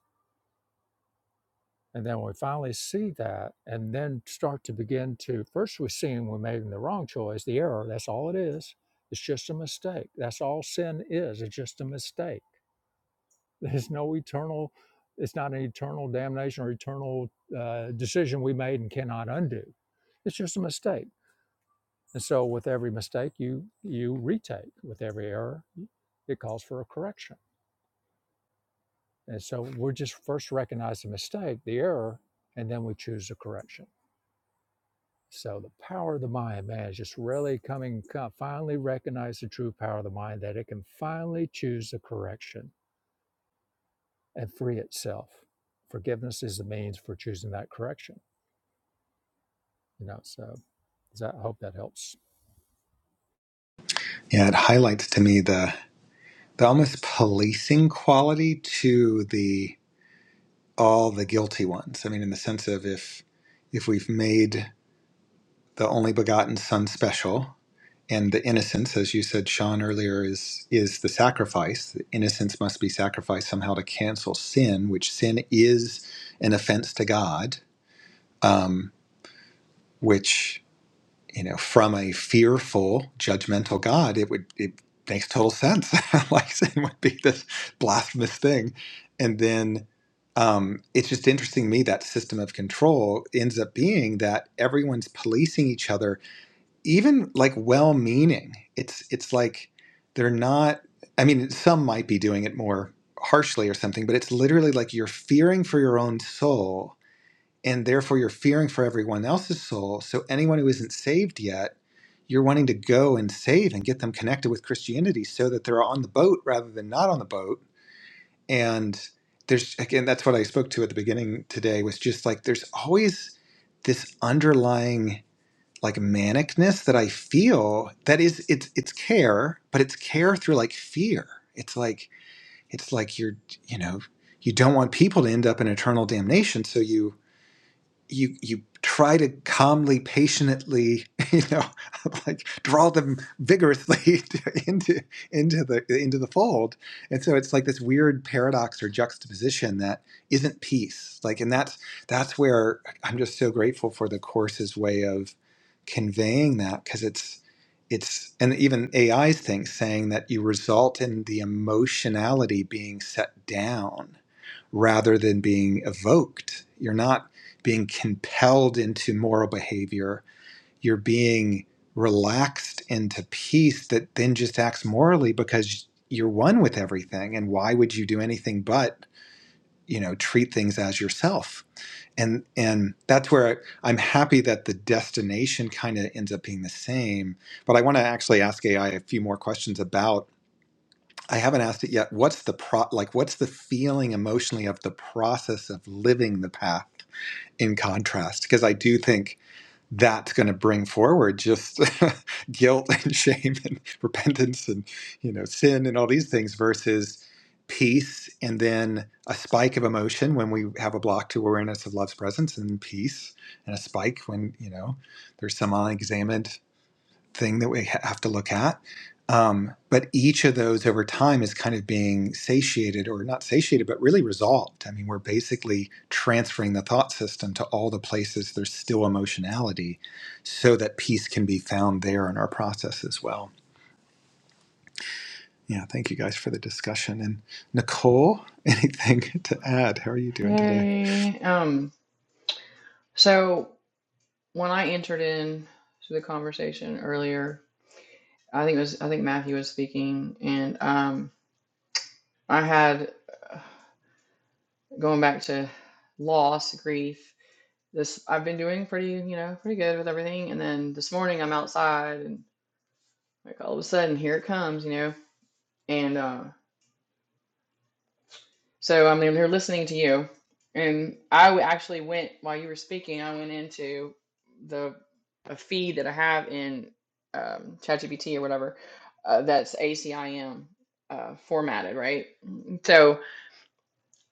S2: And then we finally see that and then start to begin to, first we see when we're making the wrong choice, the error, that's all it is. It's just a mistake. That's all sin is. It's just a mistake. There's no eternal, it's not an eternal damnation or eternal uh, decision we made and cannot undo. It's just a mistake. And so with every mistake you you retake, with every error, it calls for a correction. And so we're just first recognize the mistake, the error, and then we choose the correction So the power of the mind, man, is just really coming, co- finally recognize the true power of the mind that it can finally choose the correction and free itself. Forgiveness is the means for choosing that correction. You know, so so I hope that helps.
S1: Yeah, it highlights to me the, the almost policing quality to the all the guilty ones. I mean, in the sense of if if we've made the only begotten son special, and the innocence, as you said, Sean earlier, is is the sacrifice. The innocence must be sacrificed somehow to cancel sin, which sin is an offense to God. Um, which you know, from a fearful, judgmental God, it would it makes total sense. like sin would be this blasphemous thing, and then um, it's just interesting to me that system of control ends up being that everyone's policing each other even like well meaning it's it's like they're not i mean some might be doing it more harshly or something but it's literally like you're fearing for your own soul and therefore you're fearing for everyone else's soul so anyone who isn't saved yet you're wanting to go and save and get them connected with christianity so that they're on the boat rather than not on the boat and there's again that's what i spoke to at the beginning today was just like there's always this underlying like manicness that I feel that is it's it's care, but it's care through like fear. It's like it's like you're you know, you don't want people to end up in eternal damnation, so you you you try to calmly patiently you know like draw them vigorously to- into into the into the fold and so it's like this weird paradox or juxtaposition that isn't peace like and that's that's where i'm just so grateful for the course's way of conveying that because it's it's and even ai's thing saying that you result in the emotionality being set down rather than being evoked. You're not being compelled into moral behavior. You're being relaxed into peace that then just acts morally because you're one with everything. And why would you do anything but, you know, treat things as yourself? And and that's where I'm happy that the destination kind of ends up being the same. But I want to actually ask AI a few more questions about I haven't asked it yet. What's the pro like what's the feeling emotionally of the process of living the path in contrast? Because I do think that's going to bring forward just guilt and shame and repentance and you know sin and all these things versus peace and then a spike of emotion when we have a block to awareness of love's presence and peace and a spike when you know there's some unexamined thing that we have to look at. Um, but each of those over time is kind of being satiated or not satiated, but really resolved. I mean, we're basically transferring the thought system to all the places there's still emotionality so that peace can be found there in our process as well. Yeah, thank you guys for the discussion. And Nicole, anything to add? How are you doing today?
S5: Hey, um, so when I entered in to the conversation earlier, I think it was I think Matthew was speaking, and um, I had uh, going back to loss, grief. This I've been doing pretty, you know, pretty good with everything, and then this morning I'm outside, and like all of a sudden here it comes, you know, and uh, So I'm here listening to you, and I w- actually went while you were speaking. I went into the a feed that I have in um, ChatGPT or whatever uh, that's ACIM uh, formatted, right? So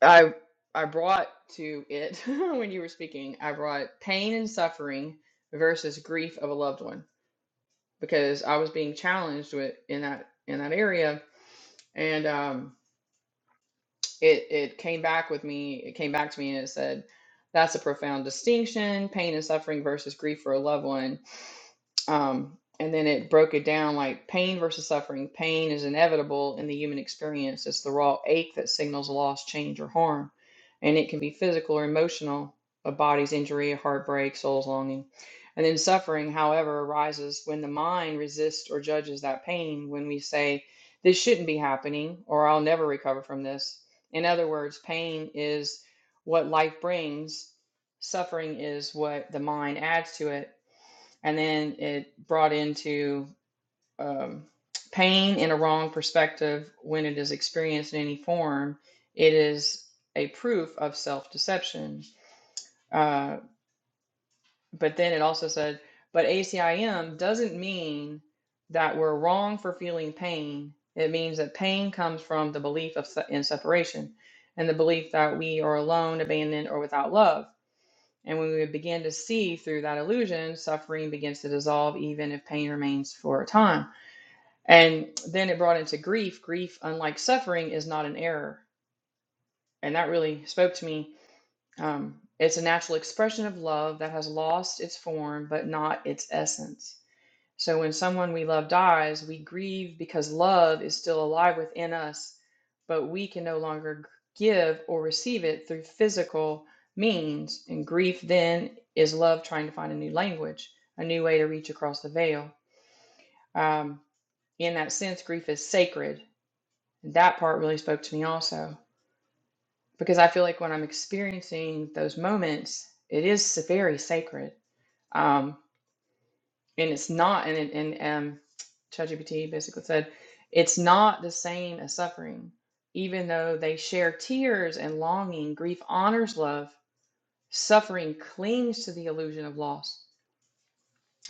S5: I I brought to it when you were speaking. I brought pain and suffering versus grief of a loved one because I was being challenged with in that in that area, and um, it it came back with me it came back to me and it said that's a profound distinction pain and suffering versus grief for a loved one um, and then it broke it down like pain versus suffering. Pain is inevitable in the human experience. It's the raw ache that signals loss, change, or harm. And it can be physical or emotional, a body's injury, a heartbreak, soul's longing. And then suffering, however, arises when the mind resists or judges that pain, when we say, this shouldn't be happening, or I'll never recover from this. In other words, pain is what life brings, suffering is what the mind adds to it and then it brought into um, pain in a wrong perspective when it is experienced in any form it is a proof of self-deception uh, but then it also said but acim doesn't mean that we're wrong for feeling pain it means that pain comes from the belief of in separation and the belief that we are alone abandoned or without love and when we begin to see through that illusion, suffering begins to dissolve, even if pain remains for a time. And then it brought into grief. Grief, unlike suffering, is not an error. And that really spoke to me. Um, it's a natural expression of love that has lost its form, but not its essence. So when someone we love dies, we grieve because love is still alive within us, but we can no longer give or receive it through physical means. And grief then is love trying to find a new language, a new way to reach across the veil. Um, in that sense, grief is sacred. And that part really spoke to me also, because I feel like when I'm experiencing those moments, it is very sacred. Um, and it's not and it- and um ChatGPT basically said it's not the same as suffering even though they share tears and longing grief honors love suffering clings to the illusion of loss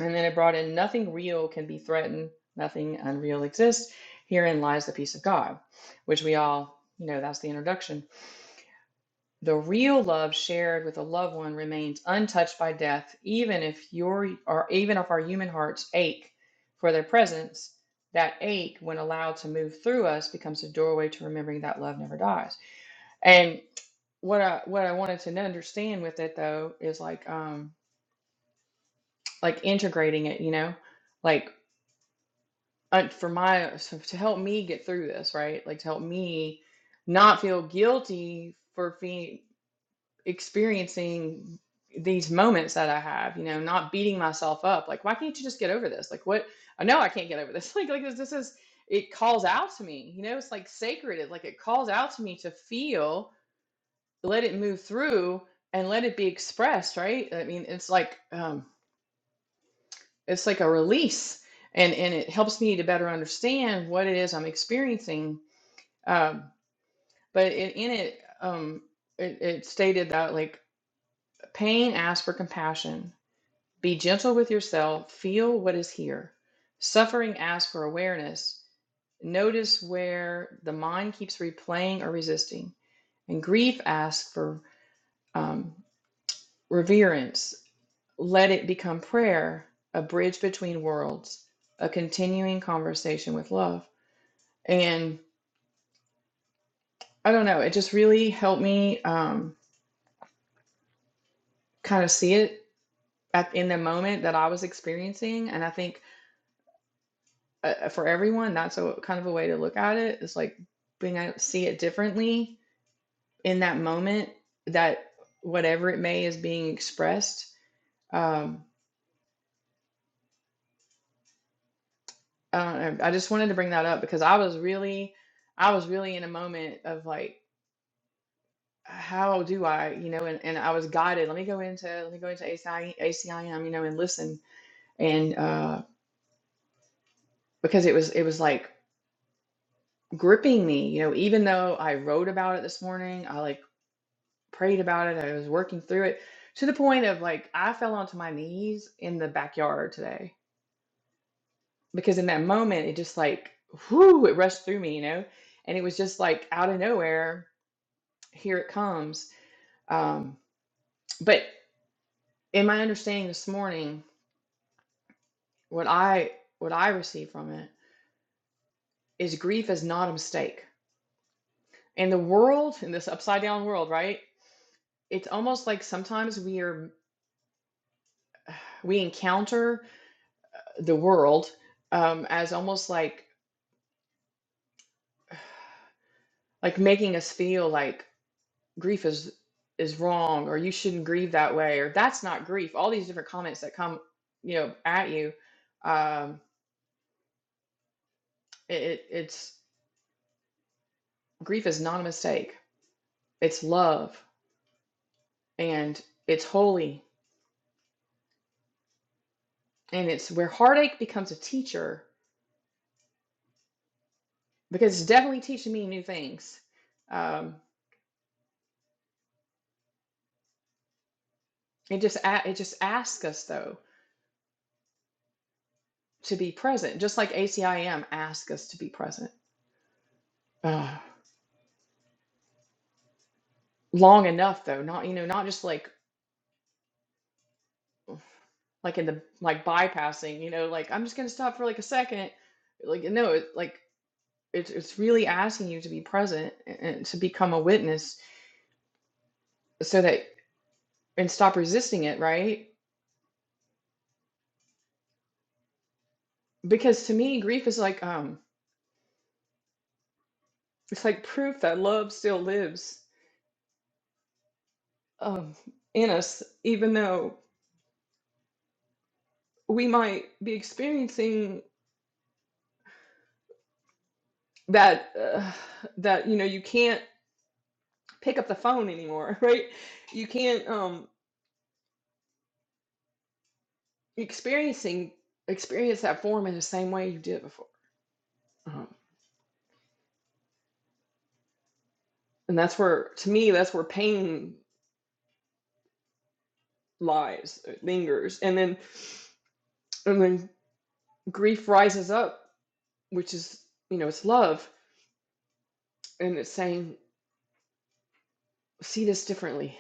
S5: and then it brought in nothing real can be threatened nothing unreal exists herein lies the peace of god which we all you know that's the introduction the real love shared with a loved one remains untouched by death, even if your or even if our human hearts ache for their presence. That ache, when allowed to move through us, becomes a doorway to remembering that love never dies. And what I what I wanted to understand with it though is like um like integrating it, you know, like uh, for my so to help me get through this, right? Like to help me not feel guilty for being experiencing these moments that I have, you know, not beating myself up. Like, why can't you just get over this? Like, what? I know I can't get over this. Like, like this, this is, it calls out to me, you know, it's like sacred. It like, it calls out to me to feel, let it move through and let it be expressed. Right. I mean, it's like, um, it's like a release and, and it helps me to better understand what it is I'm experiencing. Um, but in, in it, um, it, it stated that like pain asks for compassion Be gentle with yourself, feel what is here. Suffering asks for awareness. Notice where the mind keeps replaying or resisting. And grief asks for um, reverence. Let it become prayer, a bridge between worlds, a continuing conversation with love. And I don't know, it just really helped me um, kind of see it at, in the moment that I was experiencing. And I think uh, for everyone, that's a kind of a way to look at it. It's like being able to see it differently in that moment that whatever it may is being expressed. Um, I don't know. I just wanted to bring that up because I was really, I was really in a moment of like, how do I, you know, and, and I was guided. Let me go into, let me go into ACIACIM, you know, and listen. And uh, because it was, it was like gripping me, you know, even though I wrote about it this morning, I like prayed about it. I was working through it to the point of like I fell onto my knees in the backyard today because in that moment it just like whoo it rushed through me, you know, and it was just like out of nowhere here it comes. Um, but in my understanding this morning, what I what I receive from it is grief is not a mistake. In the world, in this upside down world, right? It's almost like sometimes we are we encounter the world um, as almost like like making us feel like grief is is wrong or you shouldn't grieve that way or that's not grief all these different comments that come you know at you um it, it- it's grief is not a mistake it's love and it's holy and it's where heartache becomes a teacher because it's definitely teaching me new things um it just a- it just asks us though to be present just like acim asks us to be present Ugh long enough though not you know not just like like in the like bypassing, you know, like I'm just gonna stop for like a second. Like no, it, like it's it's really asking you to be present and, and to become a witness so that and stop resisting it, right? Because to me, grief is like um it's like proof that love still lives um in us, even though we might be experiencing that uh, that you know you can't pick up the phone anymore, right? You can't um experiencing experience that form in the same way you did before um, and that's where to me that's where pain lies it lingers and then and then grief rises up which is you know it's love and it's saying see this differently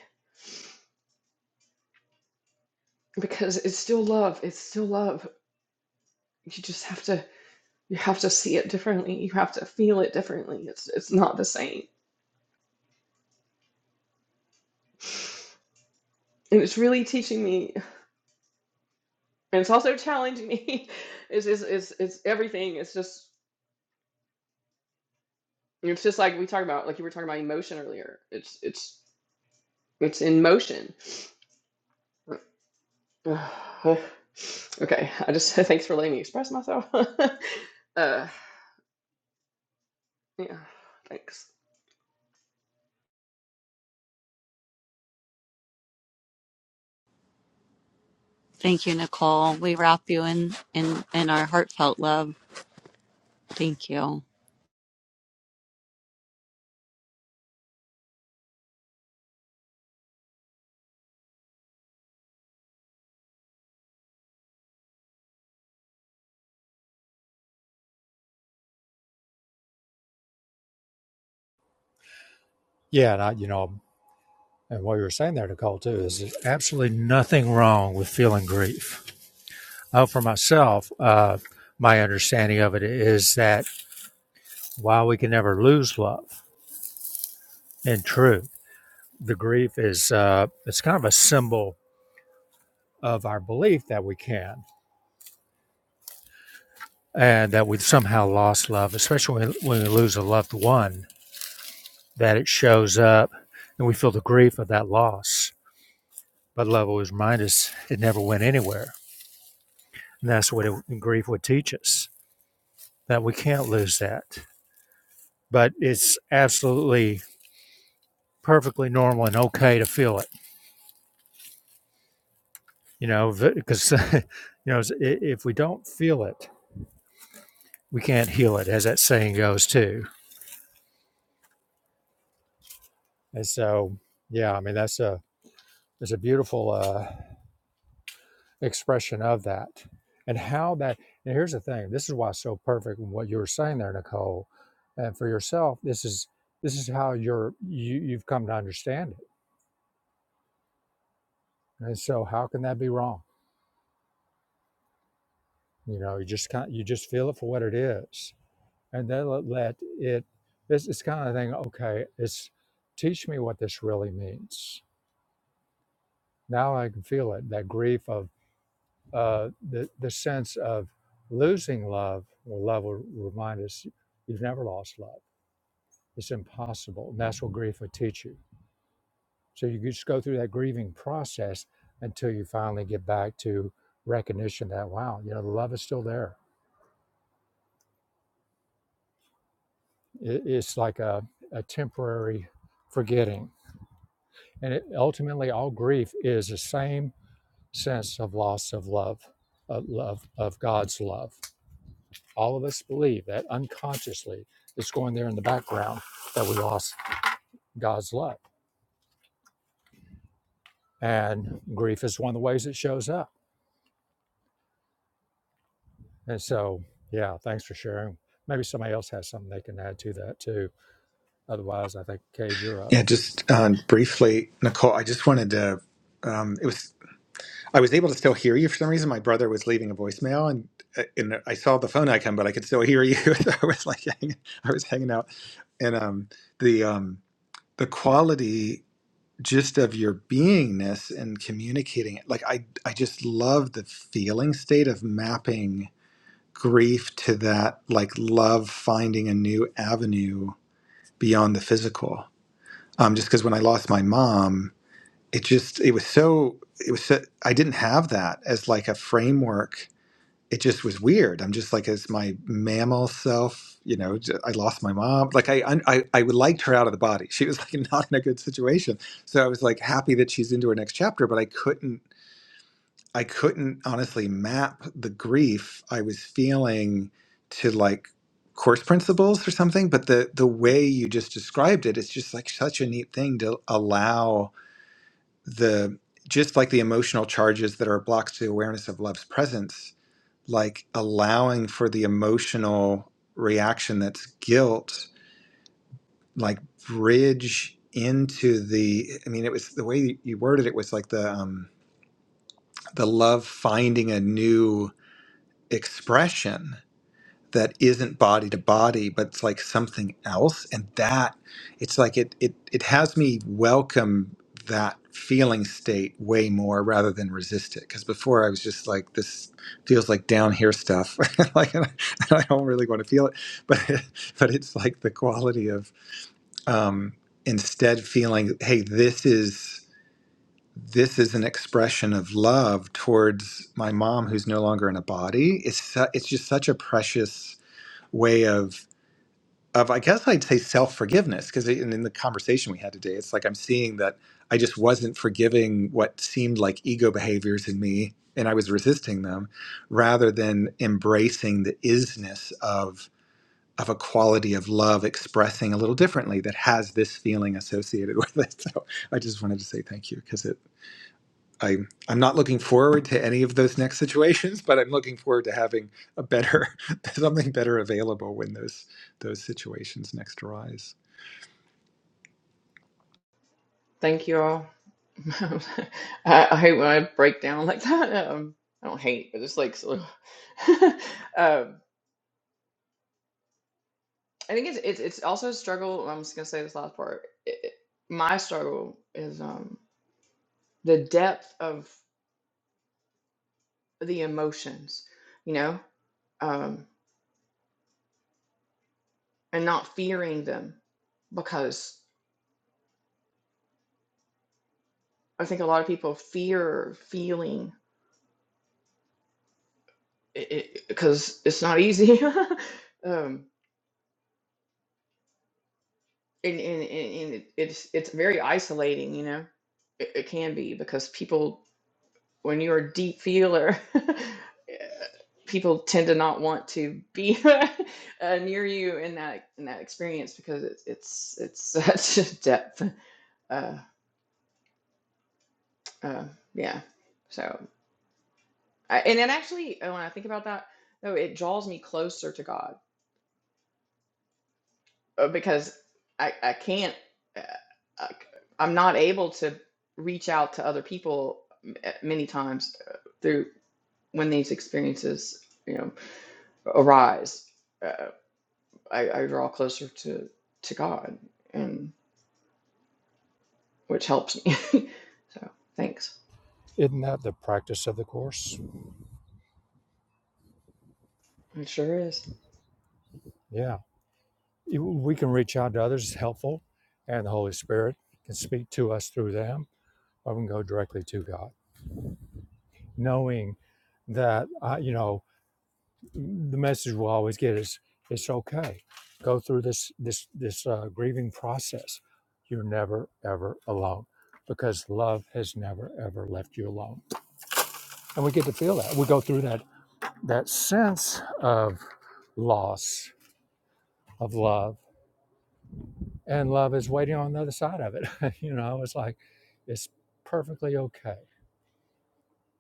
S5: because it's still love it's still love you just have to you have to see it differently you have to feel it differently it's it's not the same and it's really teaching me and it's also challenging me it's it's it's, it's everything it's just It's just like we talked about, like you were talking about emotion earlier. It's it's it's in motion. Okay, I just thanks for letting me express myself. uh, yeah, thanks.
S3: Thank you, Nicole. We wrap you in in in our heartfelt love. Thank you.
S2: Yeah, and I, you know, and what you were saying there, Nicole, too, is there's absolutely nothing wrong with feeling grief. Oh, for myself, uh, my understanding of it is that while we can never lose love and truth, the grief is uh, it's kind of a symbol of our belief that we can and that we've somehow lost love, especially when, when we lose a loved one, that it shows up and we feel the grief of that loss. But love always reminds us it never went anywhere. And that's what it, grief would teach us that we can't lose that. But it's absolutely perfectly normal and okay to feel it you know because you know if we don't feel it we can't heal it as that saying goes too and so yeah i mean that's a that's a beautiful uh, expression of that and how that and here's the thing this is why it's so perfect in what you were saying there nicole and for yourself this is this is how you're you, you've come to understand it and so how can that be wrong you know you just can't you just feel it for what it is and then let let it it's, it's kind of thing okay it's teach me what this really means now i can feel it that grief of uh, the, the sense of losing love well love will remind us you've never lost love it's impossible and that's what grief would teach you so you just go through that grieving process until you finally get back to recognition that wow you know the love is still there it, it's like a, a temporary forgetting And it, ultimately, all grief is the same sense of loss of love, of love, of God's love. All of us believe that unconsciously, it's going there in the background that we lost God's love. And grief is one of the ways it shows up. And so, yeah, thanks for sharing. Maybe somebody else has something they can add to that too. Otherwise, I think, Cade, you're up.
S1: Yeah, just um, briefly, Nicole, I just wanted to. Um, it was. I was able to still hear you for some reason. My brother was leaving a voicemail, and uh, and I saw the phone icon, but I could still hear you. So I was like, hanging, I was hanging out, and um, the um, the quality just of your beingness and communicating. Like I, I just love the feeling state of mapping grief to that, like love finding a new avenue beyond the physical. Um, just because when I lost my mom, it just it was so it was so, I didn't have that as like a framework it just was weird. I'm just like, as my mammal self, you know, j- I lost my mom. Like I, I, I liked her out of the body. She was like not in a good situation. So I was like happy that she's into her next chapter, but I couldn't, I couldn't honestly map the grief I was feeling to like course principles or something. But the, the way you just described it, it's just like such a neat thing to allow the, just like the emotional charges that are blocks to awareness of love's presence like allowing for the emotional reaction that's guilt, like bridge into the. I mean, it was the way you worded it was like the um, the love finding a new expression that isn't body to body but it's like something else and that it's like it it it has me welcome that feeling state way more rather than resist it because before i was just like this feels like down here stuff like and I, and I don't really want to feel it but but it's like the quality of um instead feeling hey this is this is an expression of love towards my mom who's no longer in a body it's su- it's just such a precious way of of I guess I'd say self forgiveness because in, in the conversation we had today, it's like I'm seeing that I just wasn't forgiving what seemed like ego behaviors in me, and I was resisting them, rather than embracing the isness of of a quality of love expressing a little differently that has this feeling associated with it. So I just wanted to say thank you because it I I'm not looking forward to any of those next situations, but I'm looking forward to having a better something better available when those those situations next arise.
S5: Thank you all. I, I hate when I break down like that. Um, I don't hate, but it's like, so- um, I think it's it's it's also a struggle. I'm just gonna say this last part. It, it- my struggle is um the depth of the emotions. You know, Um, and not fearing them because I think a lot of people fear feeling it because it, it's not easy. um, and, and, and and it's, it's very isolating, you know, it, it can be because people, when you're a deep feeler, people tend to not want to be uh, near you in that, in that experience because it's, it's, it's such a depth. Uh, uh, yeah. So. I, and it actually, uh, when I think about that, though, it draws me closer to God uh, because I, I can't, uh, I, am not able to reach out to other people m- uh, many times uh, through when these experiences, you know, arise. Uh, I, I draw closer to to God, and which helps me. so thanks.
S2: Isn't that the practice of the Course?
S5: It sure is.
S2: Yeah. We can reach out to others, it's helpful, and the Holy Spirit can speak to us through them, or we can go directly to God, knowing that, uh, you know, the message we'll always get is it's okay. Go through this, this, this uh, grieving process. You're never, ever alone because love has never, ever left you alone. And we get to feel that. We go through that, that sense of loss, of love and love is waiting on the other side of it. you know, it's like it's perfectly okay.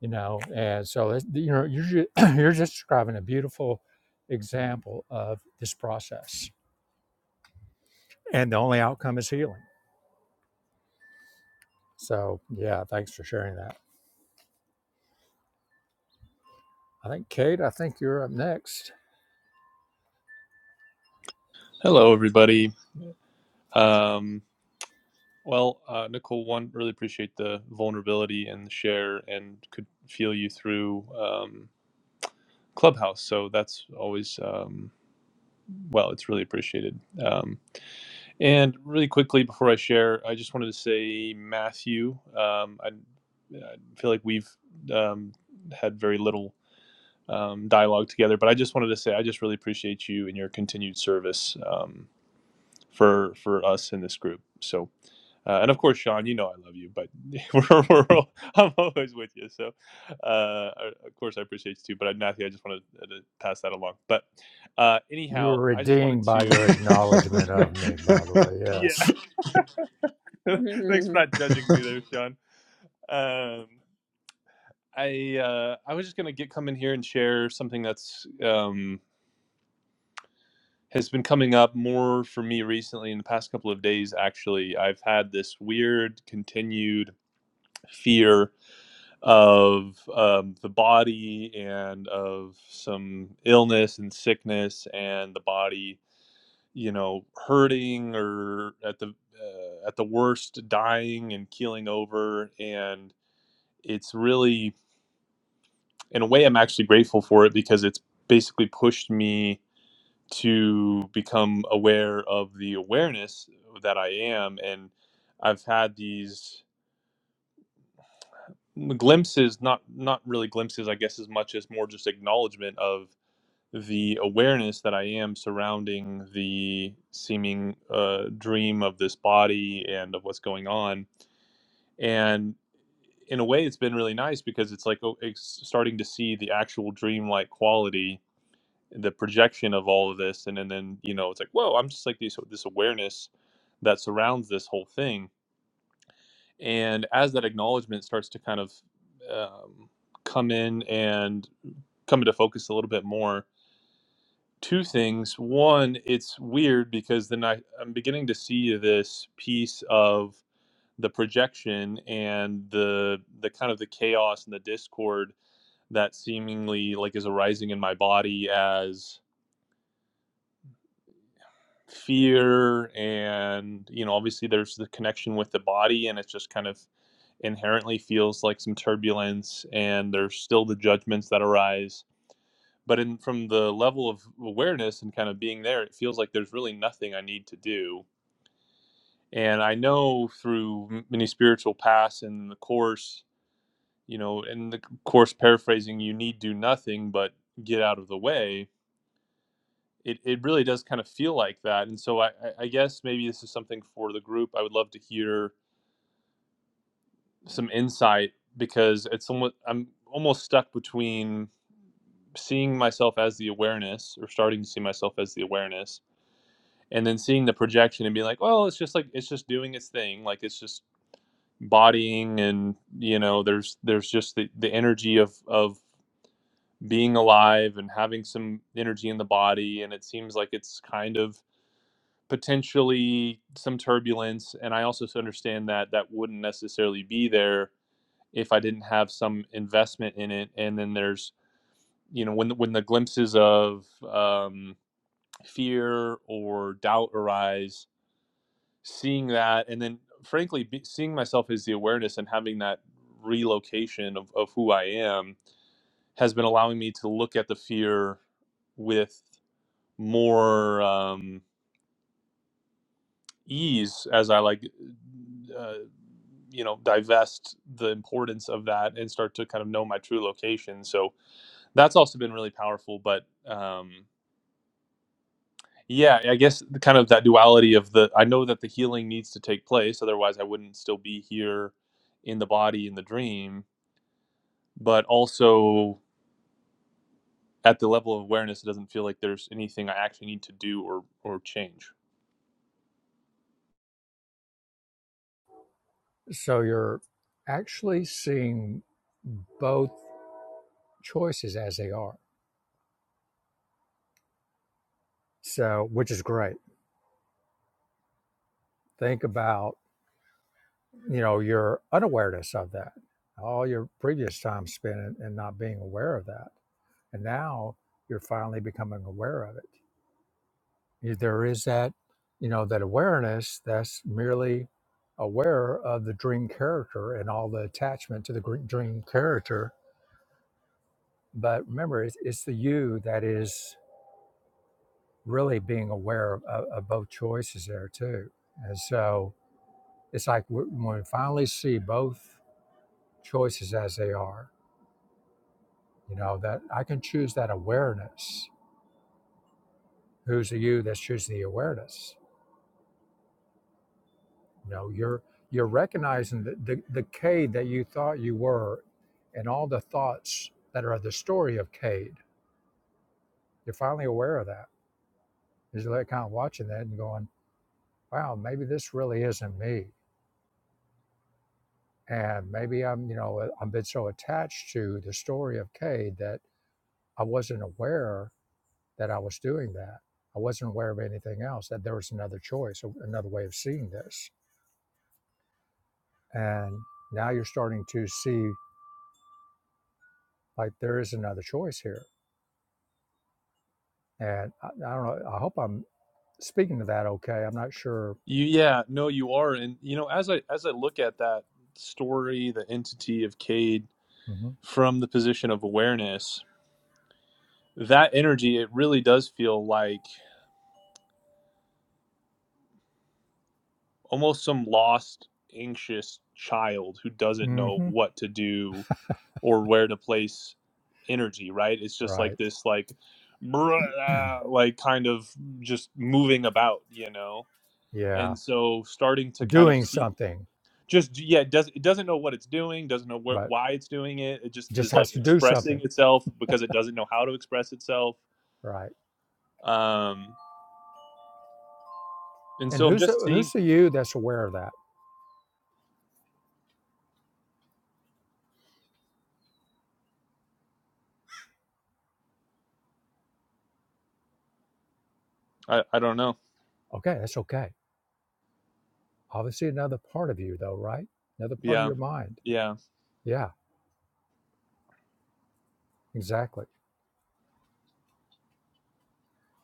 S2: You know, and so it, you know you're ju- you're just describing a beautiful example of this process, and the only outcome is healing. So yeah, thanks for sharing that. I think Kate, I think you're up next.
S6: Hello, everybody. Um, well, uh, Nicole, one, really appreciate the vulnerability and the share and could feel you through um, Clubhouse. So that's always, um, well, it's really appreciated. Um, and really quickly before I share, I just wanted to say, Matthew, um, I, I feel like we've um, had very little um, dialogue together, but I just wanted to say, I just really appreciate you and your continued service um, for, for us in this group. So Uh, and of course, Sean, you know I love you, but we're, we're all- I'm always with you. So, uh, of course, I appreciate you too. But uh, Matthew, I just wanted uh, to pass that along. But uh,
S2: You
S6: anyhow,
S2: were
S6: I just wanted
S2: redeemed by your
S6: to.
S2: acknowledgement of me, by the way.
S6: Yeah,
S2: Yes.
S6: thanks for not judging me there, Sean. Um, I uh, I was just gonna get come in here and share something that's um, has been coming up more for me recently in the past couple of days. Actually, I've had this weird continued fear of um, the body and of some illness and sickness and the body you know hurting or at the uh, at the worst dying and keeling over and it's really in a way i'm actually grateful for it because it's basically pushed me to become aware of the awareness that i am and i've had these mm, glimpses not not really glimpses i guess as much as more just acknowledgement of the awareness that I am surrounding the seeming uh, dream of this body and of what's going on. And in a way, it's been really nice because it's like oh, it's starting to see the actual dreamlike quality, the projection of all of this, and, and then you know it's like whoa, I'm just like this this awareness that surrounds this whole thing. And as that acknowledgement starts to kind of um, come in and come into focus a little bit more, two things. One, it's weird because then I, I'm beginning to see this piece of the projection and the the kind of the chaos and the discord that seemingly like is arising in my body as fear and you know obviously there's the connection with the body and it's just kind of inherently feels like some turbulence and there's still the judgments that arise but in from the level of awareness and kind of being there it feels like there's really nothing i need to do And I know through many spiritual paths and the course, you know, in the course paraphrasing, you need do nothing but get out of the way. It, it really does kind of feel like that. And so I, I I guess maybe this is something for the group. I would love to hear some insight because it's somewhat, I'm almost stuck between seeing myself as the awareness or starting to see myself as the awareness and then seeing the projection and being like well it's just like it's just doing its thing like it's just bodying and you know there's there's just the, the energy of of being alive and having some energy in the body and it seems like it's kind of potentially some turbulence and i also understand that that wouldn't necessarily be there if i didn't have some investment in it and then there's you know when when the glimpses of um, fear or doubt arise seeing that and then frankly be, seeing myself as the awareness and having that relocation of, of who i am has been allowing me to look at the fear with more um, ease as i like uh, you know divest the importance of that and start to kind of know my true location so that's also been really powerful but um, Yeah, I guess the kind of that duality of the I know that the healing needs to take place, otherwise I wouldn't still be here in the body in the dream, but also at the level of awareness it doesn't feel like there's anything I actually need to do or or change.
S2: So you're actually seeing both choices as they are. So, which is great. Think about, you know, your unawareness of that, all your previous time spent and, not being aware of that. And now you're finally becoming aware of it. There is that, you know, that awareness that's merely aware of the dream character and all the attachment to the gr- dream character. But remember, it's, it's the you that is. really being aware of, of, both choices there too. And so it's like when we finally see both choices as they are, you know, that I can choose that awareness. Who's the you that's choosing the awareness? You know, you're you're recognizing the, the, the Cade that you thought you were and all the thoughts that are the story of Cade. You're finally aware of that. You're like kind of watching that and going, wow, maybe this really isn't me And maybe I'm, you know, I've been so attached to the story of Cade that I wasn't aware that I was doing that. I wasn't aware of anything else, that there was another choice, another way of seeing this. And now you're starting to see like there is another choice here. And I, I don't know, I hope I'm speaking to that okay. I'm not sure.
S6: You yeah, no you are and you know as I as I look at that story, the entity of Cade
S2: hmm
S6: from the position of awareness, that energy it really does feel like almost some lost anxious child who doesn't know
S2: hmm
S6: what to do or where to place energy right it's just like
S2: Right.
S6: this like ah, like kind of just moving about you know
S2: Yeah.
S6: and so starting to kind of
S2: Doing
S6: see
S2: something,
S6: just yeah it does it doesn't know what it's doing doesn't know wh-
S2: but
S6: why it's doing it it just
S2: just
S6: is like
S2: has to do
S6: expressing
S2: something.
S6: itself because it doesn't know how to express itself
S2: Right.
S6: um and
S2: And
S6: so i'm
S2: who's the,
S6: just
S2: who's
S6: seeing
S2: the you that's aware of that?
S6: i, I don't know
S2: Okay. That's okay Obviously, another part of you, though, right? Another part of
S6: yeah
S2: your mind.
S6: yeah
S2: Yeah, exactly.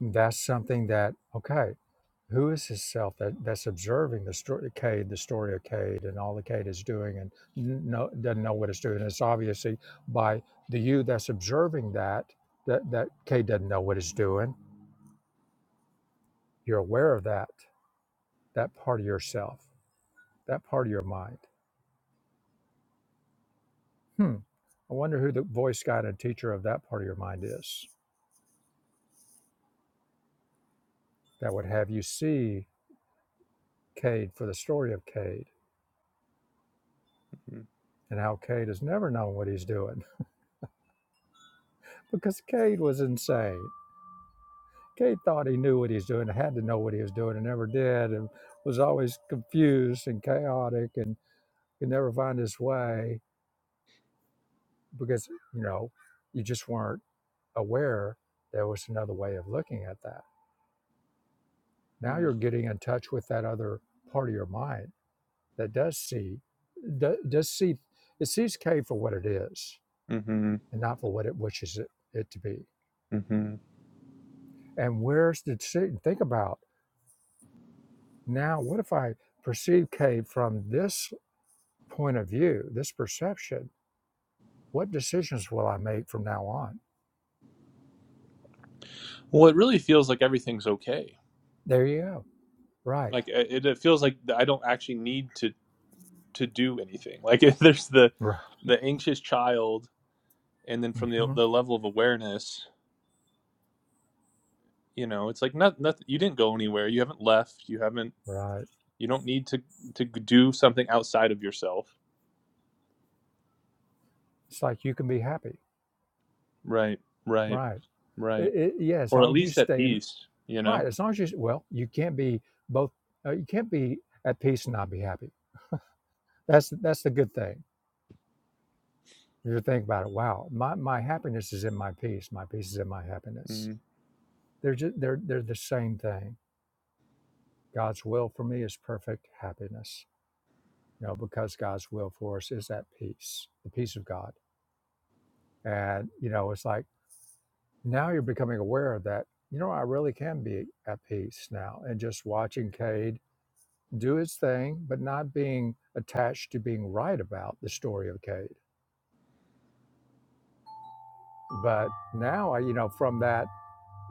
S2: That's something that, okay, who is this self that, that's observing the story, Cade, the story of Cade, and all the Cade is doing and n- no, doesn't know what it's doing? It's obviously by the you that's observing that, that, that Cade doesn't know what it's doing. You're aware of that, that part of yourself, that part of your mind. Hmm. I wonder who the voice guide and teacher of that part of your mind is that would have you see Cade for the story of Cade and how Cade has never known what he's doing because Cade was insane. Cade thought he knew what he was doing, had to know what he was doing, and never did, and was always confused and chaotic and could never find his way because, you know, you just weren't aware there was another way of looking at that. Now
S6: mm-hmm,
S2: you're getting in touch with that other part of your mind that does see, do- does see, it sees Cade for what it is
S6: mm-hmm,
S2: and not for what it wishes it, it to be
S6: mm-hmm.
S2: And where's the decision? Think about now, what if I perceive K from this point of view, this perception? What decisions will I make from now on?
S6: well it really feels like everything's okay
S2: There you go. Right.
S6: like uh, it, it feels like i don't actually need to to do anything. Like if there's the
S2: Right.
S6: the anxious child, and then from the
S2: hmm
S6: the level of awareness, you know, it's like not nothing. You didn't go anywhere. You haven't left. You haven't.
S2: Right.
S6: You don't need to to do something outside of yourself.
S2: It's like you can be happy.
S6: Right. Right.
S2: Right.
S6: Right.
S2: It, it, yeah, as
S6: Or at
S2: long as you
S6: least at
S2: stay in,
S6: peace. You know.
S2: right. As long as you, well, you can't be both, uh, you can't be at peace and not be happy. That's, that's the good thing. You think about it. Wow, my, my happiness is in my peace. My peace is in my happiness.
S6: mm
S2: They're just, they're, they're the same thing God's will for me is perfect happiness. You know, because God's will for us is that peace, the peace of God. And, you know, it's like now you're becoming aware that, you know, I really can be at peace now. And just watching Cade do his thing, but not being attached to being right about the story of Cade. But now, I, you know, from that,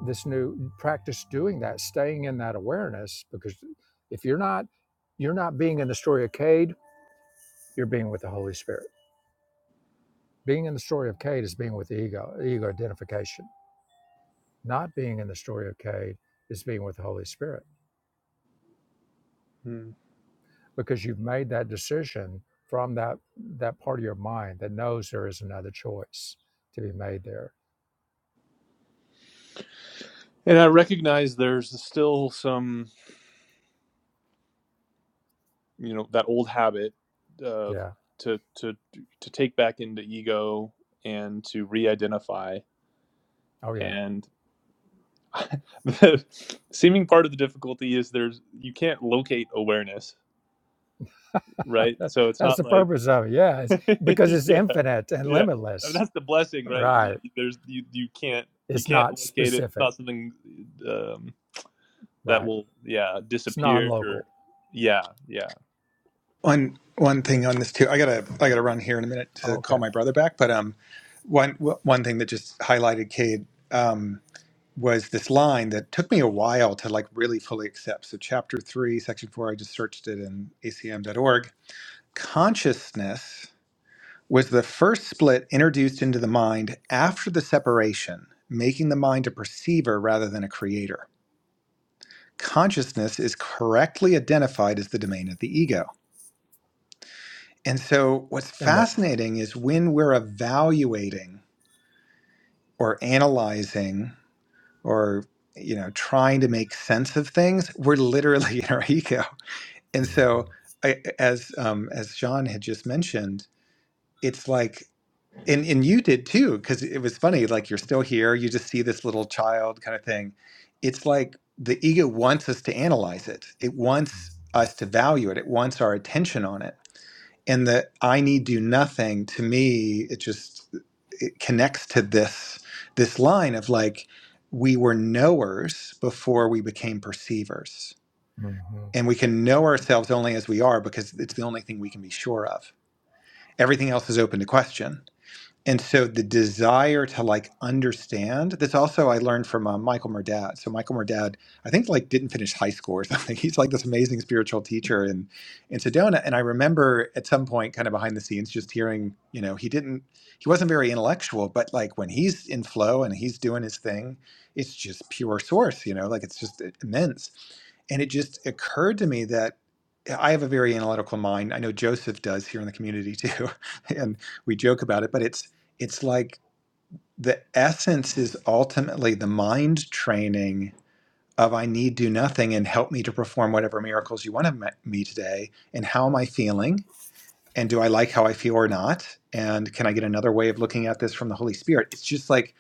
S2: this new practice doing that, staying in that awareness, because if you're not, you're not being in the story of Cade, you're being with the Holy Spirit Being in the story of Cade is being with the ego, ego identification. Not being in the story of Cade is being with the Holy Spirit
S6: mm.
S2: because you've made that decision from that that part of your mind that knows there is another choice to be made there.
S6: And I recognize there's still some, you know, that old habit uh,
S2: Yeah.
S6: to to to take back into ego and to re-identify
S2: Oh yeah.
S6: and. the seeming part of the difficulty is there's you can't locate awareness, right? So it's
S2: That's
S6: not
S2: the
S6: like
S2: purpose of it. Yeah. It's because it's
S6: yeah,
S2: infinite and
S6: yeah. I mean,
S2: limitless.
S6: that's the blessing, right? Is
S2: Right.
S6: you- There's you you can't you
S2: It's
S6: can't
S2: not
S6: locate it. It's
S2: specific.
S6: not something um, that
S2: Right.
S6: will yeah
S2: It's
S6: disappear or
S2: non-local.
S6: yeah yeah.
S1: one one thing on this too. I gotta I gotta run here in a minute
S2: Oh,
S1: to
S2: okay.
S1: call my brother back, but um one one thing that just highlighted Cade um, was this line that took me a while to like really fully accept. So chapter three, section four, I just searched it in acm.org. Consciousness was the first split introduced into the mind after the separation, making the mind a perceiver rather than a creator. Consciousness is correctly identified as the domain of the ego. And so, what's
S2: And the.
S1: fascinating is when we're evaluating or analyzing or you know trying to make sense of things, we're literally in our ego. And so, I, as um, as John had just mentioned, it's like And and you did too, because it was funny. Like you're still here, you just see this little child kind of thing. It's like the ego wants us to analyze it. It wants us to value it. It wants our attention on it. And the I need do nothing to me, it just it connects to this this line of like we were knowers before we became perceivers.
S2: Mhm.
S1: And we can know ourselves only as we are because it's the only thing we can be sure of. Everything else is open to question and so the desire to like understand this also I learned from uh, Michael Murdad. So Michael Murdad, I think like didn't finish high school or something. He's like this amazing spiritual teacher in in Sedona. And I remember at some point, kind of behind the scenes, just hearing you know he didn't he wasn't very intellectual, but like when he's in flow and he's doing his thing, it's just pure source. You know, like it's just uh, immense. And it just occurred to me that yeah, I have a very analytical mind. I know Joseph does here in the community too, and we joke about it. But it's it's like the essence is ultimately the mind training of I need do nothing and help me to perform whatever miracles you want of me today. And how am I feeling? And do I like how I feel or not? And can I get another way of looking at this from the Holy Spirit? It's just like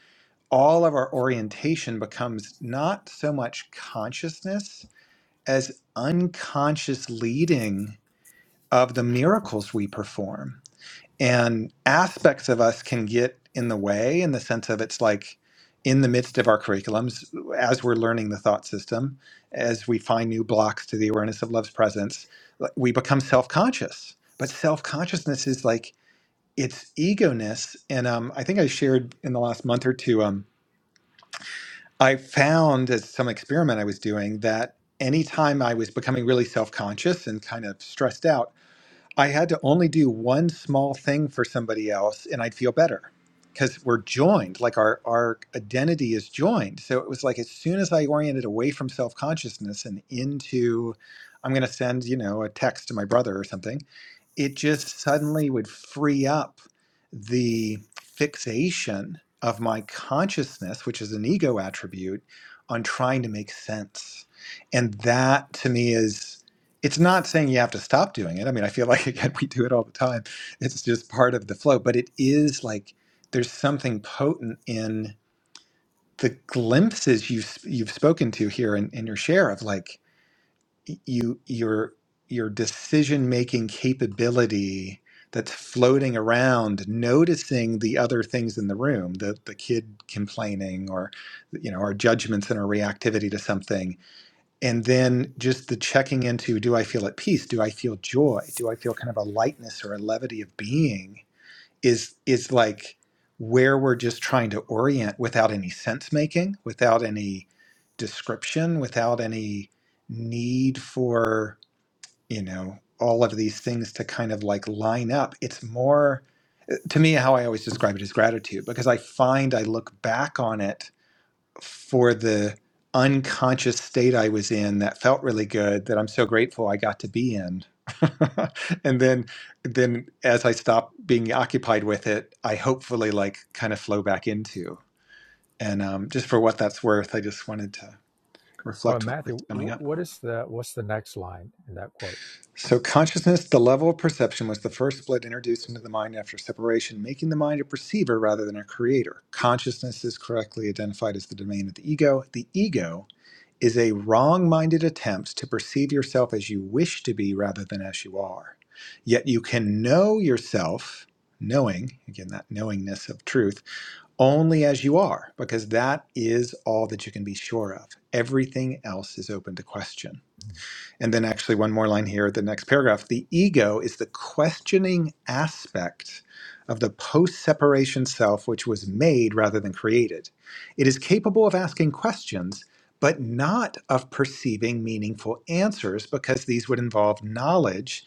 S1: all of our orientation becomes not so much consciousness as unconscious leading of the miracles we perform and aspects of us can get in the way in the sense of it's like in the midst of our curriculums as we're learning the thought system as we find new blocks to the awareness of love's presence like, we become self-conscious but self-consciousness is like it's egoness and um, i think i shared in the last month or two um, i found as some experiment i was doing that anytime i was becoming really self-conscious and kind of stressed out I had to only do one small thing for somebody else and I'd feel better because we're joined, like our, our identity is joined. So it was like as soon as I oriented away from self consciousness and into, I'm going to send, you know, a text to my brother or something it just suddenly would free up the fixation of my consciousness, which is an ego attribute, on trying to make sense. And that to me is, it's not saying you have to stop doing it. I mean, I feel like, again, we do it all the time. It's just part of the flow, but it is like there's something potent in the glimpses you've, you've spoken to here in, in your share of like, you your your decision making capability that's floating around noticing the other things in the room the the kid complaining or you know our judgments and our reactivity to something and then just the checking into do i feel at peace do i feel joy do i feel kind of a lightness or a levity of being is is like where we're just trying to orient without any sense making, without any description, without any need for, you know, all of these things to kind of like line up. It's more to me how I always describe it is gratitude because I find I look back on it for the unconscious state I was in that felt really good that I'm so grateful I got to be in. and then then as I stop being occupied with it, I hopefully like kind of flow back into. And um, just for what that's worth, I just wanted to
S2: Oh,
S1: reflect what was
S2: Matthew,
S1: coming up.
S2: what is the what's the next line in that quote?
S1: So consciousness, the level of perception was the first split introduced into the mind after separation, making the mind a perceiver rather than a creator. Consciousness is correctly identified as the domain of the ego. The ego is a wrong minded attempt to perceive yourself as you wish to be rather than as you are. Yet you can know yourself, knowing, again, that knowingness of truth, only as you are, because that is all that you can be sure of. Everything else is open to question. And then, actually, one more line here at the next paragraph. The ego is the questioning aspect of the post separation self, which was made rather than created. It is capable of asking questions, but not of perceiving meaningful answers because these would involve knowledge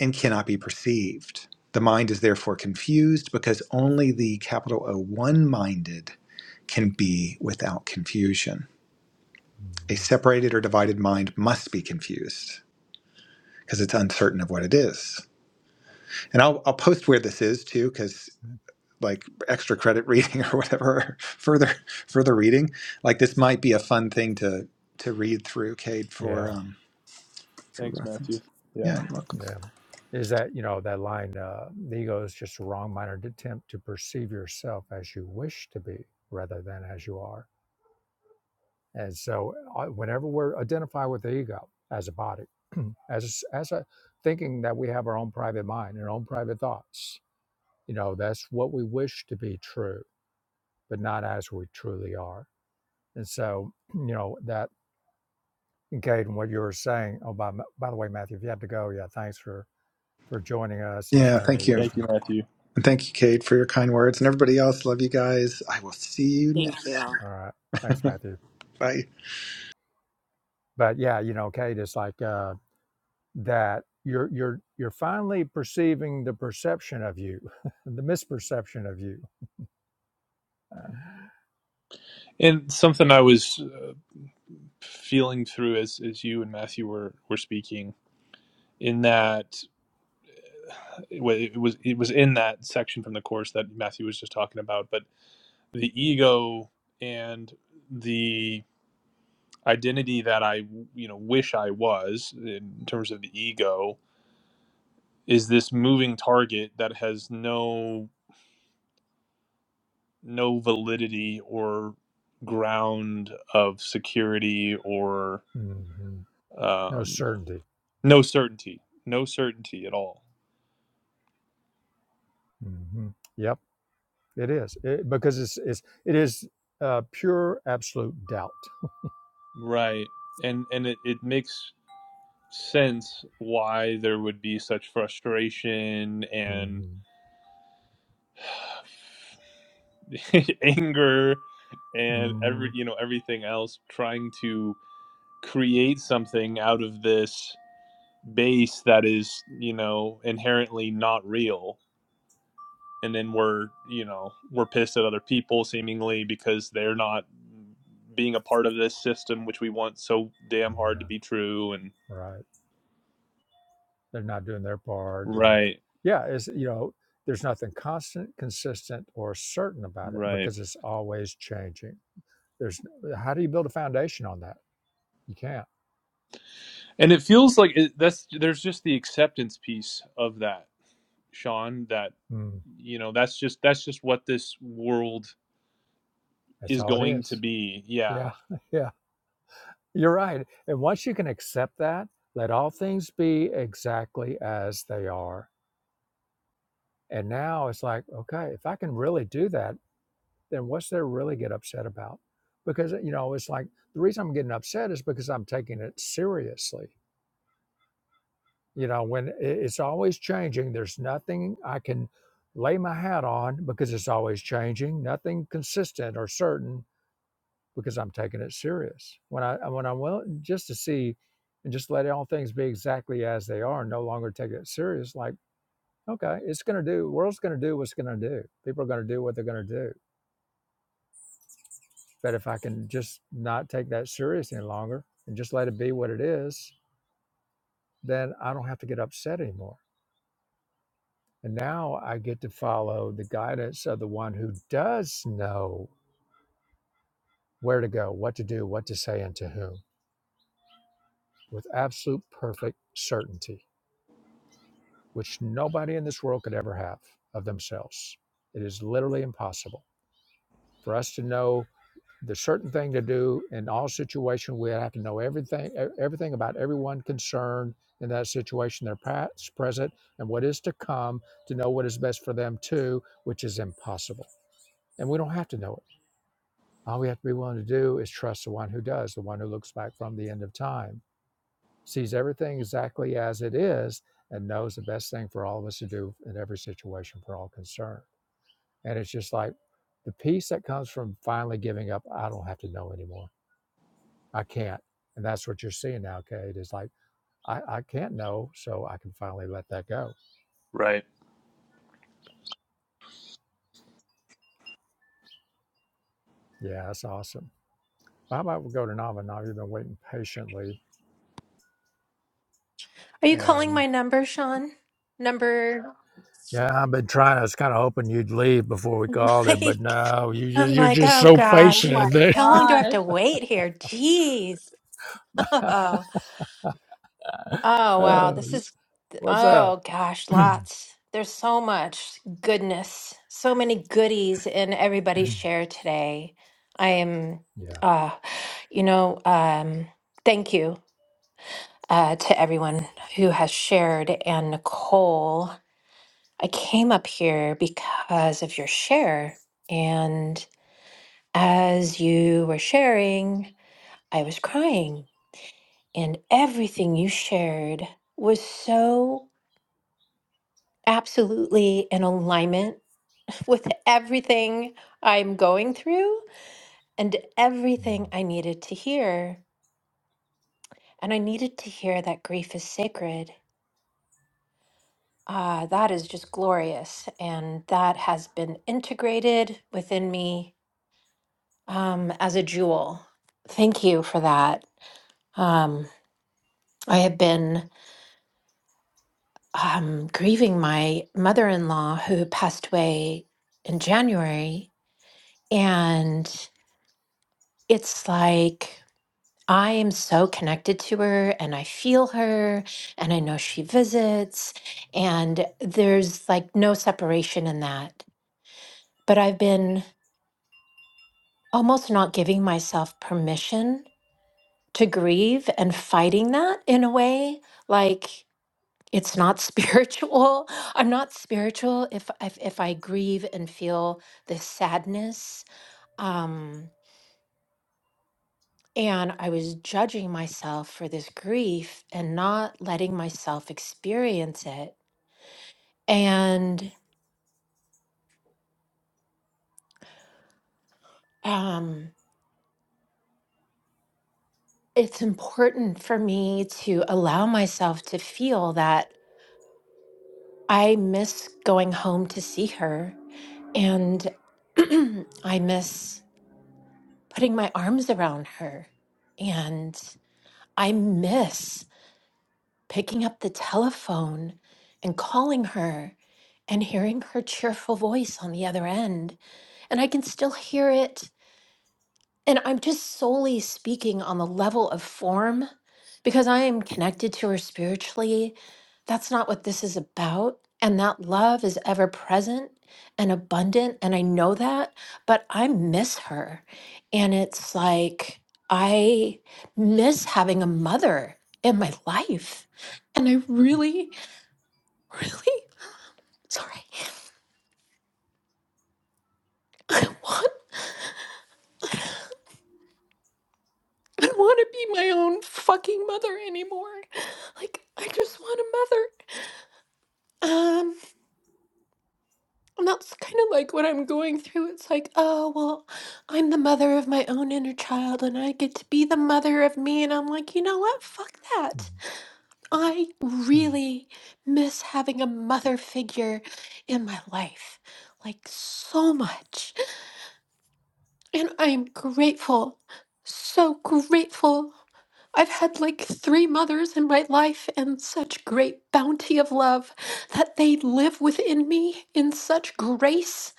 S1: and cannot be perceived. The mind is therefore confused because only the capital O one minded can be without confusion. A separated or divided mind must be confused because it's uncertain of what it is. And I'll, I'll post where this is too, because like extra credit reading or whatever, further further reading, like this might be a fun thing to to read through, Cade, for
S2: Yeah,
S1: um for
S6: Thanks, Matthew.
S1: reference.
S6: Yeah,
S1: Yeah, you're welcome.
S2: yeah. Is that you know that line? Uh, the ego is just a wrong-minded attempt to perceive yourself as you wish to be, rather than as you are. And so, uh, whenever we're identified with the ego as a body, as a s- as a thinking that we have our own private mind and our own private thoughts, you know, that's what we wish to be true, but not as we truly are. And so, you know that. Gaten, what you were saying. Oh, by, by the way, Matthew, if you have to go, yeah, thanks for for joining us and
S1: Yeah,
S2: sharing your
S1: thank you,
S6: thank you,
S2: wisdom.
S6: Matthew.
S1: and thank you, Cade, for your kind words, and everybody else. Love you guys. I will see you
S3: Thank
S1: next.
S3: you.
S1: time.
S2: All right, thanks, Matthew.
S1: Bye.
S2: But yeah, you know, Kate, it's like uh, that. You're you're you're finally perceiving the perception of you, the misperception of you.
S6: And something I was uh, feeling through as as you and Matthew were were speaking in that. it was it was in that section from the course that Matthew was just talking about, but the ego and the identity that I you know wish I was in terms of the ego is this moving target that has no no validity or ground of security or
S2: Mhm. No
S6: um,
S2: certainty.
S6: no certainty, no certainty at all.
S2: hmm Yep, it is it, because it's, it's it is uh, pure absolute doubt.
S6: Right, and and it, it makes sense why there would be such frustration and
S2: hmm
S6: anger and every
S2: hmm
S6: you know everything else trying to create something out of this base that is you know inherently not real and then we're you know we're pissed at other people seemingly because they're not being a part of this system which we want so damn hard to
S2: Yeah,
S6: be true and
S2: right. they're not doing their part and
S6: right
S2: yeah it's you know there's nothing constant consistent or certain about it
S6: right
S2: because it's always changing there's how do you build a foundation on that you can't
S6: And it feels like it, that's there's just the acceptance piece of that, Sean. That
S2: mm,
S6: you know that's just that's just what this world
S2: that's
S6: is
S2: all it
S6: going to
S2: is
S6: be. Yeah.
S2: yeah yeah you're right and once you can accept that let all things be exactly as they are and now it's like okay if i can really do that then what's there really get upset about because you know it's like the reason i'm getting upset is because i'm taking it seriously you know when it's always changing there's nothing i can lay my hat on because it's always changing nothing consistent or certain because i'm taking it serious when i when i'm willing just to see and just let all things be exactly as they are and no longer take it serious like okay it's going to do the world's going to do what's going to do people are going to do what they're going to do but if i can just not take that serious any longer and just let it be what it is then i don't have to get upset anymore And now I get to follow the guidance of the one who does know where to go, what to do, what to say, and to whom with absolute perfect certainty, which nobody in this world could ever have of themselves. It is literally impossible for us to know the certain thing to do in all situation. We have to know everything, e- everything about everyone concerned in that situation, their past, present, and what is to come, to know what is best for them too, which is impossible. And we don't have to know it All we have to be willing to do is trust the one who does, the one who looks back from the end of time, sees everything exactly as it is, and knows the best thing for all of us to do in every situation for all concerned. And it's just like the peace that comes from finally giving up, I don't have to know anymore. I can't. And that's what you're seeing now, Kate, is like, I, I can't know, so I can finally let that go.
S6: Right.
S2: Yeah, that's awesome. Well, How about we go to Nava? Now you've been waiting patiently.
S7: Are you calling
S2: and.
S7: my number, Sean? Number
S2: Yeah, I've been trying. I was kind of hoping you'd leave before we called it, but
S7: like
S2: no, you just
S7: I'm
S2: you're
S7: like,
S2: just
S7: oh
S2: so
S7: gosh.
S2: patient.
S7: How long do I have to wait here? Jeez. Oh,
S2: That,
S7: oh wow.
S2: uh,
S7: This is
S2: what's up?
S7: oh gosh,
S2: yeah.
S7: lots. There's so much goodness. So many goodies in everybody's share today. I am
S2: yeah,
S7: uh you know, um thank you uh to everyone who has shared and Nicole. I came up here because of your share. And as you were sharing, I was crying. And everything you shared was so absolutely in alignment with everything I'm going through and everything I needed to hear. And I needed to hear that grief is sacred. Ah, that is just glorious. And that has been integrated within me um, as a jewel. Thank you for that. Um, I have been um, grieving my mother in law who passed away in January. And it's like I am so connected to her and I feel her and I know she visits. And there's like no separation in that. But I've been almost not giving myself permission to grieve and fighting that in a way. Like, it's not spiritual. I'm not spiritual if if, if I grieve and feel this sadness. Um, and I was judging myself for this grief and not letting myself experience it. And um, it's important for me to allow myself to feel that I miss going home to see her and I miss putting my arms around her. And I miss picking up the telephone and calling her and hearing her cheerful voice on the other end. And I can still hear it and I'm just solely speaking on the level of form because I am connected to her spiritually. That's not what this is about. And that love is ever present and abundant. And I know that, but I miss her. And it's like, I miss having a mother in my life. And I really, really, sorry, want, I don't want to be my own fucking mother anymore. Like, I just want a mother. Um, and that's kind of like what I'm going through. It's like, oh, well, I'm the mother of my own inner child and I get to be the mother of me. And I'm like, you know what? Fuck that. I really miss having a mother figure in my life, like so much. And I'm grateful, so grateful I've had like three mothers in my life and such great bounty of love that they live within me in such grace,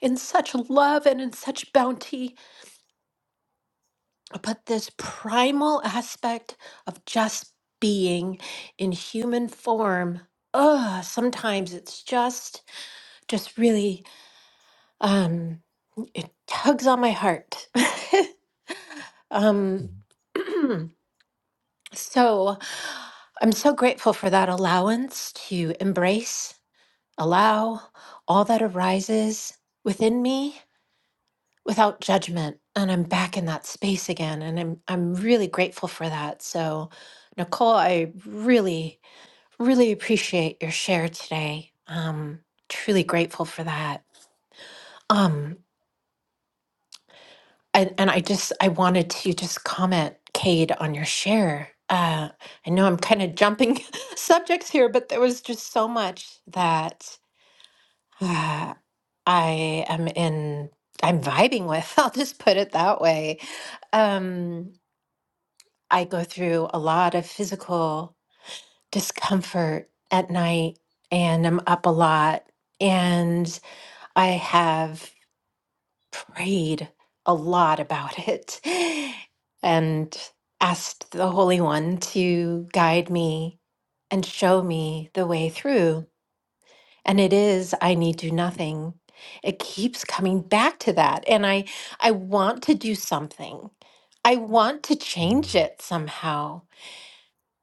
S7: in such love, and in such bounty. But this primal aspect of just being in human form, ugh, sometimes it's just, just really, um, it tugs on my heart. um, So I'm so grateful for that allowance to embrace, allow all that arises within me without judgment. And I'm back in that space again. And I'm I'm really grateful for that. So Nicole, I really, really appreciate your share today. Um truly grateful for that. Um, And, and I just I wanted to just comment, Cade, on your share. Uh, I know I'm kind of jumping subjects here, but there was just so much that uh, I am in. I'm vibing with. I'll just put it that way. Um, I go through a lot of physical discomfort at night, and I'm up a lot, and I have prayed a lot about it and asked the Holy One to guide me and show me the way through. And it is, I need do nothing. It keeps coming back to that. And I, I want to do something. I want to change it somehow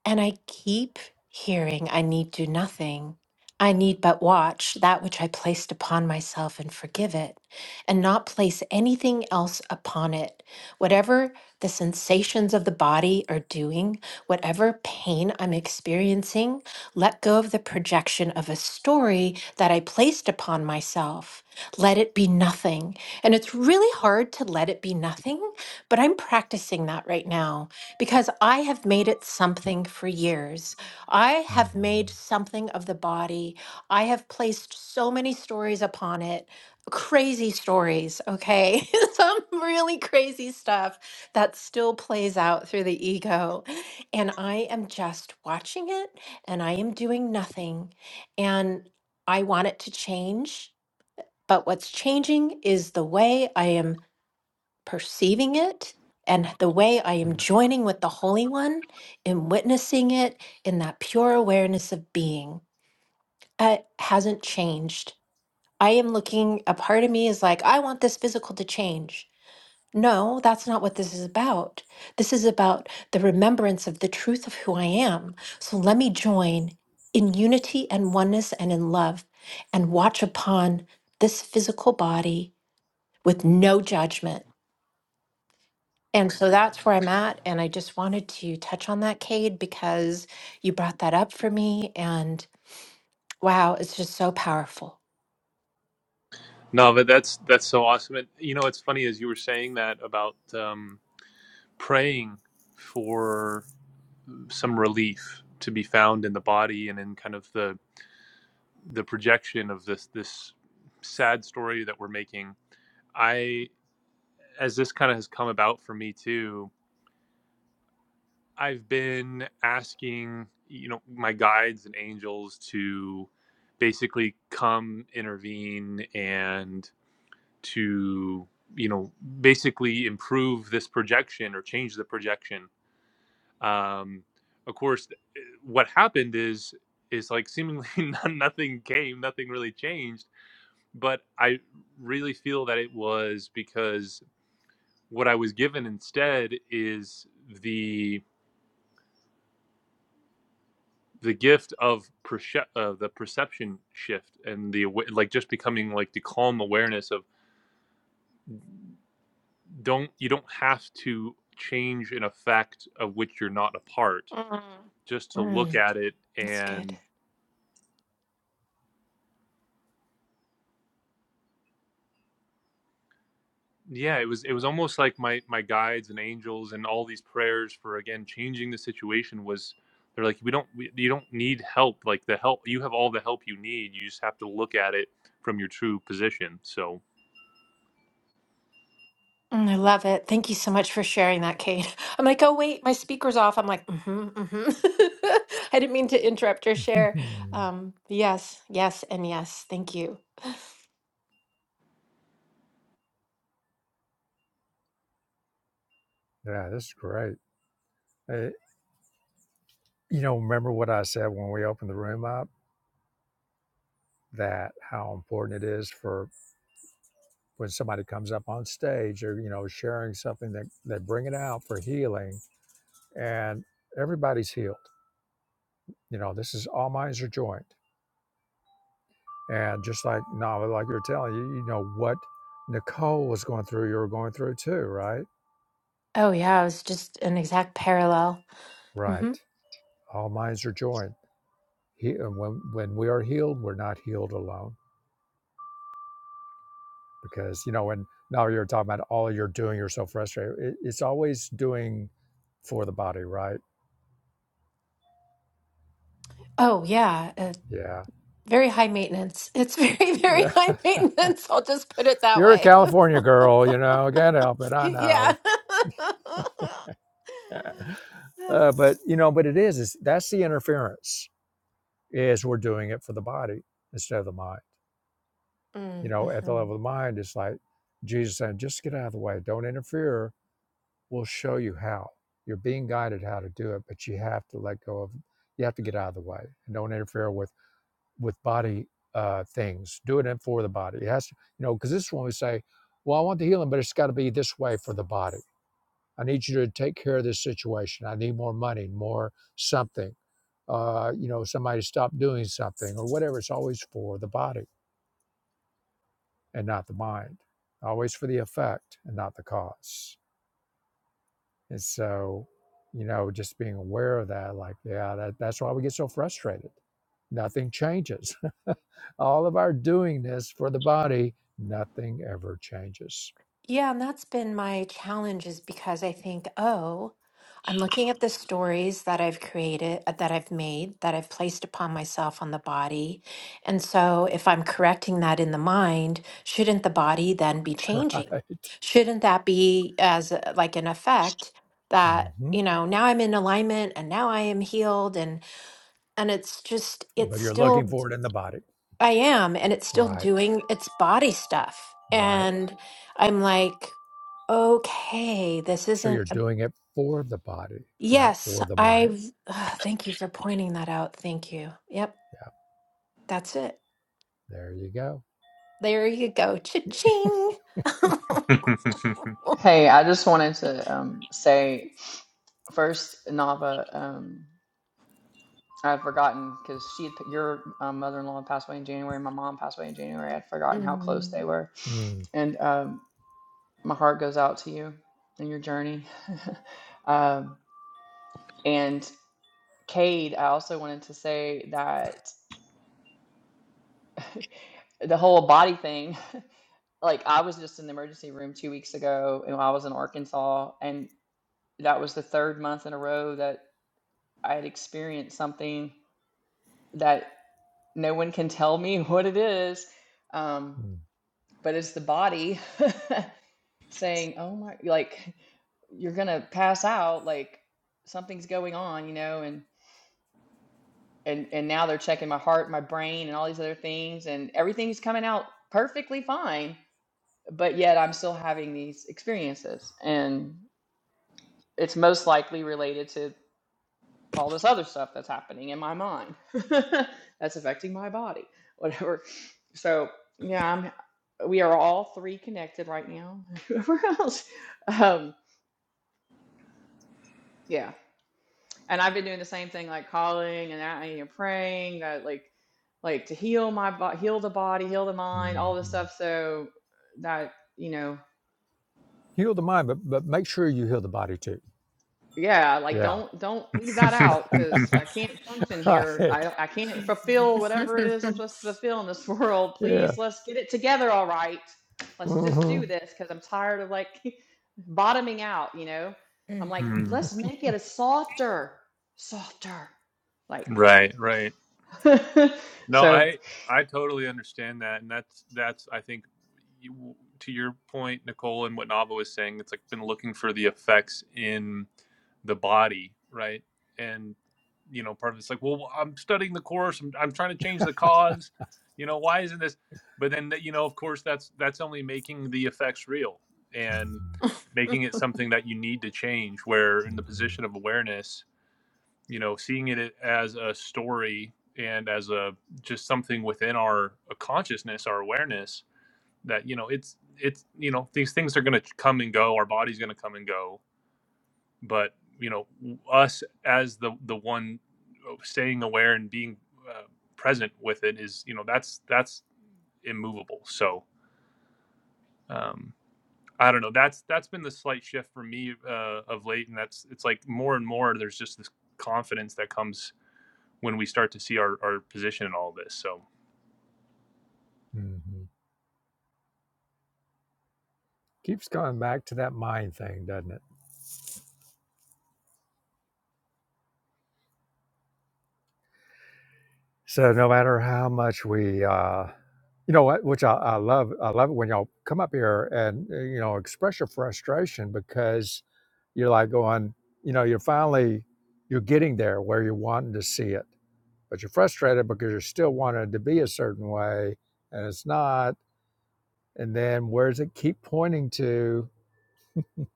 S7: and I keep hearing, I need do nothing. I need but watch that which I placed upon myself and forgive it, and not place anything else upon it. Whatever the sensations of the body are doing, whatever pain I'm experiencing, let go of the projection of a story that I placed upon myself. Let it be nothing. And it's really hard to let it be nothing, but I'm practicing that right now because I have made it something for years. I have made something of the body. I have placed so many stories upon it, crazy stories, okay? Some really crazy stuff that still plays out through the ego. And I am just watching it and I am doing nothing. And I want it to change. But what's changing is the way I am perceiving it and the way I am joining with the Holy One in witnessing it in that pure awareness of being uh, hasn't changed. I am looking, a part of me is like, I want this physical to change. No, that's not what this is about. This is about the remembrance of the truth of who I am. So let me join in unity and oneness and in love and watch upon this physical body with no judgment And so that's where I'm at. And I just wanted to touch on that, Cade, because you brought that up for me. And wow, it's just so powerful.
S6: No, but that's that's so awesome. And you know, it's funny as you were saying that about um, praying for some relief to be found in the body and in kind of the the projection of this this sad story that we're making. I as this kind of has come about for me too. I've been asking, you know, my guides and angels to basically come intervene and to, you know, basically improve this projection or change the projection. Um, of course, eh, what happened is is like seemingly no- nothing came, nothing really changed. But I really feel that it was because what I was given instead is the. the gift of perce- uh, the perception shift and the like just becoming like the calm awareness of don't you don't have to change an effect of which you're not a part
S7: Mm.
S6: just to look
S7: Mm,
S6: at it
S7: that's good.
S6: and yeah it was it was almost like my my guides and angels and all these prayers for again changing the situation was they're like we don't we, you don't need help like the help you have all the help you need you just have to look at it from your true position so
S7: Mm, I love it. Thank you so much for sharing that, Cade. I'm like, oh, wait, my speaker's off. I'm like, mm-hmm, mm-hmm. I didn't mean to interrupt your share. Um, yes, yes, and yes. Thank you.
S2: this is great. Uh, you know, remember what I said when we opened the room up that how important it is for when somebody comes up on stage or you know sharing something that they bring it out for healing, and everybody's healed. You know, this is all minds are joined And just like Nava, like you're telling you, you know what Nicole was going through, you are going through too, right?
S7: Oh, yeah, it was just an exact parallel. hmm
S2: Right. All minds are joined. He, and when when we are healed, we're not healed alone because you know. And now you're talking about all you're doing. You're so frustrated. It, it's always doing for the body, right?
S7: Oh, yeah. uh,
S2: Yeah,
S7: Very high maintenance. It's very, very
S2: yeah.
S7: high maintenance. I'll just put it that
S2: You're a
S7: way.
S2: California girl, you know. Can't help it. I
S7: Yeah.
S2: know. Uh, but you know, but it is. Is that's the interference? Is we're doing it for the body instead of the mind. you
S7: Mm,
S2: know, at the
S7: mhm.
S2: level of the mind, it's like Jesus saying, just get out of the way, don't interfere. We'll show you how. You're being guided how to do it, but you have to let go of, you have to get out of the way and don't interfere with with body uh, things. Do it for the body. It has to, you know, because this is when we say, well, I want the healing, but it's got to be this way for the body. I need you to take care of this situation. I need more money, more something. Uh, you know, somebody stop doing something or whatever. It's always for the body and not the mind, always for the effect and not the cause. And so, you know, just being aware of that, like, yeah, that, that's why we get so frustrated. Nothing changes. All of our doing this for the body, nothing ever changes,
S7: Yeah, and that's been my challenge is because I think, oh, I'm looking at the stories that I've created, uh, that I've made, that I've placed upon myself on the body. And so if I'm correcting that in the mind, shouldn't the body then be changing?
S2: right?
S7: Shouldn't that be as a- like an effect that,
S2: hmm
S7: you know, now I'm in alignment and now I am healed and and it's just it's
S2: But you're
S7: still
S2: looking for it in the body,
S7: I am, and it's still
S2: right?
S7: doing its body stuff.
S2: Right.
S7: And I'm like, okay, this
S2: So
S7: isn't
S2: you're
S7: a-
S2: doing it for the body, not
S7: yes,
S2: for the mind.
S7: I've ah, thank you for pointing that out. Thank you. Yep,
S2: Yeah,
S7: that's it.
S2: there you go.
S7: There you go. Cha-ching.
S5: Hey, I just wanted to um, say first, Nava. Um, I've forgotten because she, had- your um, mother-in-law passed away in January. My mom passed away in January. I'd forgotten how close they
S7: Mm.
S5: were, and um, my heart goes out to you in your journey. um, and Cade, I also wanted to say that the whole body thing. Like I was just in the emergency room two weeks ago, and I was in Arkansas, and that was the third month in a row that I had experienced something that no one can tell me what it is. Um,
S2: Mm-hmm.
S5: but it's the body saying, "Oh my, like you're gonna pass out, like something's going on," you know, and and and now they're checking my heart, my brain, and all these other things, and everything's coming out perfectly fine, but yet I'm still having these experiences, and it's most likely related to all this other stuff that's happening in my mind that's affecting my body whatever so yeah i'm we are all three connected right now whoever else um yeah and i've been doing the same thing like calling and I- you know, praying uh, like like to heal my body heal the body heal the mind all this stuff so that you know
S2: Heal the mind, but but make sure you heal the body too.
S5: Yeah, like
S2: Yeah.
S5: don't don't leave that out because I can't function
S2: Right.
S5: here. I I can't fulfill whatever it is I'm supposed to fulfill in this world.
S2: Yeah.
S5: Please, let's get it together, all right. Let's just do
S2: Mm-hmm.
S5: this because I'm tired of like bottoming out, you know? I'm
S7: Mm.
S5: like,
S6: Hmm.
S5: let's make it a softer, softer. Like
S6: Right, right. No,
S5: so
S6: I I totally understand that, and that's that's I think you, to your point, Nicole, and what Nava was saying, it's like been looking for the effects in the body, right? And you know, part of it's like, well, I'm studying the course, I'm I'm trying to change the cause, you know, why isn't this? But then that you know, of course, that's that's only making the effects real and making it something that you need to change. Where in the position of awareness you know seeing it as a story and as a just something within our consciousness our awareness that you know it's it's you know these things are going to come and go our body's going to come and go but you know us as the the one uh, staying aware and being uh, present with it is you know that's that's immovable so um i don't know that's that's been the slight shift for me uh, of late and that's it's like more and more there's just this confidence that comes when we start to see our, our position in all this. So,
S2: hmm hmm Keeps going back to that mind thing, doesn't it? So no matter how much we, uh, you know, what, which I, I love, I love it when y'all come up here and uh, you know express your frustration because you're like going, you know, you're finally you're getting there where you're wanting to see it, but you're frustrated because you're still wanting it to be a certain way and it's not and then where does it keep pointing to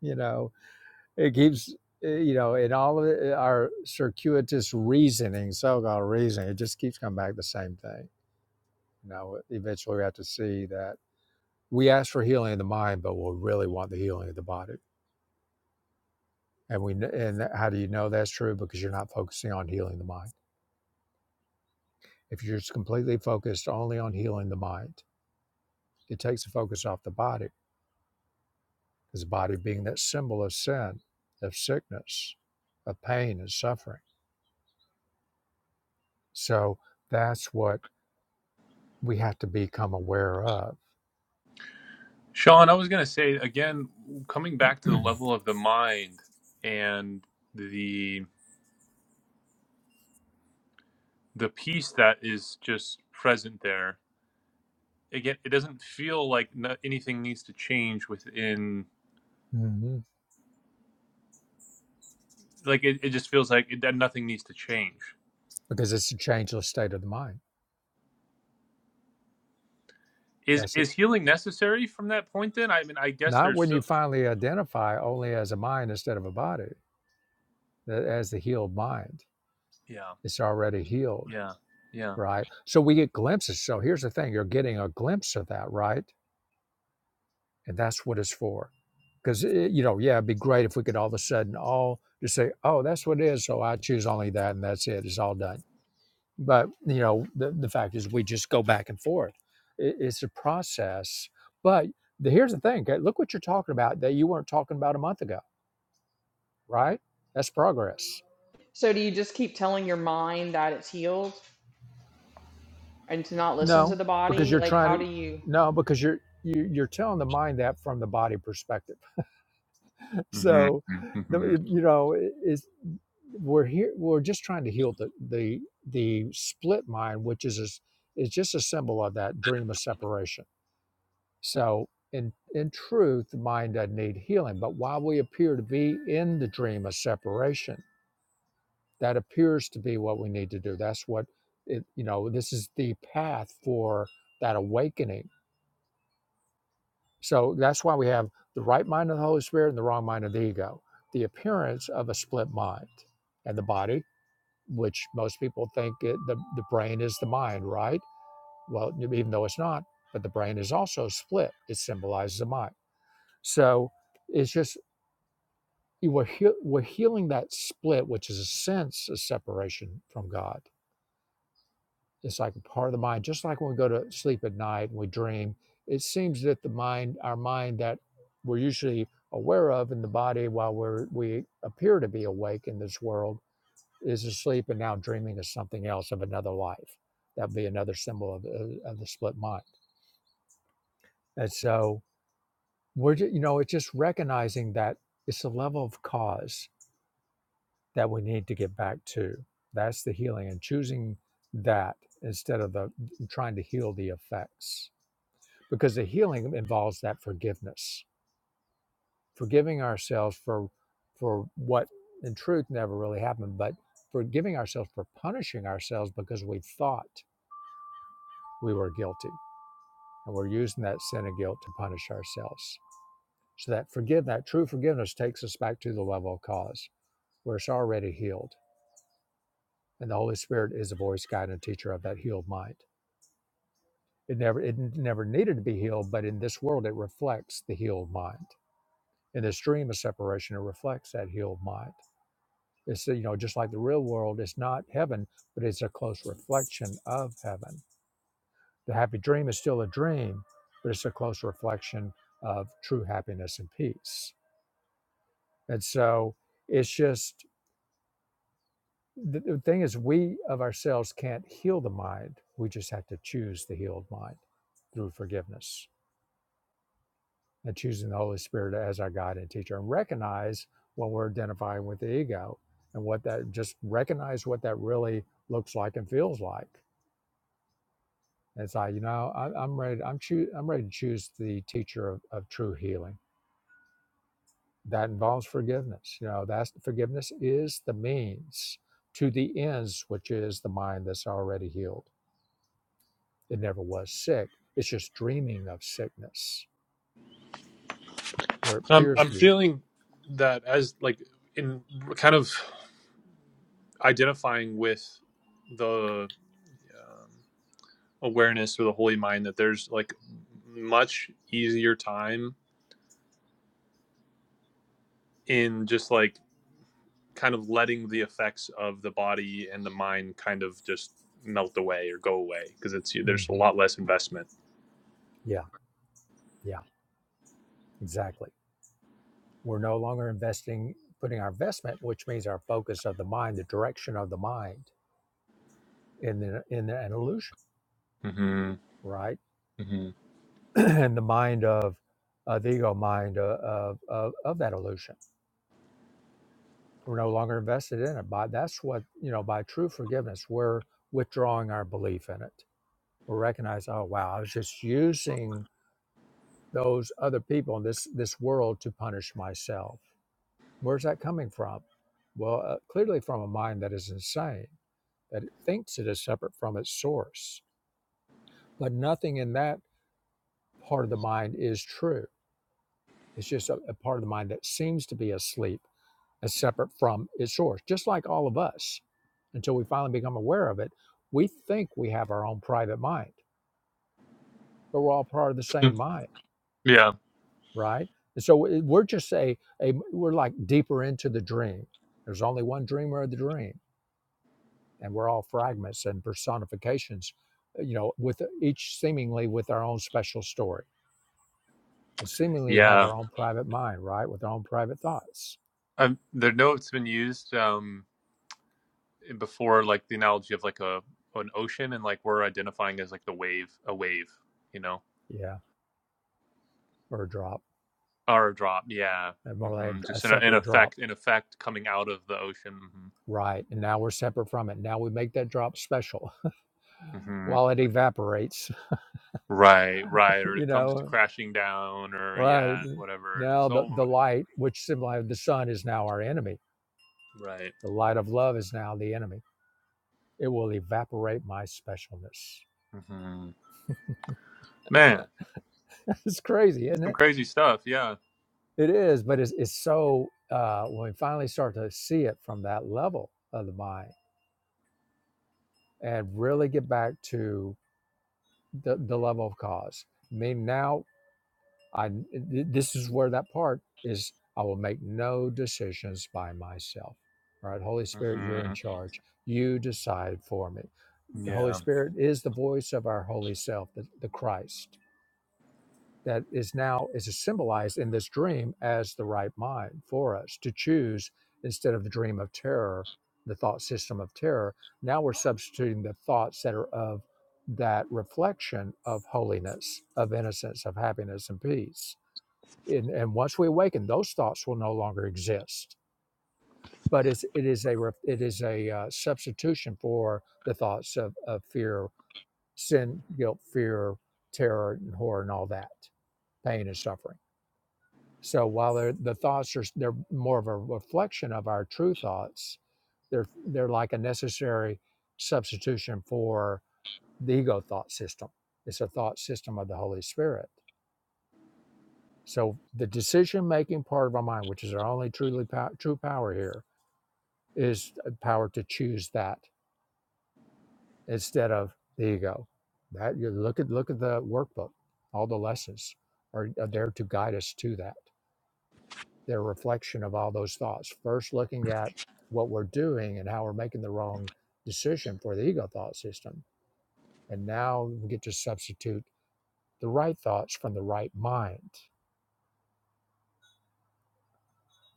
S2: you know it keeps uh, you know in all of it, our circuitous reasoning so-called reasoning it just keeps coming back the same thing you know eventually we have to see that we ask for healing of the mind but we really want the healing of the body and we and how do you know that's true because you're not focusing on healing the mind if you're just completely focused only on healing the mind it takes the focus off the body because the body being that symbol of sin of sickness of pain and suffering So that's what we have to become aware of
S6: Sean, I was going to say again, coming back to the level of the mind and the the peace that is just present there. Again, it doesn't feel like no, anything needs to change within.
S2: hmm
S6: Like it, it just feels like it, that nothing needs to change.
S2: because it's a changeless state of the mind.
S6: Is
S2: That's it.
S6: is healing necessary from that point? Then I mean, I guess
S2: Not
S6: there's
S2: when you
S6: still
S2: finally identify only as a mind instead of a body, as the healed mind.
S6: yeah,
S2: It's already healed,
S6: yeah, yeah.
S2: right? So we get glimpses. So here's the thing you're getting a glimpse of that, right? And that's what it's for. Because, it, you know, yeah, it'd be great if we could all of a sudden all just say, oh, that's what it is. So I choose only that and that's it. It's all done but you know the, the fact is we just go back and forth I- it's a process but the, here's the thing okay, look what you're talking about that you weren't talking about a month ago right that's progress
S5: so do you just keep telling your mind that it's healed and to not listen to
S2: no
S5: the
S2: because
S5: body?
S2: you're
S5: Like
S2: trying
S5: how do
S2: to
S5: you
S2: no because you're you, you're telling the mind that from the body perspective
S6: hmm
S2: so the,
S6: hmm
S2: you know it- it's we're here we're just trying to heal the the the split mind which is a, s- is just a symbol of that dream of separation So, in, in truth, the mind doesn't need healing. But while we appear to be in the dream of separation, that appears to be what we need to do. That's what it, you know, this is the path for that awakening. So, that's why we have the right mind of the Holy Spirit and the wrong mind of the ego, the appearance of a split mind and the body, which most people think it, the, the brain is the mind, right? Well, even though it's not, but the brain is also split, it symbolizes the mind. So, it's just you were heal we're healing that split, which is a sense of separation from God. It's like a part of the mind, just like when we go to sleep at night and we dream. It seems that the mind, our mind that we're usually aware of in the body while we're we appear to be awake in this world is asleep and now dreaming of something else of another life. That'd be another symbol of, uh, of, the split mind. And so we're you know, it's just recognizing that it's a level of cause that we need to get back to. That's the healing and choosing that instead of the trying to heal the effects because the healing involves that forgiveness, forgiving ourselves for for what in truth never really happened, but forgiving ourselves for punishing ourselves because we thought we were guilty and we're using that sin and guilt to punish ourselves. So that forgive that true forgiveness takes us back to the level of cause where it's already healed. And the Holy Spirit is a voice, guide, and teacher of that healed mind. It never it never needed to be healed, but in this world it reflects the healed mind. In this dream of separation, it reflects that healed mind. It's you know just like the real world, it's not heaven, but it's a close reflection of heaven. The happy dream is still a dream, but it's a close reflection of true happiness and peace. And so it's just the, the thing is we of ourselves can't heal the mind. We just have to choose the healed mind through forgiveness and choosing the Holy Spirit as our guide and teacher, and recognize when we're identifying with the ego and what that just recognize what that really looks like and feels like. And it's like you know I, I'm ready. I'm choo- I'm ready to choose the teacher of, of true healing. That involves forgiveness. You know that's forgiveness is the means to the ends, which is the mind that's already healed. It never was sick. It's just dreaming of sickness where it
S6: I'm
S2: appears
S6: I'm
S2: to be.
S6: feeling that as like in kind of. identifying with the um, awareness or the holy mind that there's like much easier time in just like kind of letting the effects of the body and the mind kind of just melt away or go away because it's
S2: Mhm.
S6: there's a lot less investment.
S2: Yeah, yeah, exactly We're no longer investing, putting our investment, which means our focus of the mind, the direction of the mind, in the, in the, an illusion,
S6: hmm
S2: right?
S6: hmm
S2: and the mind of uh, the ego mind of, of, of, of that illusion. We're no longer invested in it. By that's what you know. By true forgiveness, we're withdrawing our belief in it. We recognize, oh wow, I was just using those other people in this this world to punish myself. Where's that coming from? Well, uh, clearly from a mind that is insane that it thinks it is separate from its source. But nothing in that part of the mind is true. It's just a, a part of the mind that seems to be asleep as separate from its source, just like all of us. Until we finally become aware of it, we think we have our own private mind, but we're all part of the same mind,
S6: Yeah,
S2: right? And so we're just a, a we're like deeper into the dream. There's only one dreamer of the dream, and we're all fragments and personifications, you know, with each seemingly with our own special story and seemingly have
S6: yeah.
S2: our own private mind, right, with our own private thoughts.
S6: Um, the note's been used um, before, like the analogy of like a an ocean and like we're identifying as like the wave, a wave, you know.
S2: Yeah, or a drop,
S6: Or a drop, yeah.
S2: uh, more like
S6: hmm
S2: a, a
S6: Just in, a, in
S2: separate drop,
S6: effect, in effect, coming out of the ocean. hmm
S2: right? And now we're separate from it. Now we make that drop special
S6: hmm
S2: while it evaporates,
S6: Right, right. Or
S2: you
S6: it comes to
S2: know,
S6: crashing down, or
S2: right?
S6: yeah, whatever, and
S2: Now
S6: it's
S2: the,
S6: all
S2: the light, which symbolizes the sun, is now our enemy.
S6: right.
S2: The light of love is now the enemy. It will evaporate my specialness.
S6: hmm Man,
S2: it's crazy, isn't
S6: some
S2: it?
S6: crazy stuff. Yeah.
S2: It is, but it's, it's so, uh, when we finally start to see it from that level of the mind and really get back to the, the love of cause. I mean, now I this is where that part is. I will make no decisions by myself. All right, Holy Spirit, you're in
S6: hmm
S2: charge. You decide for me. The Holy
S6: Yeah.
S2: Spirit is the voice of our holy self, the, the Christ that is now is symbolized in this dream as the right mind for us to choose instead of the dream of terror, the thought system of terror. Now we're substituting the thoughts that are of that reflection of holiness, of innocence, of happiness and peace. And, and once we awaken, those thoughts will no longer exist. But it's, it is a ref- it is a uh, substitution for the thoughts of, of fear, sin, guilt, fear, terror, and horror, and all that pain and suffering so while the thoughts are they're more of a reflection of our true thoughts, they're they're like a necessary substitution for the ego thought system. It's a thought system of the Holy Spirit. So the decision making part of our mind, which is our only truly pow- true power here, is a power to choose that instead of the ego. That you look at look at the workbook, all the lessons are, are there to guide us to that. They're a reflection of all those thoughts. First, looking at what we're doing and how we're making the wrong decision for the ego thought system. And now we get to substitute the right thoughts from the right mind.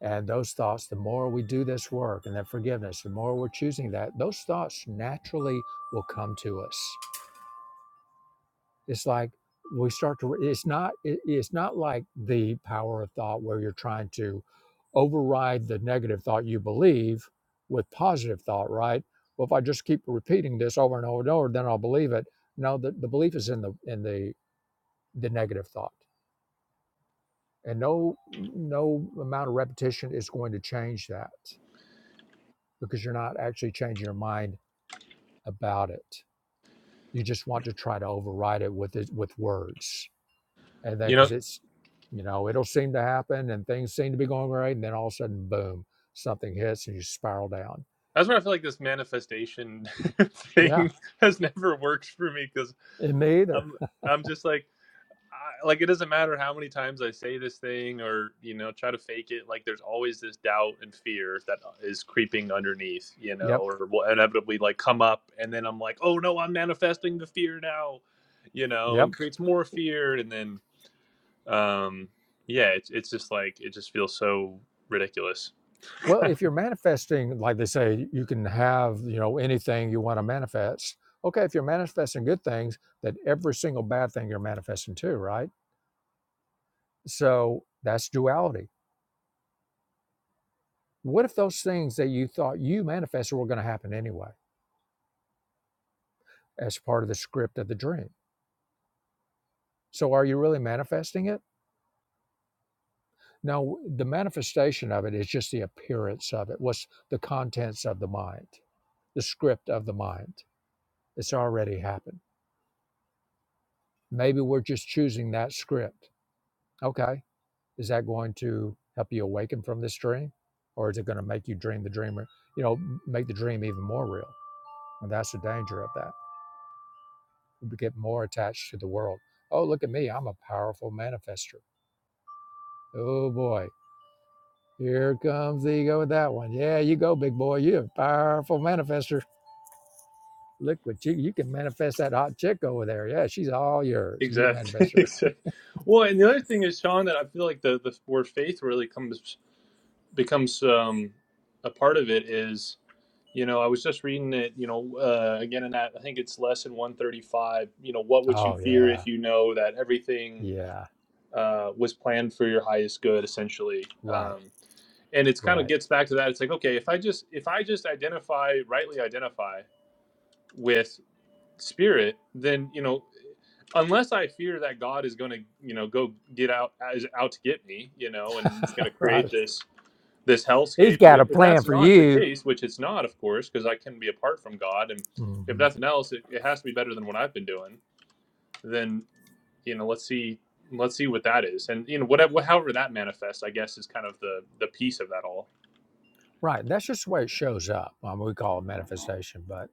S2: And those thoughts, the more we do this work and that forgiveness, the more we're choosing that, those thoughts naturally will come to us. it's like we start to it's not it, it's not like the power of thought where you're trying to override the negative thought you believe with positive thought right well if i just keep repeating this over and over and over then i'll believe it no the, the belief is in the in the the negative thought and no no amount of repetition is going to change that because you're not actually changing your mind about it you just want to try to override it with it with words and then
S6: You know,
S2: because it's you know it'll seem to happen and things seem to be going right and then all of a sudden boom something hits and you spiral down
S6: that's why I feel like this manifestation
S2: yeah
S6: thing has never worked for me because
S2: and me either
S6: I'm I'm just like. I, like it doesn't matter how many times I say this thing or you know try to fake it. Like there's always this doubt and fear that uh, is creeping underneath, you know,
S2: yep
S6: or will inevitably like come up, and then I'm like, oh no, I'm manifesting the fear now, you know,
S2: yep
S6: and creates more fear, and then um, yeah, it's it's just like it just feels so ridiculous.
S2: well if you're manifesting like they say you can have you know anything you want to manifest okay if you're manifesting good things then every single bad thing you're manifesting too right so that's duality what if those things that you thought you manifested were going to happen anyway as part of the script of the dream so are you really manifesting it Now, the manifestation of it is just the appearance of it, what's the contents of the mind, the script of the mind. It's already happened. Maybe we're just choosing that script. Okay, is that going to help you awaken from this dream? Or is it going to make you dream the dreamer, you know, make the dream even more real? And that's the danger of that. We get more attached to the world. Oh, look at me, I'm a powerful manifester. Oh boy, here comes the ego with that one. Yeah, you go, big boy. You're a powerful manifester Look what you you can manifest that hot chick over there. Yeah, she's all yours. You manifest
S6: Exactly.
S2: her.
S6: Exactly. Well, and the other thing is, Sean, that I feel like the the word faith really comes becomes um, a part of it is. You know, I was just reading it, you know, uh, again in that, I think it's lesson 135. You know, what would you
S2: Oh
S6: fear
S2: yeah,
S6: if you know that everything
S2: yeah,
S6: uh, was planned for your highest good, essentially?
S2: right,
S6: Um, and it's kind of
S2: right,
S6: gets back to that. It's like, okay, if I just, if I just identify, rightly identify with spirit, then, you know, unless I fear that God is going to, you know, go get out, is out to get me, you know, and it's going to create
S2: right.
S6: this this
S2: He's
S6: hellscape. But
S2: got a
S6: if, if
S2: plan
S6: that's
S2: for
S6: not the
S2: you.
S6: case, which it's not, of course, because I can be apart from God, and if
S2: Mhm.
S6: nothing else, it, it has to be better than what I've been doing. Then you know, let's see, let's see what that is, and you know, whatever, however that manifests, I guess, is kind of the the piece of that all.
S2: Right. That's just the way it shows up. Um, we call it manifestation, but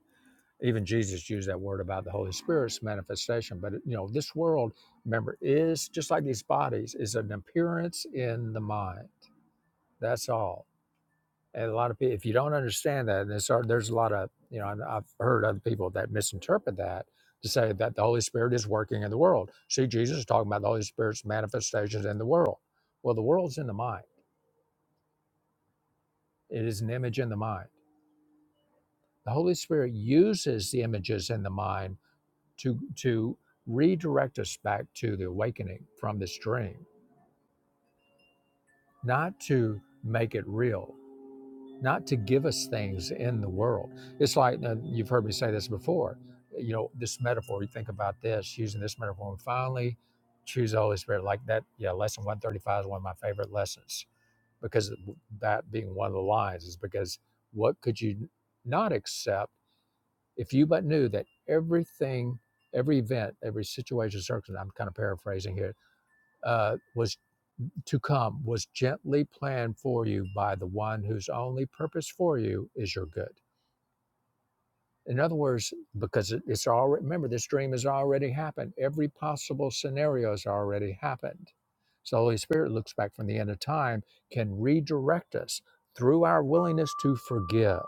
S2: even Jesus used that word about the Holy Spirit's manifestation. But you know, this world, remember, is just like these bodies, is an appearance in the mind. That's all And a lot of people, if you don't understand that, and there's, there's a lot of, you know, and I've heard other people that misinterpret that to say that the Holy Spirit is working in the world. See, Jesus is talking about the Holy Spirit's manifestations in the world. Well, the world's in the mind, it is an image in the mind. The Holy Spirit uses the images in the mind to, to redirect us back to the awakening from this dream, not to make it real not to give us things in the world. It's like uh, you've heard me say this before. You know, this metaphor. You think about this using this metaphor, and finally choose the Holy Spirit like that. Yeah, lesson one thirty five is one of my favorite lessons because that being one of the lines is because what could you not accept if you but knew that everything, every event, every situation, circumstance. I'm kind of paraphrasing here. Uh, was to come was gently planned for you by the one whose only purpose for you is your good. In other words, because it's already, remember, this dream has already happened. Every possible scenario has already happened. So the Holy Spirit looks back from the end of time, can redirect us through our willingness to forgive.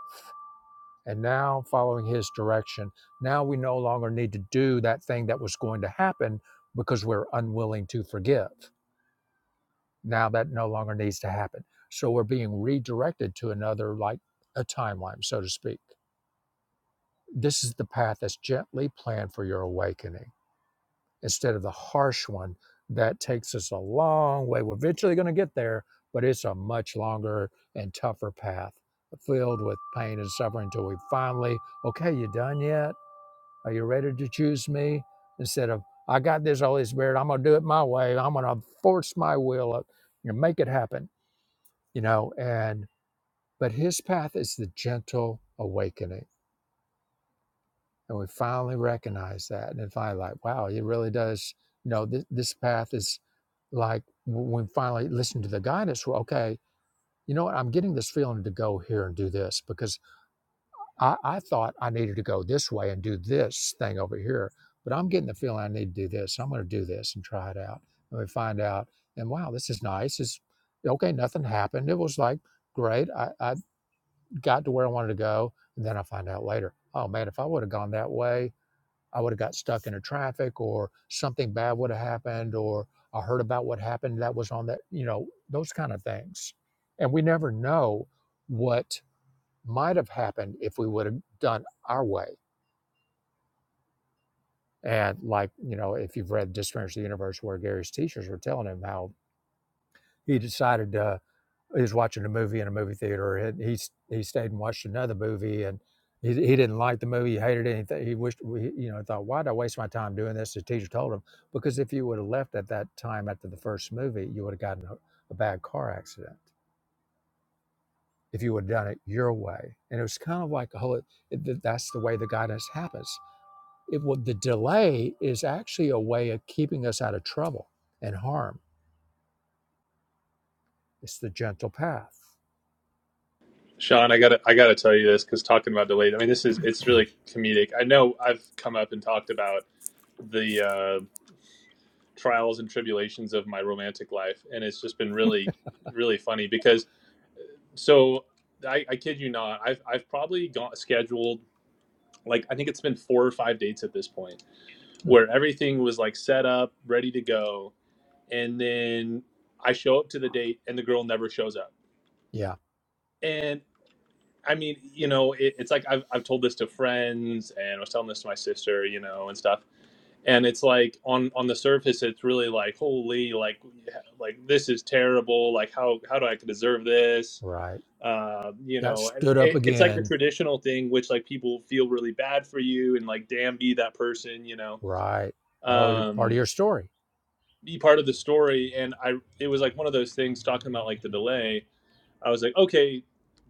S2: And now, following His direction, now we no longer need to do that thing that was going to happen because we're unwilling to forgive. Now that no longer needs to happen. So we're being redirected to another, like a timeline, so to speak. This is the path that's gently planned for your awakening instead of the harsh one that takes us a long way. We're eventually going to get there, but it's a much longer and tougher path filled with pain and suffering until we finally, okay, you done yet? Are you ready to choose me? Instead of, I got this Holy Spirit, I'm going to do it my way, I'm going to force my will, you know, make it happen you know and but his path is the gentle awakening and we finally recognize that and then finally like wow it really does you know this, this path is like when we finally listen to the guidance well okay you know what i'm getting this feeling to go here and do this because I, I thought i needed to go this way and do this thing over here but i'm getting the feeling i need to do this So i'm going to do this and try it out and we find out and wow this is nice it's okay nothing happened it was like great. I, I got to where I wanted to go. And then I find out later, oh man, if I would have gone that way, I would have got stuck in a traffic or something bad would have happened or I heard about what happened that was on that, you know, those kind of things. And we never know what might have happened if we would have done our way. And like, you know, if you've read Disappearance of the Universe where Gary's teachers were telling him how he decided uh, he was watching a movie in a movie theater. And he he stayed and watched another movie, and he, he didn't like the movie. He hated anything. He wished you know thought, why did I waste my time doing this? The teacher told him because if you would have left at that time after the first movie, you would have gotten a, a bad car accident if you would have done it your way. And it was kind of like a whole. It, that's the way the guidance happens. It will, the delay is actually a way of keeping us out of trouble and harm. It's the gentle path.
S6: Sean, I gotta, I gotta tell you this because talking about delayed, I mean, this is it's really comedic. I know I've come up and talked about the uh, trials and tribulations of my romantic life, and it's just been really, really funny because So I, I kid you not, I've I've probably got scheduled like I think it's been four or five dates at this point
S2: Hmm.
S6: where everything was like set up, ready to go, and then I show up to the date and the girl never shows up.
S2: Yeah,
S6: And I mean, you know, it, it's like I've I've told this to friends and I was telling this to my sister, you know, and stuff and it's like on on the surface it's really like holy like like this is terrible like how how do i deserve this
S2: right.
S6: uh, you
S2: got
S6: know, and
S2: stood up
S6: it, it's like a
S2: again.
S6: traditional thing, which like people feel really bad for you and like, damn, be that person, you know,
S2: Right. Oh, part of
S6: um,
S2: your story.
S6: be part of the story. And I, it was like one of those things talking about like the delay. I was like, okay,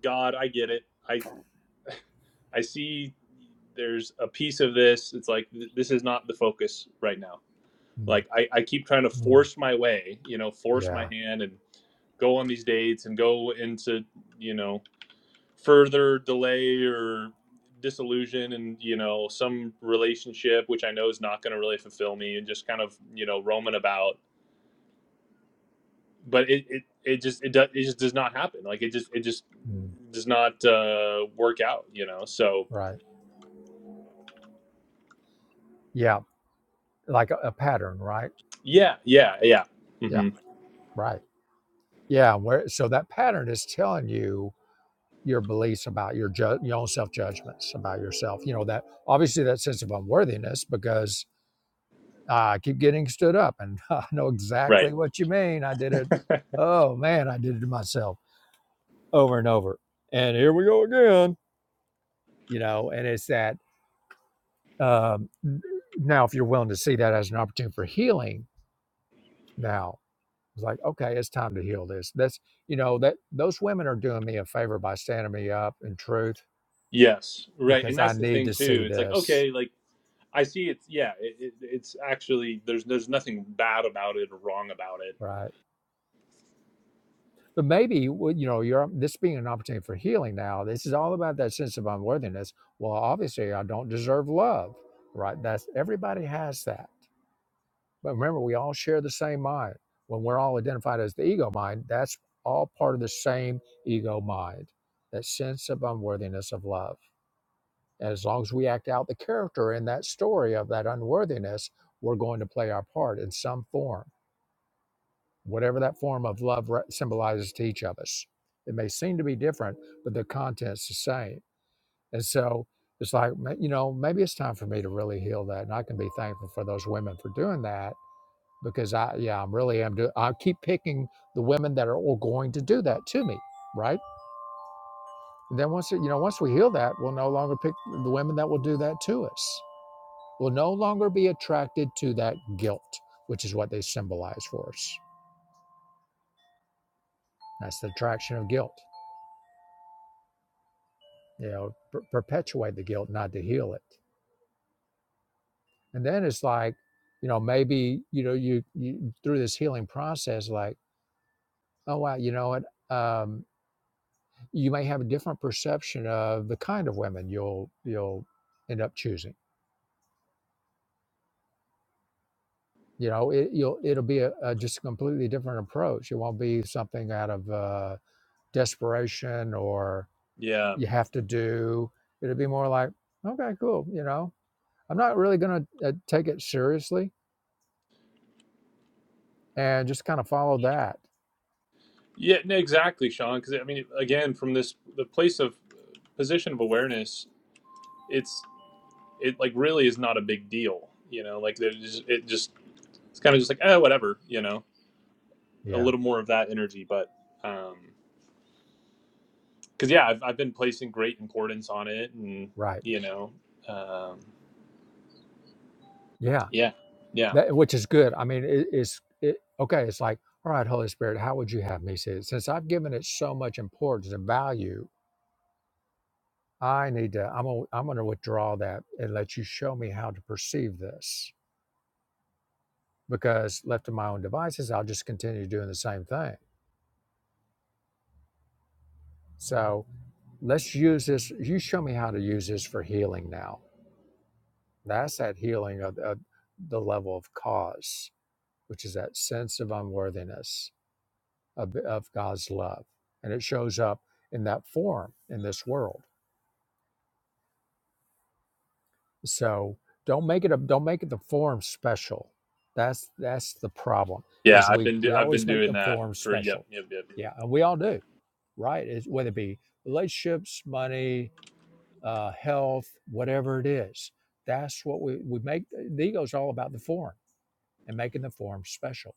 S6: God, I get it. I, I see there's a piece of this. It's like, th- this is not the focus right now.
S2: Mm,
S6: Like I, I keep trying to
S2: mm,
S6: force my way, you know, force my
S2: yeah.
S6: hand and go on these dates and go into, you know, further delay or disillusion and you know some relationship which i know is not going to really fulfill me and just kind of you know roaming about but it it, it just it does it just does not happen like it just it just
S2: mm,
S6: does not uh work out you know so
S2: right. Yeah. Like a, a pattern, right?
S6: yeah yeah yeah
S2: Yeah.
S6: hmm
S2: Right. Yeah. Where so that pattern is telling you your beliefs about your ju- your own self judgments about yourself. You know that obviously that sense of unworthiness because uh, I keep getting stood up and I know
S6: right
S2: exactly what you mean. I did it. Oh man, I did it to myself over and over. And here we go again. You know, and it's that Um, now, if you're willing to see that as an opportunity for healing, now it's like, okay, it's time to heal this. That's you know that those women are doing me a favor by standing me up in truth
S6: yes right
S2: because
S6: and
S2: I
S6: that's the
S2: need
S6: thing
S2: to
S6: too
S2: see
S6: it's like
S2: this,
S6: okay like i see it's yeah it, it, it's actually there's there's nothing bad about it or wrong about it
S2: right? But maybe well, you know you're this being an opportunity for healing. Now, this is all about that sense of unworthiness. Well, obviously, I don't deserve love, right? That's everybody has that But remember, we all share the same mind. When we're all identified as the ego mind, that's all part of the same ego mind, that sense of unworthiness of love. And as long as we act out the character in that story of that unworthiness, we're going to play our part in some form, whatever that form of love re- symbolizes to each of us. It may seem to be different, but the content's the same. And so it's like, ma- you know, maybe it's time for me to really heal that. And I can be thankful for those women for doing that because I, yeah, I really am. doing. I keep picking the women that are all going to do that to me, right? And then once, you know, once we heal that, we'll no longer pick the women that will do that to us. We'll no longer be attracted to that guilt, which is what they symbolize for us. That's the attraction of guilt, you know, per- perpetuate the guilt, not to heal it. And then it's like, you know, maybe, you know, you, you through this healing process, like, oh, wow, you know what? Um, you may have a different perception of the kind of women you'll you'll end up choosing. You know, it, you'll it'll be a, a just a completely different approach. It won't be something out of uh, desperation or
S6: yeah
S2: you have to do. It'll be more like, okay, cool. You know, I'm not really going to uh, take it seriously and just kind of follow that.
S6: Yeah, no, exactly, Sean. Because I mean, again, from this the place of uh, position of awareness, it's it like really is not a big deal, you know. Like there's just, it just it's kind of just like oh whatever, you know. A
S2: Yeah,
S6: little more of that energy, but um, because yeah, I've I've been placing great importance on it, and
S2: right.
S6: you know, um,
S2: Yeah,
S6: yeah, yeah,
S2: that which is good. I mean, it, it's it, okay. It's like, all right, Holy Spirit, how would you have me see it? Since I've given it so much importance and value, I need to, I'm gonna, I'm gonna withdraw that and let you show me how to perceive this. Because left to my own devices, I'll just continue doing the same thing. So let's use this. You show me how to use this for healing now. That's that healing of, of the level of cause, which is that sense of unworthiness of, of God's love. And it shows up in that form in this world. So don't make it a don't make it the form special. That's that's the problem.
S6: yeah.
S2: Is
S6: I've
S2: we
S6: been do,
S2: we
S6: I've
S2: always
S6: been
S2: make
S6: doing
S2: the
S6: that
S2: form
S6: for yep,
S2: special.
S6: yep, yep, yep,
S2: Yeah, and we all do, right? It's, whether it be relationships, money, uh, health, whatever it is. That's what we we make. The ego's all about the form and making the form special,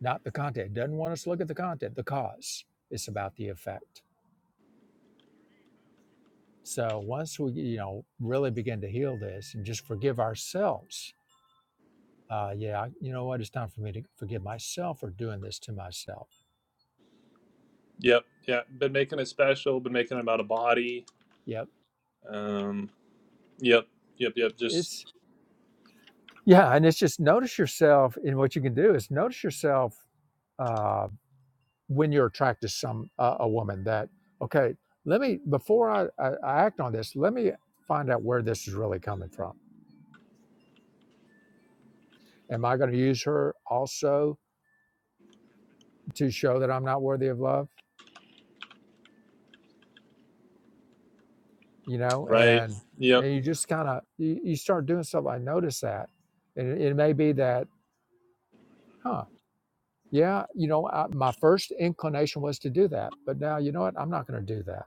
S2: not the content. It doesn't want us to look at the content, the cause. It's about the effect. So once we you know really begin to heal this and just forgive ourselves uh, yeah, I- you know what? It's time for me to forgive myself for doing this to myself.
S6: yep, yeah. Been making it special. Been making it about a body.
S2: Yep.
S6: Um, yep, yep, yep. Just
S2: It's, yeah. And it's just notice yourself. And what you can do is notice yourself uh, when you're attracted to some, uh, a woman that, okay, let me, before I, I, I act on this, let me find out where this is really coming from. Am I going to use her also to show that I'm not worthy of love? You know,
S6: Right.
S2: and,
S6: Yep.
S2: and you just kind of, you, you start doing stuff. I notice that. And it, it may be that, huh, Yeah, you know, I, my first inclination was to do that, but now you know what? I'm not going to do that.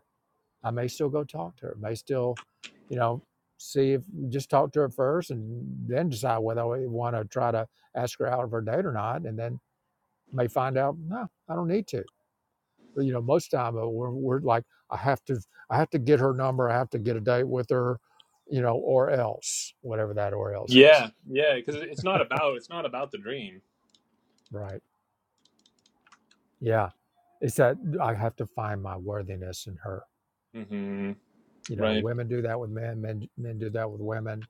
S2: I may still go talk to her. May still, you know, see if just talk to her first, and then decide whether I want to try to ask her out of her date or not, and then may find out no, I don't need to. But, you know, most time uh, we're, we're like, I have to, I have to get her number. I have to get a date with her, you know, or else, whatever that or else is.
S6: Yeah. Yeah. Because it's not about it's not about the dream.
S2: Right? Yeah, it's that I have to find my worthiness in her
S6: hmm
S2: you know
S6: Right.
S2: women do that with men men men do that with women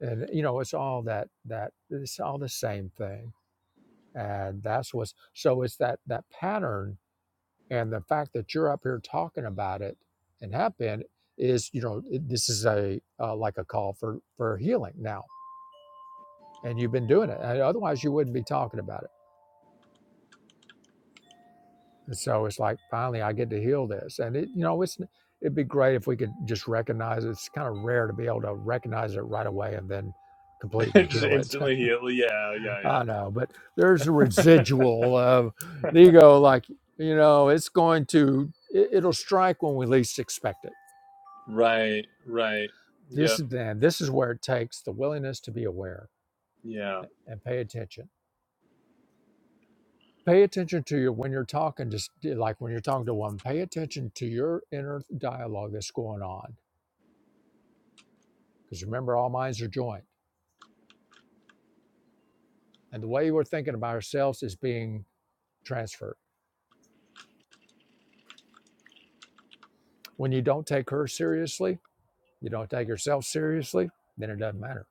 S2: and you know it's all that that it's all the same thing and that's what's so it's that that pattern and the fact that you're up here talking about it and have been is you know it- this is a uh, like a call for for healing now and you've been doing it and otherwise you wouldn't be talking about it and so it's like finally i get to heal this and it you know it's it'd be great if we could just recognize it. it's kind of rare to be able to recognize it right away and then completely
S6: Just
S2: heal it
S6: instantly heal. Yeah. Yeah. Yeah.
S2: I know, but there's a residual of the ego, like, you know, it's going to, it, it'll strike when we least expect it.
S6: Right. Right.
S2: This
S6: Yep.
S2: is then, this is where it takes the willingness to be aware
S6: Yeah.
S2: and pay attention. Pay attention to your, when you're talking, just like when you're talking to one, pay attention to your inner dialogue that's going on. Because remember, all minds are joined. And the way we're thinking about ourselves is being transferred. When you don't take her seriously, you don't take yourself seriously, then it doesn't matter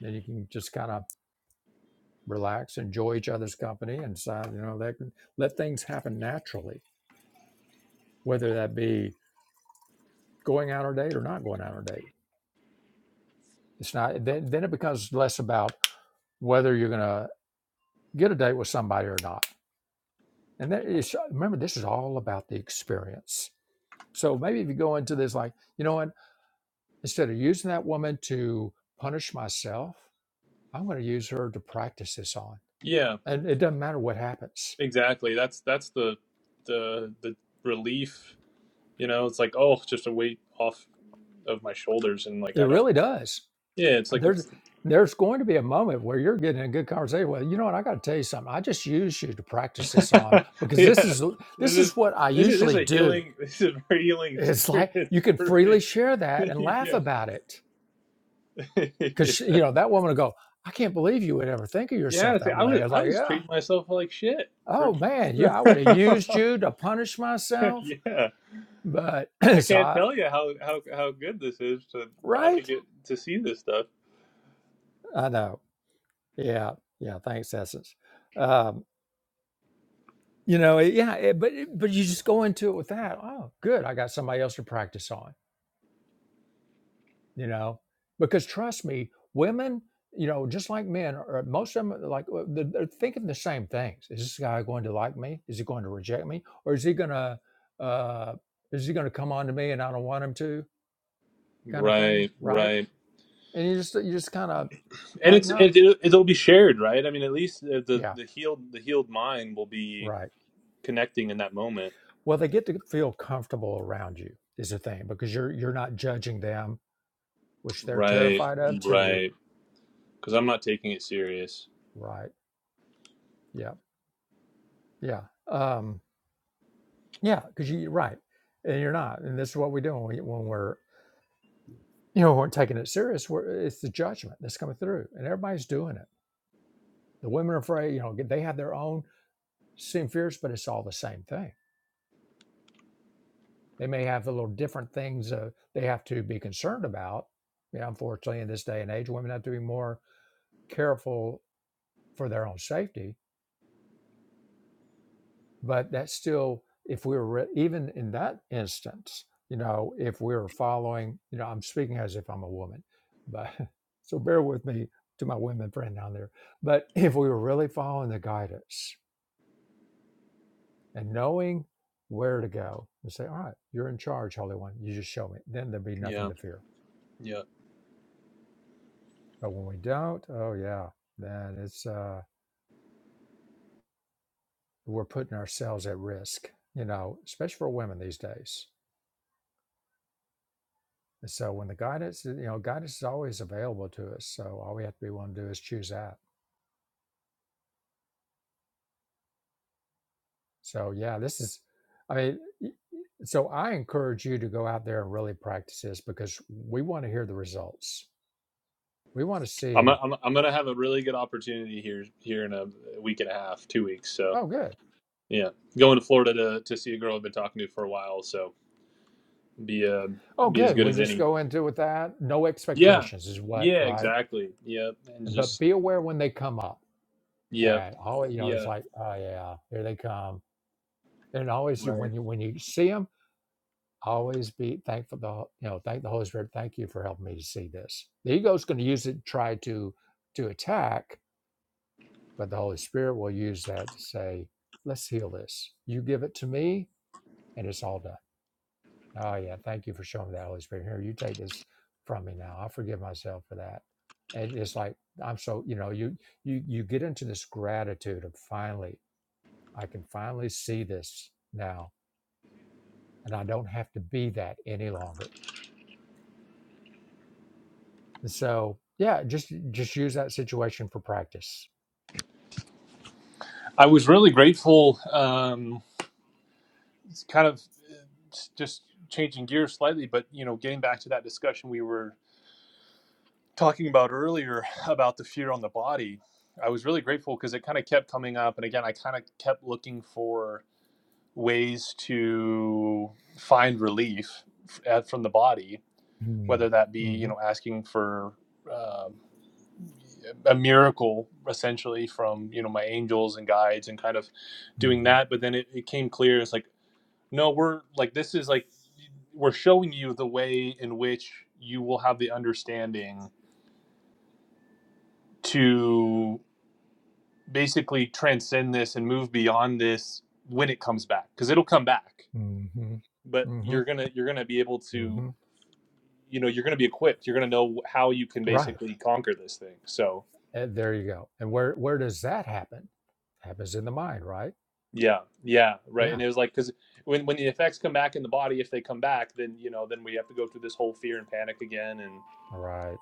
S2: Then you can just kind of relax, enjoy each other's company, and decide, you know, that can let things happen naturally, whether that be going out on a date or not going out on a date. It's not then then it becomes less about whether you're gonna get a date with somebody or not. And that is remember, this is all about the experience. So maybe if you go into this like, you know what, instead of using that woman to punish myself, I'm gonna use her to practice this on.
S6: Yeah.
S2: And it doesn't matter what happens.
S6: Exactly. That's that's the the the relief. You know, it's like oh, just a weight off of my shoulders, and like
S2: It
S6: I don't.
S2: really does
S6: Yeah. It's like
S2: there's
S6: it's.
S2: there's going to be a moment where you're getting a good conversation. Well, you know what? I got to tell you something. I just use you to practice this on because this
S6: yeah.
S2: is
S6: This
S2: this
S6: is
S2: is what I
S6: this is this is
S2: usually
S6: a
S2: do.
S6: healing. This is a very healing
S2: It's like
S6: experience
S2: you can
S6: for
S2: freely share that and
S6: me.
S2: laugh about it
S6: yeah.
S2: because you know that woman will go, "I can't believe you would ever think of
S6: Yeah,
S2: yourself
S6: see,
S2: that
S6: I
S2: way."
S6: was
S2: I was
S6: I
S2: like,
S6: was
S2: "Yeah,
S6: treating myself like shit for.
S2: oh man, yeah,
S6: yeah,
S2: I would have used you to punish myself, but
S6: I
S2: so
S6: can't
S2: I,
S6: tell you how how how good this is to finally
S2: right?
S6: get to see this stuff.
S2: I know. Yeah, yeah. Thanks, Essence. Um, You know, it, yeah, it, but it- but you just go into it with that. Oh, good, I got somebody else to practice on. You know, because trust me, women, you know, just like men, or uh, most of them, like uh, they're, they're thinking the same things. Is this guy going to like me? Is he going to reject me? Or is he gonna uh, is he gonna come on to me and I don't want him to? Kind of thing,
S6: Right,
S2: right?
S6: right,
S2: And you just you just kind of
S6: and
S2: like,
S6: it's
S2: no,
S6: it, it, it'll be shared, right? I mean, at least the the
S2: yeah,
S6: the healed the healed mind will be
S2: right.
S6: connecting in that moment.
S2: Well, they get to feel comfortable around you is the thing because you're you're not judging them which they're
S6: Right,
S2: terrified of too.
S6: right, because I'm not taking it serious.
S2: Right. Yeah. Yeah. Um, yeah. Because you, right. And you're not. And this is what we do when, we, when we're, you know, when we're taking it serious. We're, it's the judgment that's coming through, and everybody's doing it. The women are afraid, you know, they have their own same fears, but it's all the same thing. They may have a little different things uh, they have to be concerned about. You know, unfortunately, in this day and age, women have to be more careful for their own safety but that's still if we were re- even in that instance you know if we were following you know i'm speaking as if i'm a woman but so bear with me to my women friend down there but if we were really following the guidance and knowing where to go and say all right you're in charge holy one you just show me then there'd be nothing
S6: Yeah,
S2: to fear
S6: yeah.
S2: but when we don't oh yeah then it's uh we're putting ourselves at risk you know especially for women these days And so when the guidance, you know, guidance is always available to us. So all we have to be willing to do is choose that. So yeah, this is, I mean, y- so I encourage you to go out there and really practice this because we want to hear the results. We want to
S6: I'm,
S2: see,
S6: I'm I'm gonna have a really good opportunity here here in a week and a half, two weeks. so.
S2: oh, good.
S6: Yeah, going to Florida to to see a girl I've been talking to for a while, so be uh
S2: Oh,
S6: be as
S2: good.
S6: good
S2: We
S6: as
S2: just
S6: any.
S2: go into with that. No
S6: Yeah,
S2: expectations is what,
S6: yeah,
S2: right?
S6: exactly. Yep, and
S2: But
S6: just
S2: be aware when they come up.
S6: yep,
S2: And always, you know, it's
S6: yeah,
S2: like, oh yeah, here they come. And always
S6: right.
S2: when you when you see them, Always be thankful. The you know, thank the Holy Spirit. Thank you for helping me to see this. The ego is going to use it, to try to to attack, but the Holy Spirit will use that to say, "Let's heal this. You give it to me, and it's all done." Oh yeah, thank you for showing me that, Holy Spirit. Here, you take this from me now. I forgive myself for that. And it's like I'm so you know you you you get into this gratitude of finally I can finally see this now, and I don't have to be that any longer And so, yeah, just just use that situation for practice.
S6: I was really grateful. Um, it's kind of uh, s- just changing gears slightly, but you know, getting back to that discussion we were talking about earlier about the fear on the body. I was really grateful because it kind of kept coming up, and again, I kind of kept looking for ways to find relief f- from the body,
S2: Mm,
S6: whether that be you
S2: mhm,
S6: know asking for um, a miracle essentially from you know my angels and guides and kind of
S2: mm
S6: doing that. But then it, it came clear it's like no, we're like this is like we're showing you the way in which you will have the understanding to basically transcend this and move beyond this when it comes back because it'll come back
S2: mhm, mm mhm,
S6: but you're
S2: mhm,
S6: gonna you're gonna be able to
S2: mhm.
S6: you know you're going to be equipped you're going to know how you can
S2: Right.
S6: basically conquer this thing so
S2: And there you go. And where where does that happen? Happens in the mind, right?
S6: yeah yeah right and
S2: Yeah.
S6: it was like because when, when the effects come back in the body if they come back then you know then we have to go through this whole fear and panic again and
S2: Right.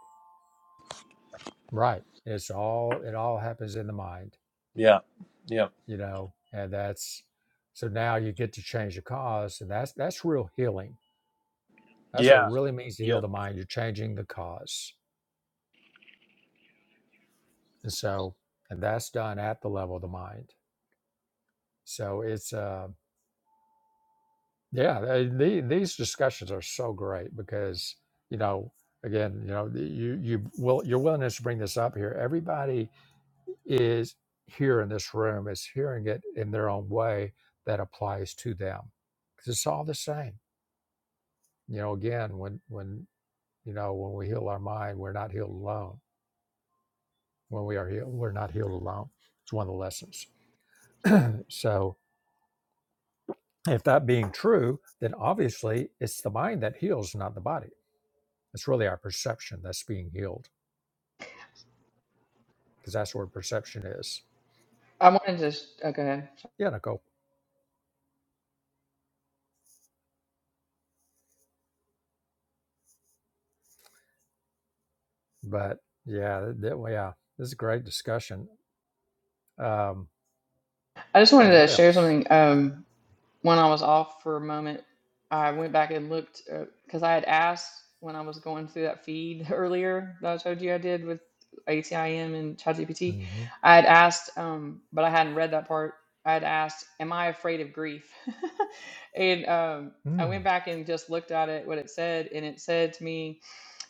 S2: Right. It's all it all happens in the mind,
S6: yeah yeah
S2: you know. And that's so now you get to change the cause, and that's that's real healing. That's what it
S6: yeah
S2: really means to
S6: yeah,
S2: heal the mind. You're changing the cause, and so and that's done at the level of the mind. So it's um Yeah, they, the- these discussions are so great because you know, again, you know, the- you you will your willingness to bring this up here. Everybody is here in this room is hearing it in their own way that applies to them because it's all the same. You know, again, when when you know when we heal our mind, we're not healed alone. When we are healed, we're not healed alone. It's one of the lessons. So, if that being true, then obviously it's the mind that heals, not the body It's really our perception that's being healed because that's where perception is.
S5: I wanted to, s- oh, go ahead.
S2: Yeah, Nicole. But yeah, that, that- well, yeah, this is a great discussion. Um,
S5: I just
S2: okay,
S5: wanted to
S2: what
S5: share
S2: else?
S5: something. Um, when I was off for a moment, I went back and looked because I had asked when I was going through that feed earlier that I told you I did with ATIM and ChatGPT.
S2: Mm-hmm.
S5: I had asked, um, but I hadn't read that part. I had asked, "Am I afraid of grief?" and um, I
S2: Mm-hmm.
S5: went back and just looked at it, what it said, and it said to me,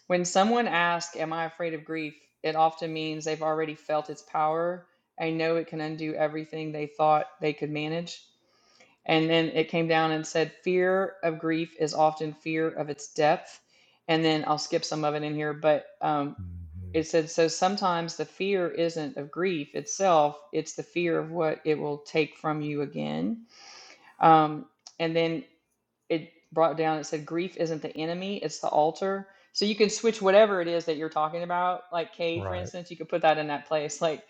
S5: "When someone asks, 'Am I afraid of grief?' it often means they've already felt its power. I know it can undo everything they thought they could manage." And then it came down and said, Fear of grief is often fear of its depth. And then I'll skip some of it in here, but um,
S2: hmm
S5: it said, So sometimes the fear isn't of grief itself, it's the fear of what it will take from you again. Um, and then it brought down it said grief isn't the enemy it's the altar so you can switch whatever it is that you're talking about like Cade, for
S2: Right,
S5: instance you could put that in that place like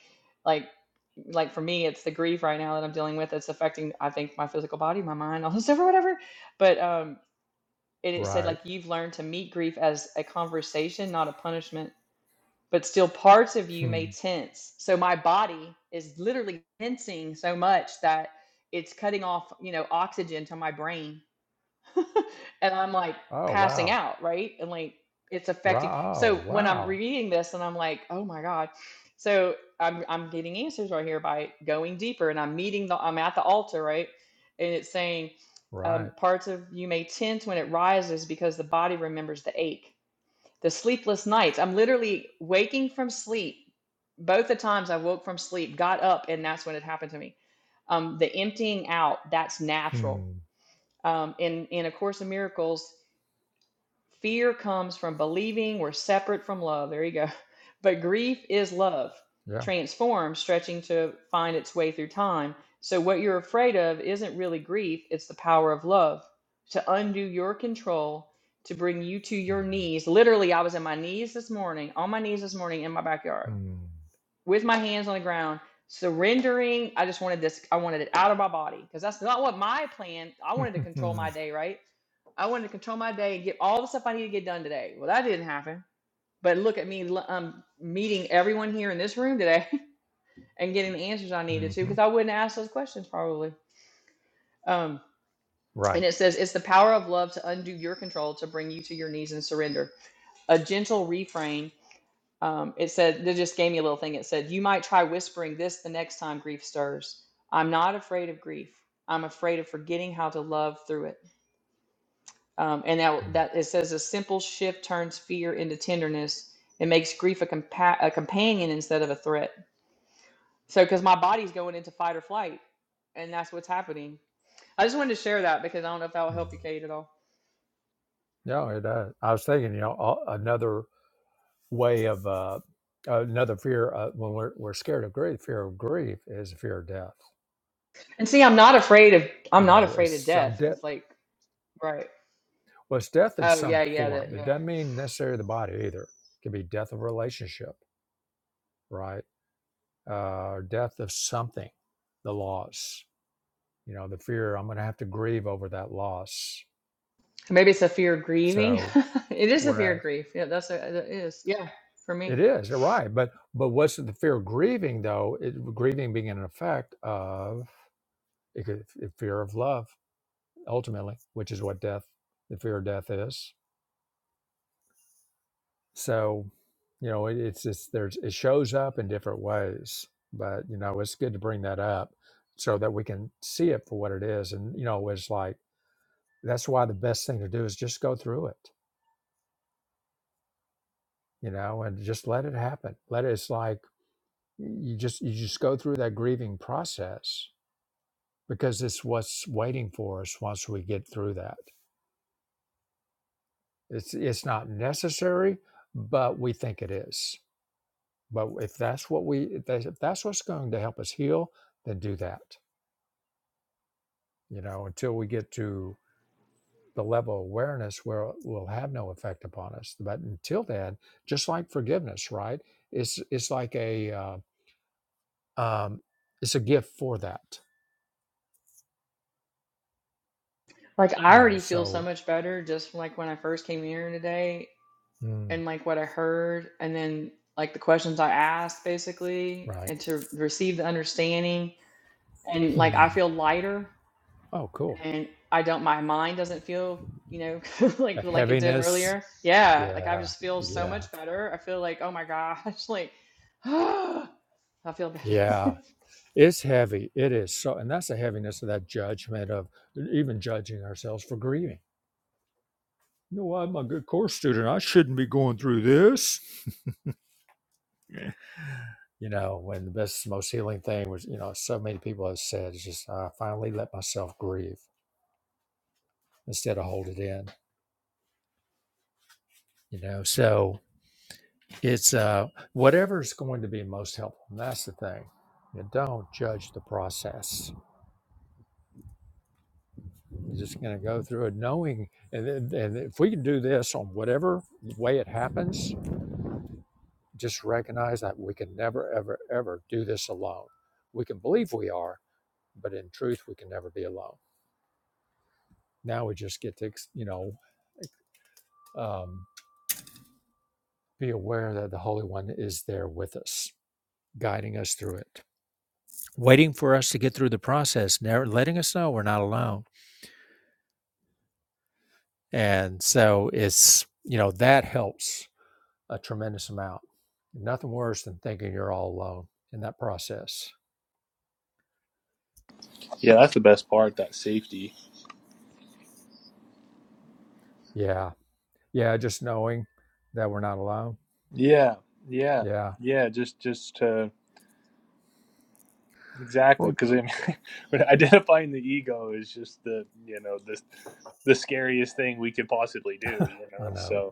S5: like like for me it's the grief right now that i'm dealing with it's affecting i think my physical body my mind all this stuff or whatever but um it, it said
S2: right.
S5: like you've learned to meet grief as a conversation not a punishment but still parts of you
S2: Hmm.
S5: may tense so my body is literally tensing so much that it's cutting off you know oxygen to my brain and I'm like
S2: Oh,
S5: passing
S2: wow.
S5: out, right? And like it's affecting.
S2: Right.
S5: So
S2: Oh,
S5: when I'm
S2: wow.
S5: reading this and I'm like, oh my God. So I'm I'm getting answers right here by going deeper and I'm meeting the I'm at the altar, right? And it's saying, um,
S2: Right.
S5: parts of you may tense when it rises because the body remembers the ache. The sleepless nights. I'm literally waking from sleep. Both the times I woke from sleep, got up, and that's when it happened to me. Um, the emptying out, that's natural
S2: Hmm.
S5: um, in in a course in miracles fear comes from believing we're separate from love there you go but grief is love
S2: Yeah.
S5: transformed stretching to find its way through time so what you're afraid of isn't really grief it's the power of love to undo your control to bring you to your knees literally i was on my knees this morning on my knees this morning in my backyard
S2: Mm-hmm.
S5: with my hands on the ground, surrendering. I just wanted this, I wanted it out of my body because that's not what my plan. I wanted to control
S2: hmm,
S5: my day, right? I wanted to control my day and get all the stuff I need to get done today. Well, that didn't happen. But look at me l- um, meeting everyone here in this room today and getting the answers I needed to
S2: mm-hmm.
S5: because I wouldn't ask those questions probably. Um,
S2: Right.
S5: and it says, it's the power of love to undo your control to bring you to your knees and surrender. A gentle reframe Um, it said, they just gave me a little thing. It said, You might try whispering this the next time grief stirs. I'm not afraid of grief. I'm afraid of forgetting how to love through it. Um, and that,
S2: Mm-hmm.
S5: that it says, A simple shift turns fear into tenderness. It makes grief a, compa- a companion instead of a threat. So, because my body's going into fight or flight, and that's what's happening. I just wanted to share that because I don't know if that will help you, Kate, at all.
S2: Yeah, it does. I was thinking, you know, a- another. way of uh, another fear uh, when we're, we're scared of grief fear of grief is the fear of death
S5: And see, I'm not afraid of I'm
S2: you
S5: not
S2: know it's
S5: afraid of
S2: some
S5: death
S2: death
S5: because, like, right?
S2: well it's death in
S5: Oh
S2: some
S5: yeah, yeah, that
S2: form it
S5: yeah.
S2: doesn't mean necessarily the body either it can be death of relationship right uh, or death of something the loss you know the fear i'm going to have to grieve over that loss
S5: Maybe it's a fear of grieving.
S2: so
S5: It is a fear of
S2: whereas
S5: grief. Yeah, that's a, it is. Yeah, for
S2: it
S5: me.
S2: is you're right but but what's the fear of grieving though it, grieving being an effect of it could, fear of love ultimately, which is what death, the fear of death is. So, you know, it, it's it's there's it shows up in different ways, but you know, it's good to bring that up so that we can see it for what it is. And you know, it's like that's why the best thing to do is just go through it, you know, and just let it happen. Let it. It's like you just you just go through that grieving process because it's what's waiting for us once we get through that. It's it's not necessary, but we think it is But if that's what we, if that's if that's what's going to help us heal, then do that. You know, until we get to the level of awareness where it will have no effect upon us. But until then, just like forgiveness, right? It's it's like a uh, um, it's a gift for that.
S5: Like I
S2: You know,
S5: already feel so
S2: so
S5: much better just from like when I first came here today
S2: mm,
S5: and like what I heard and then like the questions I asked basically
S2: right.
S5: and to receive the understanding and like I
S2: Mm.
S5: feel lighter
S2: Oh, cool.
S5: and I don't my mind doesn't feel, you know, like
S2: That
S5: like it did
S2: heaviness.
S5: earlier. Yeah, like I
S2: Yeah,
S5: just feel so
S2: yeah,
S5: much better. I feel like, oh my gosh, like I feel
S2: yeah.
S5: better.
S2: It's heavy. It is so, and that's the heaviness of that judgment of even judging ourselves for grieving no, I'm a good course student. I shouldn't be going through this. you know, when the best, most healing thing was, you know, so many people have said, it's just, I finally let myself grieve instead of hold it in, you know. So it's uh, whatever's going to be most helpful. And that's the thing. You don't judge the process. You're just going to go through it knowing. And, then- and if we can do this on whatever way it happens, just recognize that we can never, ever, ever do this alone. We can believe we are, but in truth we can never be alone now we just get to you know um, be aware that the holy one is there with us guiding us through it waiting for us to get through the process never letting us know we're not alone and so it's you know that helps a tremendous amount nothing worse than thinking you're all alone in that process
S6: yeah that's the best part that safety
S2: yeah yeah just knowing that we're not alone
S6: yeah yeah
S2: yeah
S6: yeah just just to exactly
S2: Well,
S6: because I mean, when identifying the ego is just the you know the the scariest thing we could possibly do you
S2: i
S6: know
S2: know
S6: so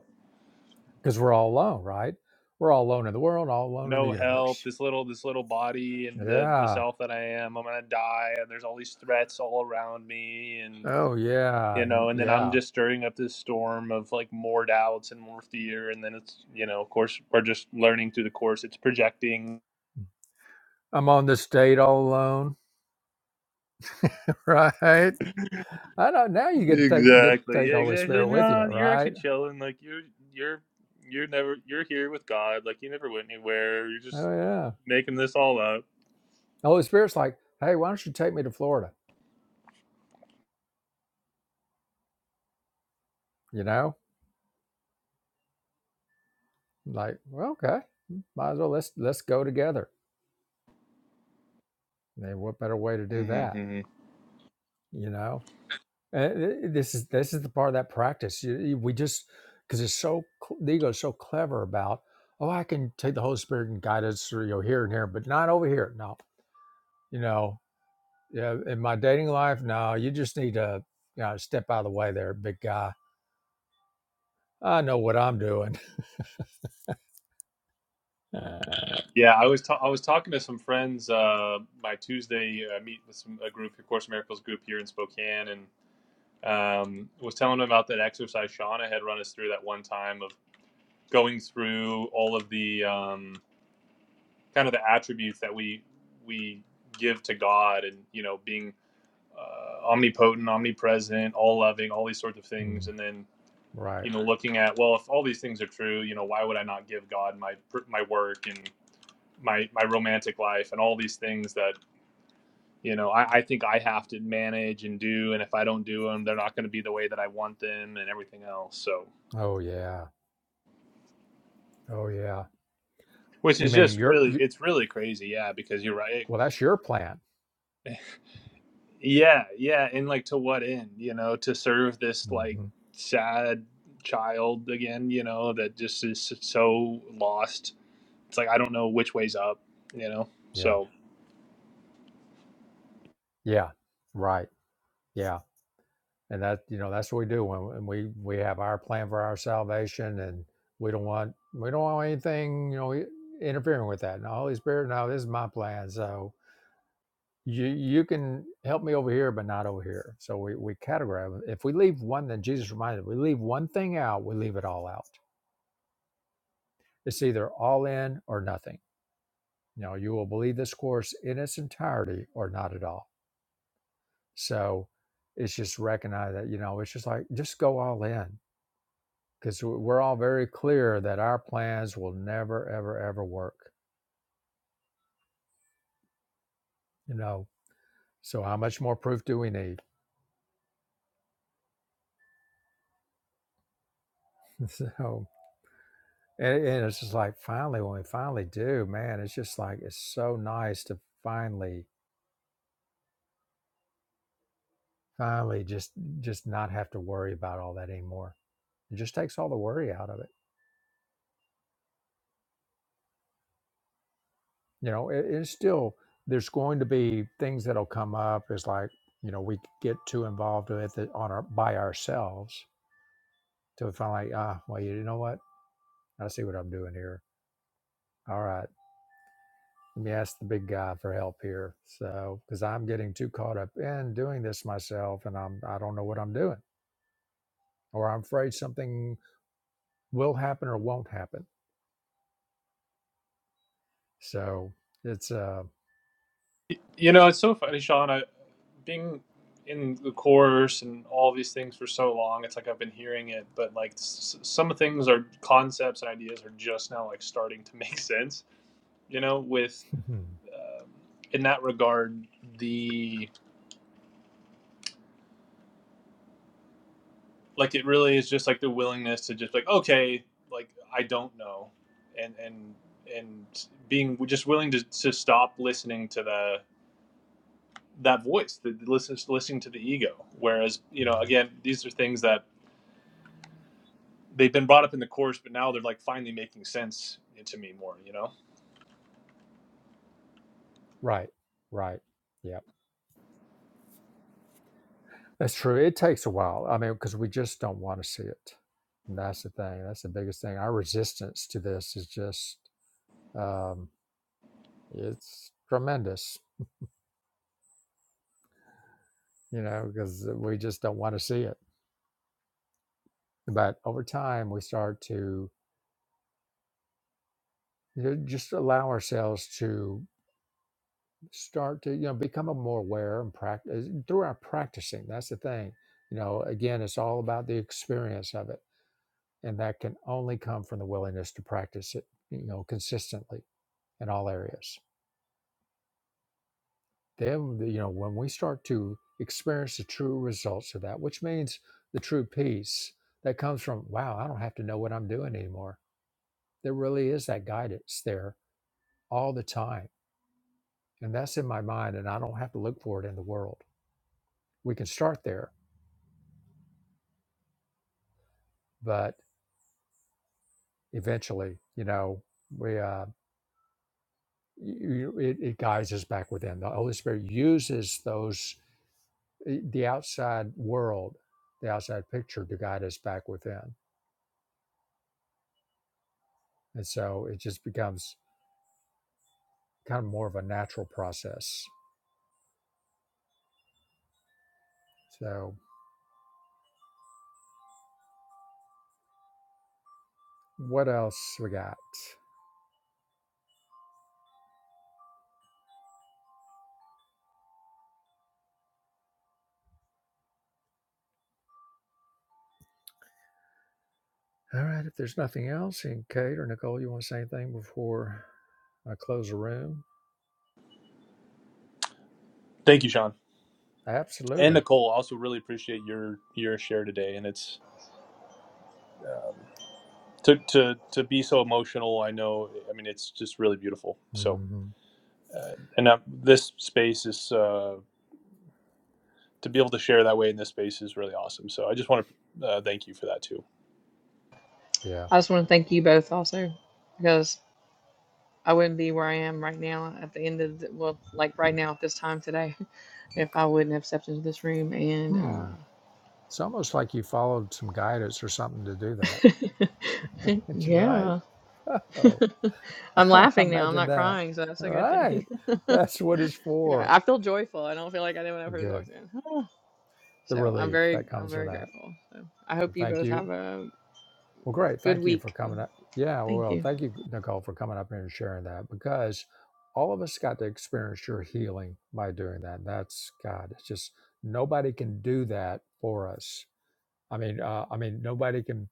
S2: because we're all alone right we're all alone in the world all alone in the
S6: no help
S2: universe
S6: this little this little body and the the
S2: Yeah.
S6: self that i am i'm gonna die and there's all these threats all around me and
S2: Oh, yeah.
S6: you
S2: n-
S6: know and then i'm
S2: Yeah.
S6: just stirring up this storm of like more doubts and more fear and then it's you know of course we're just learning through the course it's projecting
S2: I'm on this date all alone, right? I know. Now you get to take get to
S6: exactly
S2: take
S6: yeah
S2: the Holy
S6: exactly
S2: Spirit with you,
S6: no you're actually
S2: right?
S6: chilling like you're you're you're never you're here with god like you never went anywhere you're just
S2: Oh, yeah.
S6: making this all up
S2: The Holy Spirit's like, hey, why don't you take me to Florida? You know, like, well, okay, might as well let's let's go together. And what better way to do that? You know, and it- it- this is this is the part of that practice. You, you, we just because it's so cl- the ego is so clever about. Oh, I can take the Holy Spirit and guide us through you know, here and here, but not over here. No, you know, yeah, in my dating life, no, you just need to you know, step out of the way there, big guy. I know what I'm doing. Uh,
S6: Yeah, I was ta- I was talking to some friends. Uh, my Tuesday uh, meet with some, a group, a Course in Miracles group here in Spokane, and um, was telling them about that exercise Shauna had run us through that one time of going through all of the um, kind of the attributes that we we give to God, and you know, being uh, omnipotent, omnipresent, all loving, all these sorts of things,
S2: mm,
S6: and then
S2: right.
S6: you know, looking at well, if all these things are true, you know, why would I not give God my my work and my my romantic life and all these things that you know I, I think i have to manage and do and if i don't do them they're not going to be the way that i want them and everything else so
S2: Oh, yeah. Oh, yeah.
S6: which
S2: You
S6: is
S2: mean
S6: just
S2: your,
S6: really
S2: you,
S6: it's really crazy yeah because you're right
S2: well, that's your plan.
S6: yeah yeah and like to what end you know to serve this like
S2: hmm
S6: sad child again you know that just is so lost it's like i don't know which way's up you know
S2: Yeah.
S6: so
S2: Yeah. Right. Yeah. And that, you know, that's what we do when, when we, we have our plan for our salvation and we don't want, we don't want anything, you know, interfering with that. No, Holy Spirit, no, this is my plan. So, you you can help me over here but not over here so we, we categorize if we leave one then jesus reminded us, we leave one thing out we leave it all out it's either all in or nothing you know you will believe this course in its entirety or not at all so it's just recognize that you know it's just like just go all in because we're all very clear that our plans will never ever ever work you know so how much more proof do we need so And, and it's just like finally, when we finally do, man, it's just like it's so nice to finally, finally just just not have to worry about all that anymore. It just takes all the worry out of it. You know, it, it's still there's going to be things that'll come up. It's like you know we get too involved with it on our by ourselves to finally ah well you know what I see what I'm doing here. All right, let me ask the big guy for help here. So because I'm getting too caught up in doing this myself, and I'm I don't know what I'm doing or I'm afraid something will happen or won't happen. So it's uh
S6: you know it's so funny sean I. being in the course and all these things for so long, it's like I've been hearing it, but like s- some things are concepts and ideas are just now like starting to make sense. You know, with um, in that regard, the like it really is just like the willingness to just like okay, like I don't know, and and and being just willing to to stop listening to the that voice, the, the listen, listening to the ego. Whereas you know,
S2: yeah.
S6: again, these are things that they've been brought up in the course, but now they're like finally making sense to me more. You know.
S2: Right. Right. Yeah. That's true. It takes a while. I mean, because we just don't want to see it. And that's the thing. That's the biggest thing. Our resistance to this is just um it's tremendous, you know, because we just don't want to see it. But over time we start to you know, just allow ourselves to start to you know become a more aware and practice through our practicing that's the thing you know again it's all about the experience of it and that can only come from the willingness to practice it you know consistently in all areas then you know when we start to experience the true results of that which means the true peace that comes from wow i don't have to know what i'm doing anymore there really is that guidance there all the time and that's in my mind and i don't have to look for it in the world we can start there but eventually, you know, we uh, you, it, it guides us back within. The Holy Spirit uses those eh, the outside world, the outside picture, to guide us back within, and so it just becomes kind of more of a natural process. So, what else we got? All right, if there's nothing else, and Kate or Nicole, you want to say anything before I close the room?
S6: Thank you, Sean and
S2: Absolutely.
S6: Nicole. Also, really appreciate your your share today, and it's um, to to to be so emotional. I know. I mean, it's just really beautiful. So,
S2: hmm
S6: uh, and that, this space is uh, to be able to share that way in this space is really awesome. So, I just want to uh, thank you for that too.
S2: Yeah.
S5: I just want to thank you both also because I wouldn't be where I am right now at the end of the, well, like right now at this time today, if I wouldn't have stepped into this room and
S2: Hmm.
S5: uh,
S2: It's almost like you followed some guidance or something to do that. That's right.
S5: yeah,
S2: Oh,
S5: I'm laughing now. I'm
S2: imagine
S5: not
S2: that.
S5: crying, so that's a good
S2: Right,
S5: thing.
S2: That's what it's
S5: yeah,
S2: for.
S5: I feel joyful. I don't feel like I did when I first
S2: Good.
S5: walked in.
S2: The
S5: So I'm
S2: relief
S5: very,
S2: that
S5: I'm
S2: comes from
S5: very
S2: that.
S5: grateful. So I
S2: Well,
S5: hope you
S2: thank
S5: both
S2: you.
S5: have a
S2: Well, great.
S5: good
S2: Thank you for
S5: week.
S2: coming up. Yeah,
S5: Thank
S2: well,
S5: you.
S2: thank you, Nicole, for coming up here and sharing that because all of us got to experience your healing by doing that. That's God. It's just nobody can do that for us. I mean, uh, I mean, nobody can.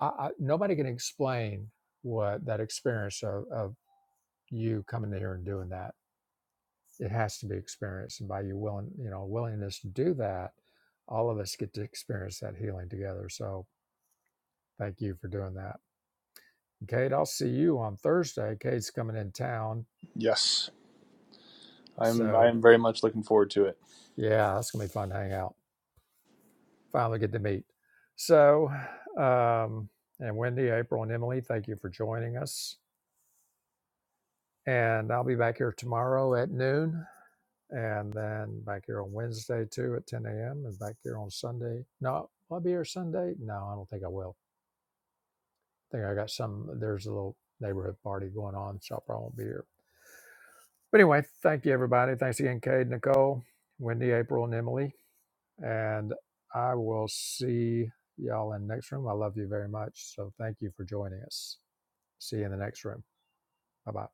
S2: I, I, nobody can explain what that experience of, of you coming here and doing that it has to be experienced and by you willing you know willingness to do that all of us get to experience that healing together so thank you for doing that kate i'll see you on thursday kate's coming in town
S6: Yes, I'm
S2: so
S6: I'm very much looking forward to it.
S2: yeah that's gonna be fun to hang out finally get to meet so um and wendy april and emily thank you for joining us and i'll be back here tomorrow at noon and then back here on wednesday too at 10 a.m and back here on sunday no i'll be here sunday no i don't think i will think I got some. There's a little neighborhood party going on, so I probably won't be here. But anyway, thank you everybody. Thanks again, Cade, Nicole, Wendy, April, and Emily. And I will see y'all in the next room. I love you very much. So thank you for joining us. See you in the next room. Bye bye.